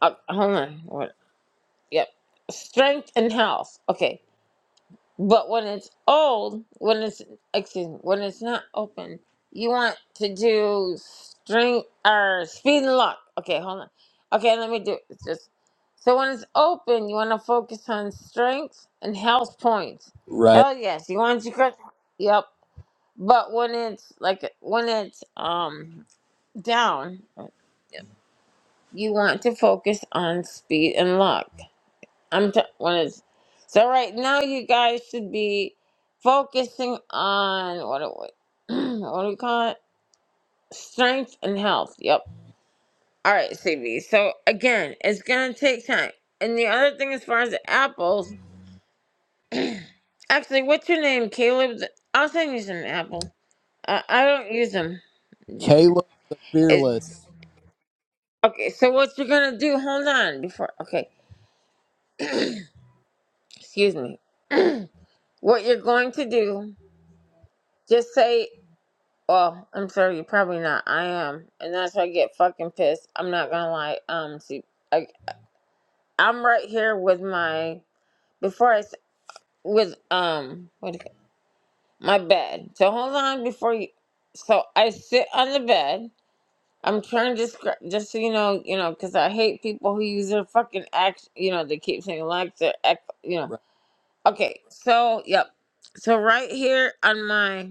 B: hold on, what yep. Strength and health. Okay. But when it's old, when it's excuse me, when it's not open, you want to do string or speed and lock. Okay, hold on. Okay, let me do it. It's just so when it's open, you want to focus on strength and health points.
A: Right.
B: Hell yes, you want to correct. Yep. But when it's like when it's um down, you want to focus on speed and luck. I'm t- when it's so right now. You guys should be focusing on what do we [CLEARS THROAT] what do we call it? Strength and health. Yep. All right, CB. So again, it's gonna take time. And the other thing, as far as the apples, [CLEARS THROAT] actually, what's your name, Caleb? I'll send you some apples. I, I don't use them. Yeah.
A: Caleb the
B: It,
A: Fearless.
B: okay. So what you're gonna do? Hold on. Before. Okay. Excuse me. [CLEARS THROAT] what you're going to do? Just say. Well, I'm sorry, you're probably not. I am, and that's why I get fucking pissed. I'm not gonna lie. Um, see, I, I'm right here with my before I s- with um what do you, my bed. So hold on before you. So I sit on the bed. I'm trying to describe, just so you know, you know, because I hate people who use their fucking act. You know, they keep saying like their act. You know.
A: Right.
B: Okay, so yep. So right here on my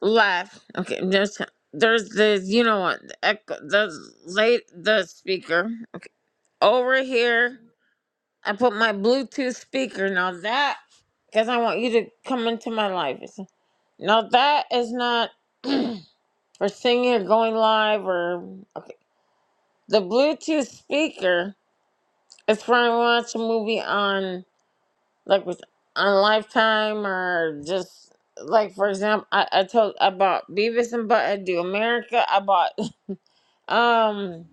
B: Left. Okay, there's there's the you know what the echo, the late the speaker. Okay, over here. I put my Bluetooth speaker. Now that because I want you to come into my life. It's- Now that is not [CLEARS THROAT] for singing or going live or okay. The Bluetooth speaker is for when I watch a movie on like with on Lifetime or just like for example, I, I told I bought Beavis and Butt-Head Do America. I bought Um,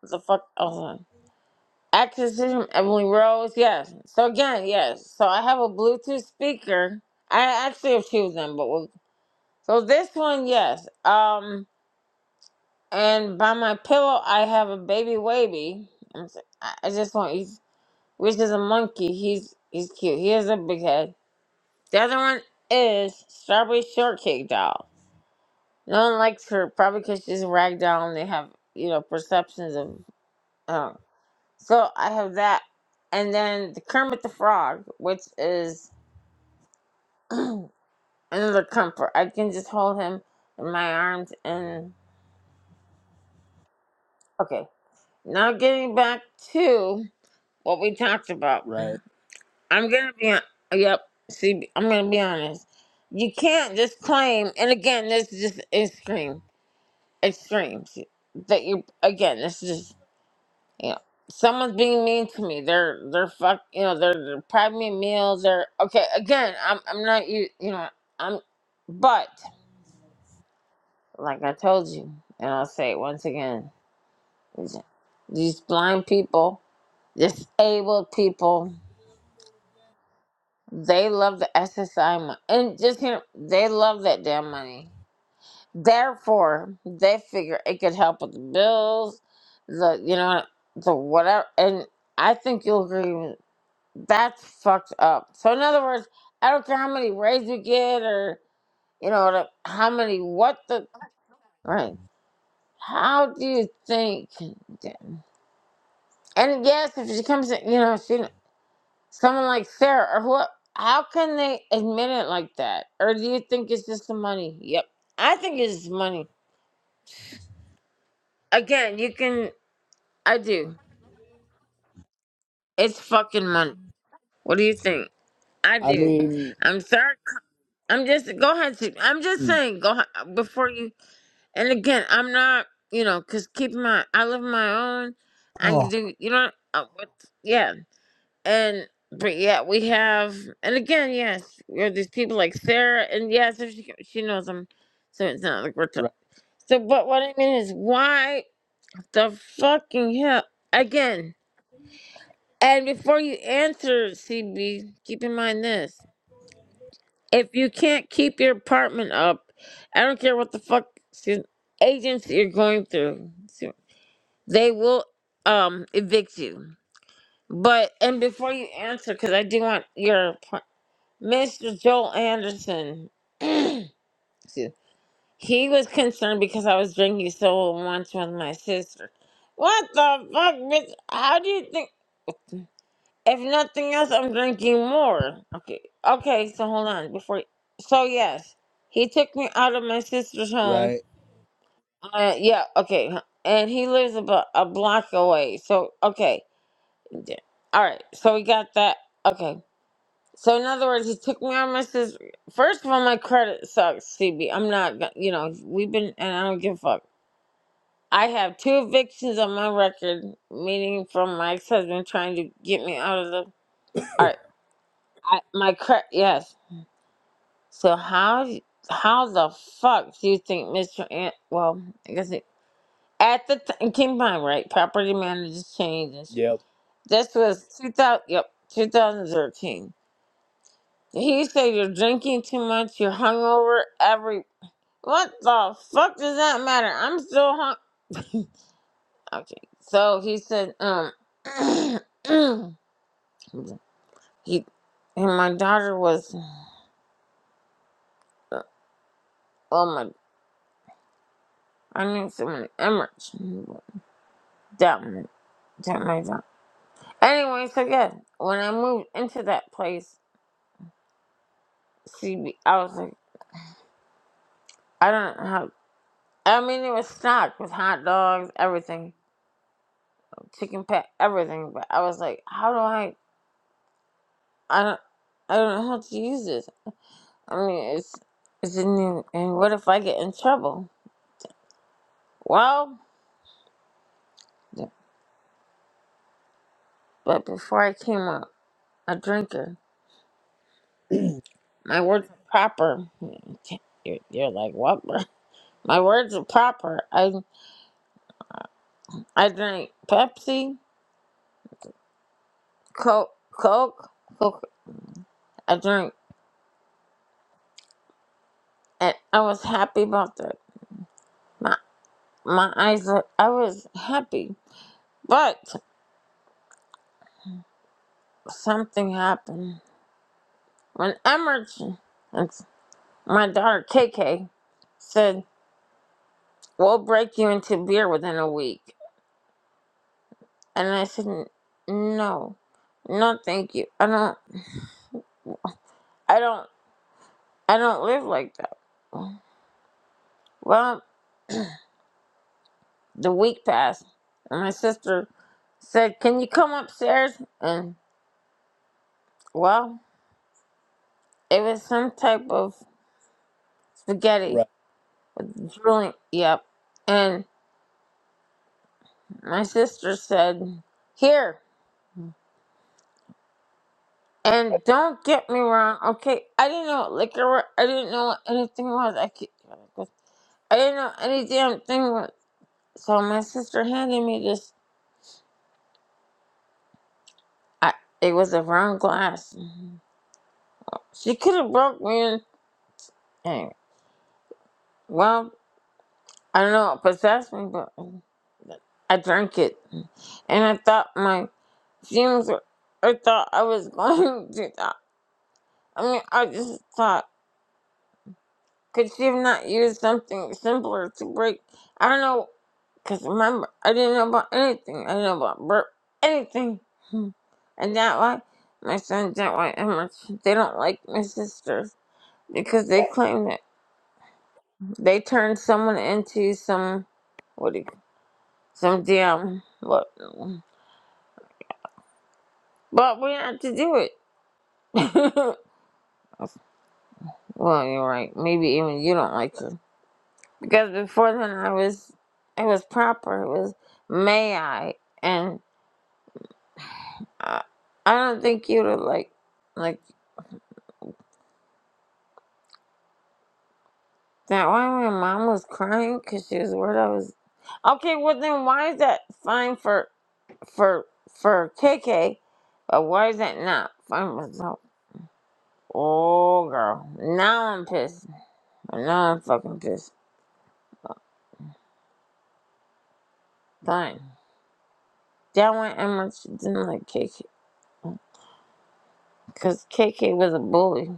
B: what the fuck? Oh, on. Access to Emily Rose. Yes. So again, yes. So I have a Bluetooth speaker. I actually have two of them, but we'll, so this one, yes. Um, and by my pillow, I have a baby wavy. I'm s- I I just want he's which is a monkey. He's he's cute. He has a big head. The other one is Strawberry Shortcake doll. No one likes her probably because she's a rag doll and they have you know perceptions of. um, So I have that, and then the Kermit the Frog, which is [CLEARS THROAT] another comfort. I can just hold him in my arms and okay. Now getting back to what we talked about,
A: Right.
B: I'm gonna be on, yep. See, I'm gonna be honest. You can't just claim, and again, this is just extreme, extremes that you again. This is you know, someone's being mean to me. They're they're fuck, you know, they're, they're depriving me of meals. They're okay. Again, I'm I'm not you, you know, I'm, but like I told you, and I'll say it once again, these these blind people, disabled people, they love the SSI money, and just you know, they love that damn money. Therefore, they figure it could help with the bills, the you know, the whatever, and I think you'll agree. That's fucked up. So in other words, I don't care how many rays we get or you know the- how many what the right. How do you think? And yes, if she comes, in, you know, she someone like Sarah or who. How can they admit it like that? Or do you think it's just the money? Yep, I think it's just money. Again, you can. I do. It's fucking money. What do you think? I
A: I
B: do.
A: mean,
B: I'm sorry. I'm just go ahead. Sue. I'm just
A: hmm,
B: saying. Go ahead, before you. And again, I'm not, you know, because keep in mind, I live on my own. I can
A: oh,
B: do, you know, uh, what, yeah. And, but yeah, we have, and again, yes, we have these people like Sarah, and yes, if she, she knows them. So it's not like we're t-
A: Right.
B: So, but what I mean is, why the fucking hell? Again, and before you answer, CB, keep in mind this. If you can't keep your apartment up, I don't care what the fuck excuse- agency you're going through. so, they will um evict you. But and before you answer, because I do want your po- Mr. Joel Anderson. [CLEARS THROAT] excuse- he was concerned because I was drinking so much with my sister. What the fuck, bitch? How do you think? If nothing else, I'm drinking more. Okay, okay. So hold on before. So yes, he took me out of my sister's home.
A: Right.
B: Uh, yeah, okay. And he lives about a block away. So okay. Yeah. All right. So we got that. Okay. So in other words, he took me on my sister. First of all, my credit sucks, CB. I'm not, go- you know, we've been, and I don't give a fuck. I have two evictions on my record, meaning from my ex-husband trying to get me out of the. All right. I, my credit, yes. So how, d- how the fuck do you think Mr. Ant? Well, I guess it, at the time, keep in mind, right? Property managers change and shit.
A: Yep.
B: This was 2000. Yep, 2013 He said you're drinking too much, you're hungover every. What the fuck does that matter? I'm still hung. Okay, so he said, um, [CLEARS THROAT] he and my daughter was, well, my I knew someone Emirates. That my that my daughter. Anyway, so yeah, when I moved into that place, CB, I was like, I don't know how. I mean, it was stocked with hot dogs, everything, chicken pat, everything. But I was like, how do I? I don't, I don't know how to use this. I mean, it's, it's in, and what if I get in trouble? Well, but before I came a, a drinker, my words are proper. You're, you're like, what? [LAUGHS] bro? My words are proper. I, I drank Pepsi, Coke, Coke, Coke. I drank, and I was happy about that. My, my eyes, are, I was happy, but something happened when Emerson. My daughter, KK, said, We'll break you into beer within a week. And I said, "N- No, no, thank you. I don't, I don't, I don't live like that. Well, the week passed, and my sister said, Can you come upstairs? And, well, it was some type of spaghetti,
A: Right.
B: drooling, yep. And my sister said, Here. And don't get me wrong, okay? I didn't know what liquor was. I didn't know what anything was. I keep, I didn't know any damn thing was. So my sister handed me this. I, it was a round glass. Mhm. She could have broke me in. Anyway, well, I don't know what possessed me, but I drank it. And I thought my fumes were, I thought I was [LAUGHS] going to die. I mean, I just thought. Could she have not used something simpler to break? I don't know, because remember, I didn't know about anything. I didn't know about burp, anything. [LAUGHS] Hmm. And that why my sons don't like Emirates. They don't like my sisters because they claim that they turned someone into some, what do you, some damn, what? But we had to do it. [LAUGHS] well, you're right. Maybe even you don't like your because before then I was it was proper. It was may I, and I, I don't think you'd have like like that. Why my mom was crying because she was worried I was okay. Well then, why is that fine for for for KK, but why is that not fine for so? Oh girl, now I'm pissed. Now I'm fucking pissed. Fine. That one Emma she didn't like KK because KK was a bully.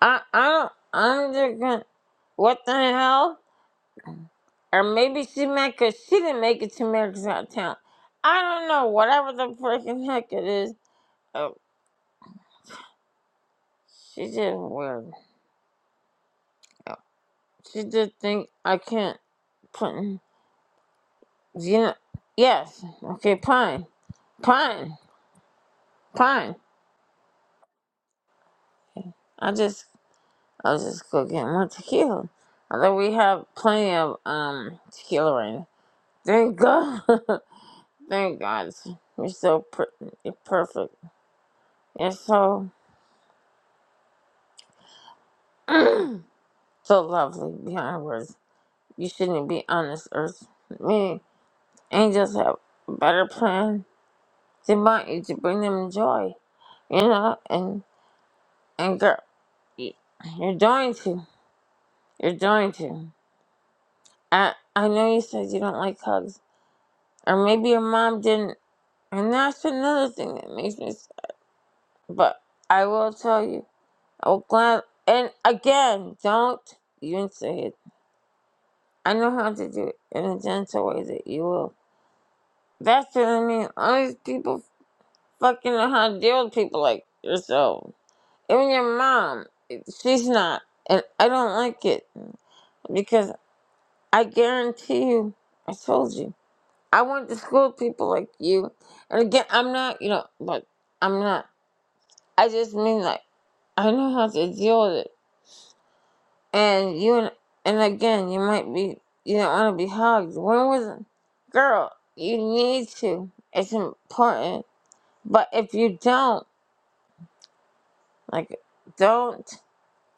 B: I, I don't, I'm just gonna, what the hell? Or maybe she meant because she didn't make it to America's Got Talent. I don't know, whatever the freaking heck it is. Oh, she did weird. Oh, she did think I can't put, in- you know, yes, okay, pine, pine, pine. I just, I'll just go get more tequila. Although we have plenty of um tequila right now. There you go. [LAUGHS] Thank God. You're so per- you're perfect. You're so, [CLEARS THROAT] so lovely beyond words. You shouldn't be on this earth. Me, angels have a better plan. They want you to bring them joy, you know? And, and girl, y- you're going to. You're going to. I, I know you said you don't like hugs. Or maybe your mom didn't. And that's another thing that makes me sad. But I will tell you. Oh, glad. And again, don't even say it. I know how to do it in a gentle way that you will. That's what I mean. All these people fucking know how to deal with people like yourself. Even your mom, she's not. And I don't like it because I guarantee you, I told you, I went to school with people like you. And again, I'm not, you know, but I'm not. I just mean like I know how to deal with it And you and again, you might be you don't want to be hugged. When was it? Girl, you need to. It's important. But if you don't, like, don't.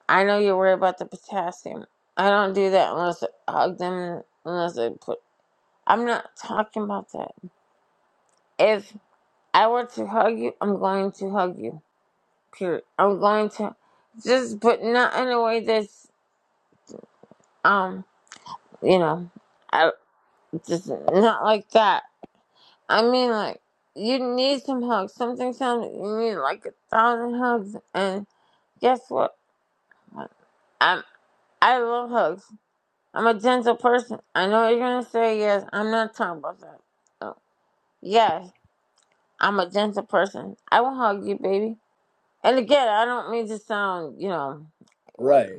B: I know you're worried about the potassium. I don't do that unless I hug them. Unless I put. I'm not talking about that. If I were to hug you, I'm going to hug you. Period. I'm going to just, but not in a way that's um, you know, I just not like that I mean, like, you need some hugs. Something sounds you need like a thousand hugs. And guess what? I'm, I love hugs. I'm a gentle person. I know you're gonna say yes. I'm not talking about that. Oh, yes, I'm a gentle person. I will hug you, baby. And again, I don't mean to sound, you know, what?
A: Right.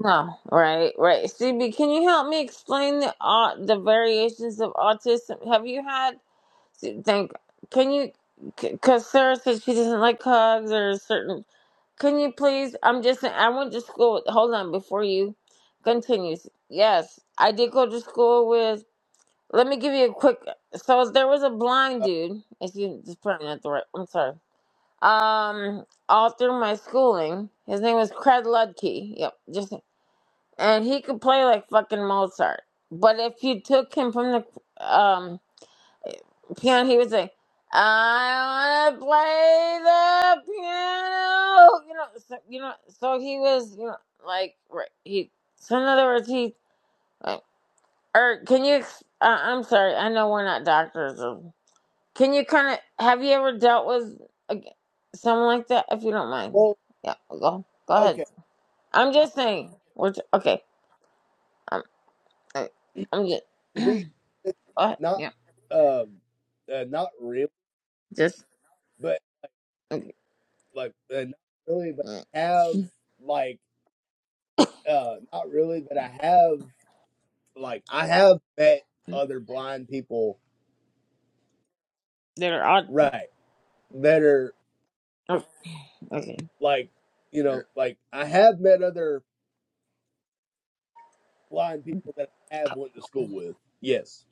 B: No, right, right. CB, can you help me explain the uh, the variations of autism? Have you had? Think Can you? Because Sarah said she doesn't like hugs or certain. Can you please? I'm just. I went to school. With, Hold on. Before you continues. Yes, I did go to school with. Let me give you a quick. So there was a blind
A: Uh,
B: dude. Excuse. It's probably not the right. I'm sorry. Um, all through my schooling, his name was Craig Ludke. Yep. Just and he could play like fucking Mozart. But if you took him from the um piano. He would say, "I want to play the piano." You know, so, you know. So he was, you know, like right, he. So in other words, he. Like, or can you? ex- Uh, I'm sorry. I know we're not doctors. Or, can you kind of have you ever dealt with a, someone like that? If you don't mind,
A: well,
B: yeah. Go go ahead.
A: okay.
B: I'm
A: I,
B: just saying. We're t- okay. I'm I- I'm just.
A: to be honest,
B: Go ahead.
A: not
B: Yeah.
A: um, uh, not really,
B: Just.
A: but
B: Okay.
A: like uh, not really, but
B: yeah.
A: I have like uh, not really, but I have like I have bet
B: [LAUGHS]
A: other blind people.
B: They're odd.
A: Right. that are
B: oh, Okay.
A: like you know like I have met other blind people that I have went to school with. Yes,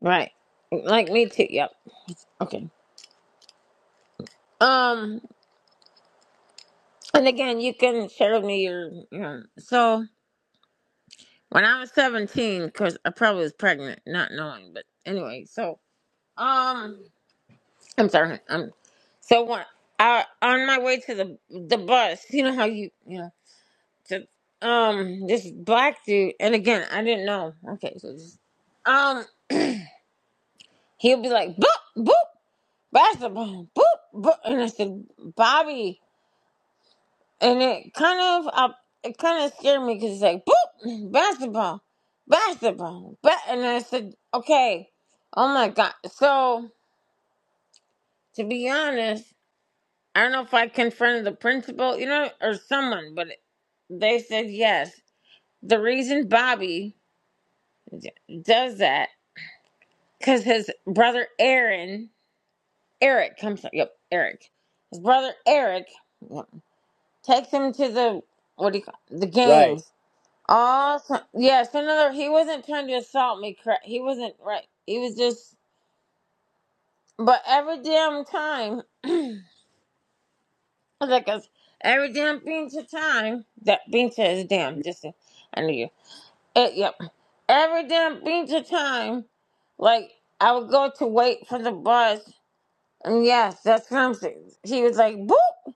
B: Right. Like me too. Yep. Okay. Um, and again, you can share with me your, your so when I was 17, because I probably was pregnant, not knowing, but anyway, so, um, I'm sorry. Um, so when I, on my way to the, the bus, you know how you, you know, to, um, this black dude, and again, I didn't know. Okay. So just, um, he'll be like, boop, boop, basketball, boop, boop. And I said, Bobby, and it kind of I, it kind of scared me because it's like boop basketball, basketball, but and I said okay, oh my god. So to be honest, I don't know if I confronted the principal, you know, or someone, but they said yes. The reason Bobby d- does that because his brother Aaron, Eric comes. Yep, Eric. His brother Eric yep, takes him to the what do you call the
A: right.
B: games Awesome. Yes, another. He wasn't trying to assault me. Correct. He wasn't right. He was just. But every damn time, [LAUGHS] like us, every damn pinch of time that pinch is damn. Just I knew you. Uh, yep. Every damn pinch of time, like I would go to wait for the bus, and yes, that's what I'm saying. He was like boop,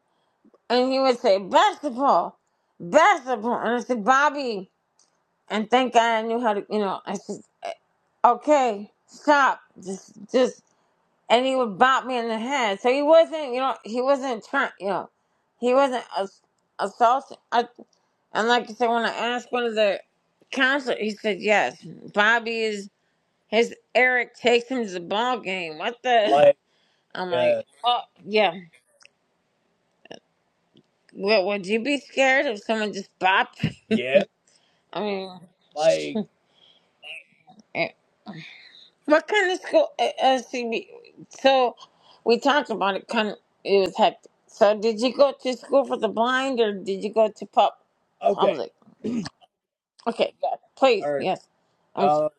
B: and he would say basketball, basketball, and I said Bobby. and thank God I knew how to, you know, I just, eh, okay, stop, just, just, and he would bop me in the head. So he wasn't, you know, he wasn't trying, you know, he wasn't ass- assaulting. I, and like I said, when I asked one of the counselors, he said, yes, Bobby is, his Eric takes him to the ball game. What the?
A: Like
B: [LAUGHS] I'm like,
A: uh,
B: oh, yeah. Would, would you be scared if someone just bopped?
A: yeah,
B: I
A: like
B: mean, [LAUGHS] What kind of school? Uh, uh, see, we, so we talked about it. Kind of, it was hectic. So did you go to school for the blind, or did you go to pub
A: okay,
B: public? Okay, yeah, please,
A: all right.
B: yes. I'm
A: Uh,
B: sorry.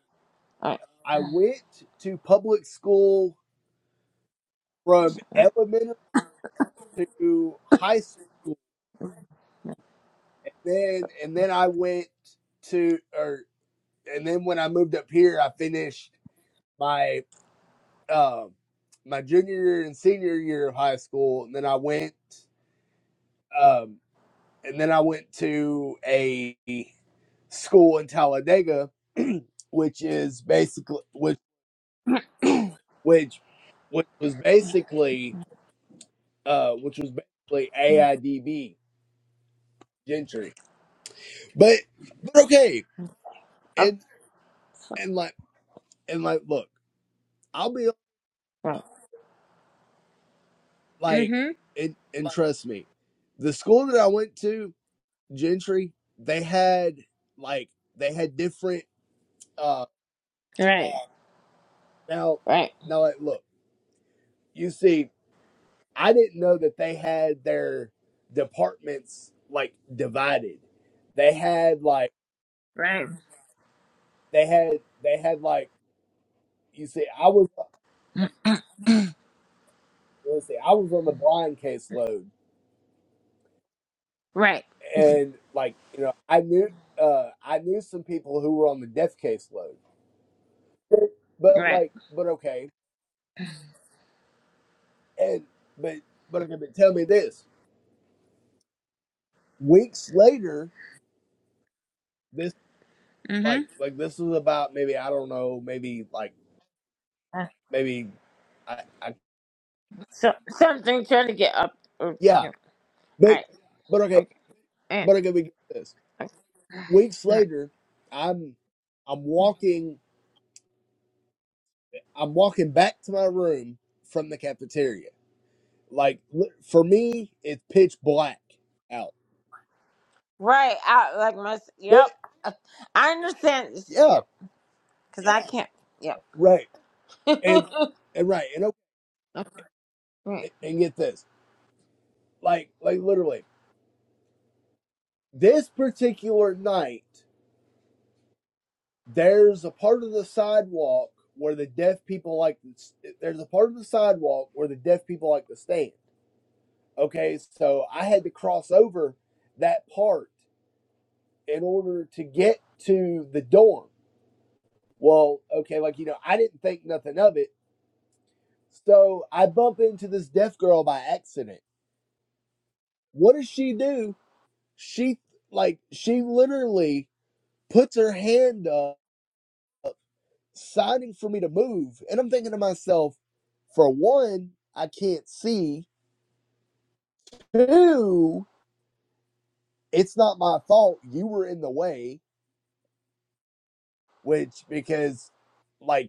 B: All right,
A: I went to public school from
B: all right.
A: elementary to high school, and
B: So,
A: then and then I went to or and then when I moved up here, I finished my um my junior year and senior year of high school, and then I went. um. and then I went to a school in Talladega, [CLEARS THROAT] which is basically which which which was basically uh which was basically AIDB gentry. But but okay,
B: okay,
A: and
B: so,
A: and like and like look, I'll be
B: right.
A: like
B: Mm-hmm.
A: and and trust me, the school that I went to, gentry, they had like they had different uh
B: Right.
A: now
B: Right.
A: now like look you see I didn't know that they had their departments like divided. They had like
B: Right.
A: they had they had like you see I was
B: Mm,
A: let's see I was on the blind caseload
B: Right.
A: and like you know I knew uh I knew some people who were on the death caseload. But
B: Right.
A: like but okay and but but okay but tell me this weeks later this
B: Mm-hmm.
A: like like this was about maybe I don't know maybe like
B: Uh,
A: maybe I, I
B: so something trying to get up. Or, you
A: yeah
B: know,
A: but
B: all right.
A: but okay
B: Okay. eh,
A: But I gotta get this.
B: okay.
A: Weeks
B: mm. Right.
A: later, I'm I'm walking I'm walking back to my room from the cafeteria. Like li- for me, it's pitch black out.
B: Right, Out like my.
A: But
B: Yep. I understand.
A: yeah,
B: Yep. Because I can't. Yep.
A: right.
B: [LAUGHS]
A: And and right and
B: Right.
A: okay, and get this. Like like literally this particular night, there's a part of the sidewalk where the deaf people like to s- there's a part of the sidewalk where the deaf people like to stand. Okay, so I had to cross over that part in order to get to the dorm. Well, okay, like you know, I didn't think nothing of it. So I bump into this deaf girl by accident. What does she do? She like she literally puts her hand up signing for me to move. And I'm thinking to myself, for one, I can't see. Two, it's not my fault you were in the way, which because like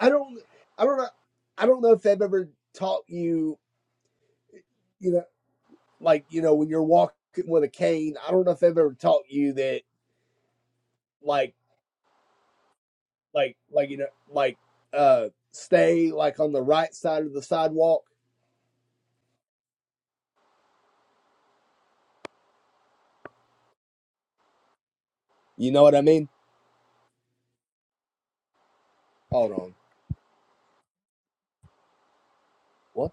A: I don't, I don't know, I don't know if they've ever taught you, you know, like you know when you're walking with a cane. I don't know if they've ever taught you that, like, like, like you know, like, uh, stay like on the right side of the sidewalk. You know what I mean? Hold on, what?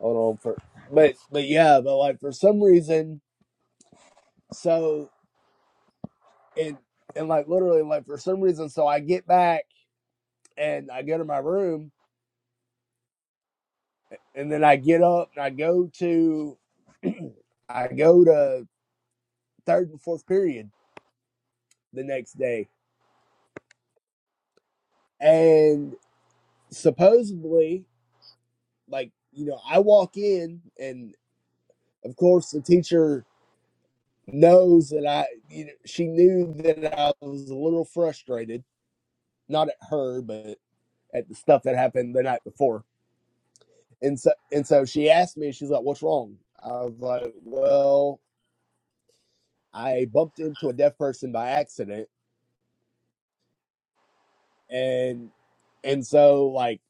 A: Hold on for, but but yeah, but like for some reason, so and and like literally like for some reason, so I get back and I go to my room and then I get up and I go to [CLEARS THROAT] I go to third and fourth period the next day. And supposedly, like, you know, I walk in and of course the teacher knows that I you know she knew that I was a little frustrated, not at her, but at the stuff that happened the night before. And so and so she asked me, she's like, What's wrong? I was like, Well, I bumped into a deaf person by accident and and so like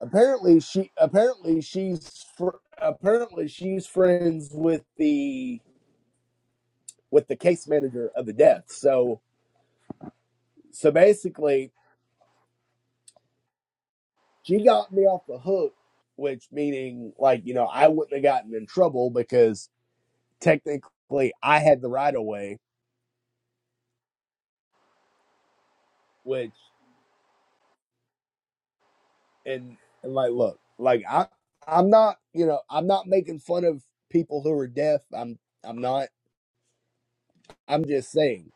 A: apparently she apparently she's fr- apparently she's friends with the with the case manager of the death so so basically she got me off the hook which meaning like you know i wouldn't have gotten in trouble because technically i had the right of way which and and like look like i i'm not you know i'm not making fun of people who are deaf i'm i'm not i'm just saying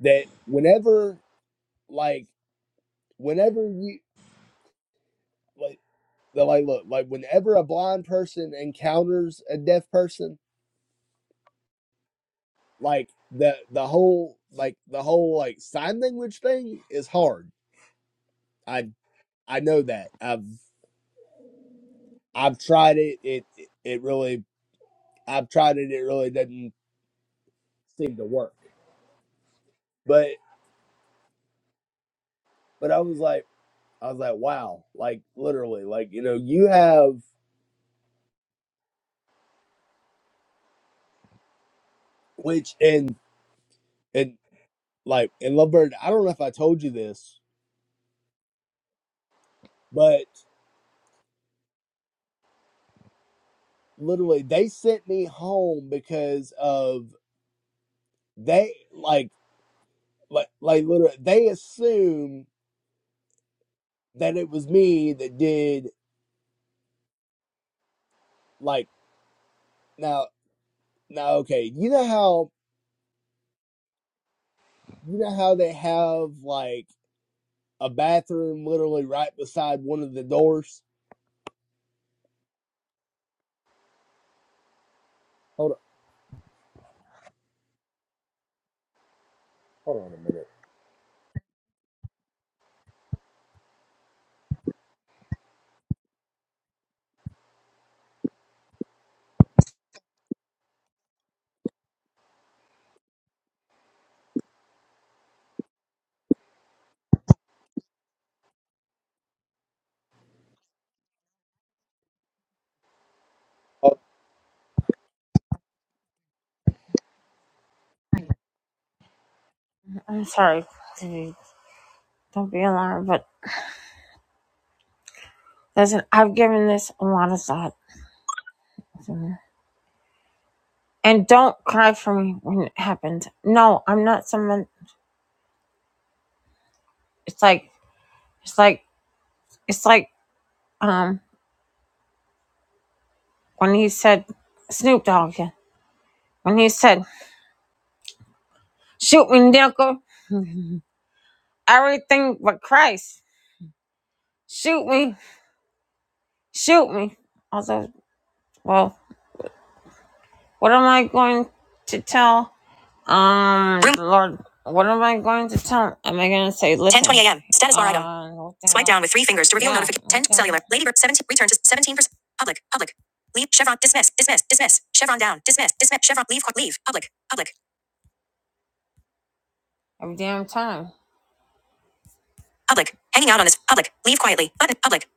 A: that whenever like whenever you like the like look like whenever a blind person encounters a deaf person like the the whole like the whole like sign language thing is hard i i know that i've i've tried it it it really i've tried it it really doesn't seem to work but but i was like i was like wow like literally like you know you have which and and like in lovebird i don't know if i told you this but. literally they sent me home because of they like like like literally they assumed that it was me that did like now now okay you know how you know how they have like a bathroom literally right beside one of the doors hold on
B: I'm sorry. Don't be alarmed. But listen, I've given this a lot of thought. so. And don't cry for me when it happens. No, I'm not someone. It's like, it's like, it's like, um, when he said, Snoop Dogg, yeah, when he said, shoot me, nickel, everything but Christ. Shoot me, shoot me. Although, well, what am I going to tell? Um, Lord, what am I going to tell? Am I going to say, listen? 10.20 a.m. Status bar item. Uh, what Swipe down with three fingers to reveal yeah, notification. 10 okay. cellular. Ladybird 17. Return to 17%. Public. Public. Leave. Chevron. Dismiss. Dismiss. Dismiss. Chevron down. Dismiss. Dismiss. Chevron. Leave. Leave. Public. Public. Every damn time. Public. Hanging out on this. Public. Leave quietly. Button. Public.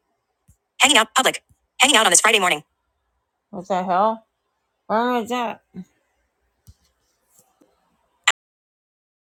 B: Hanging out. Public. Hanging out on this Friday morning. What the hell? Where was that?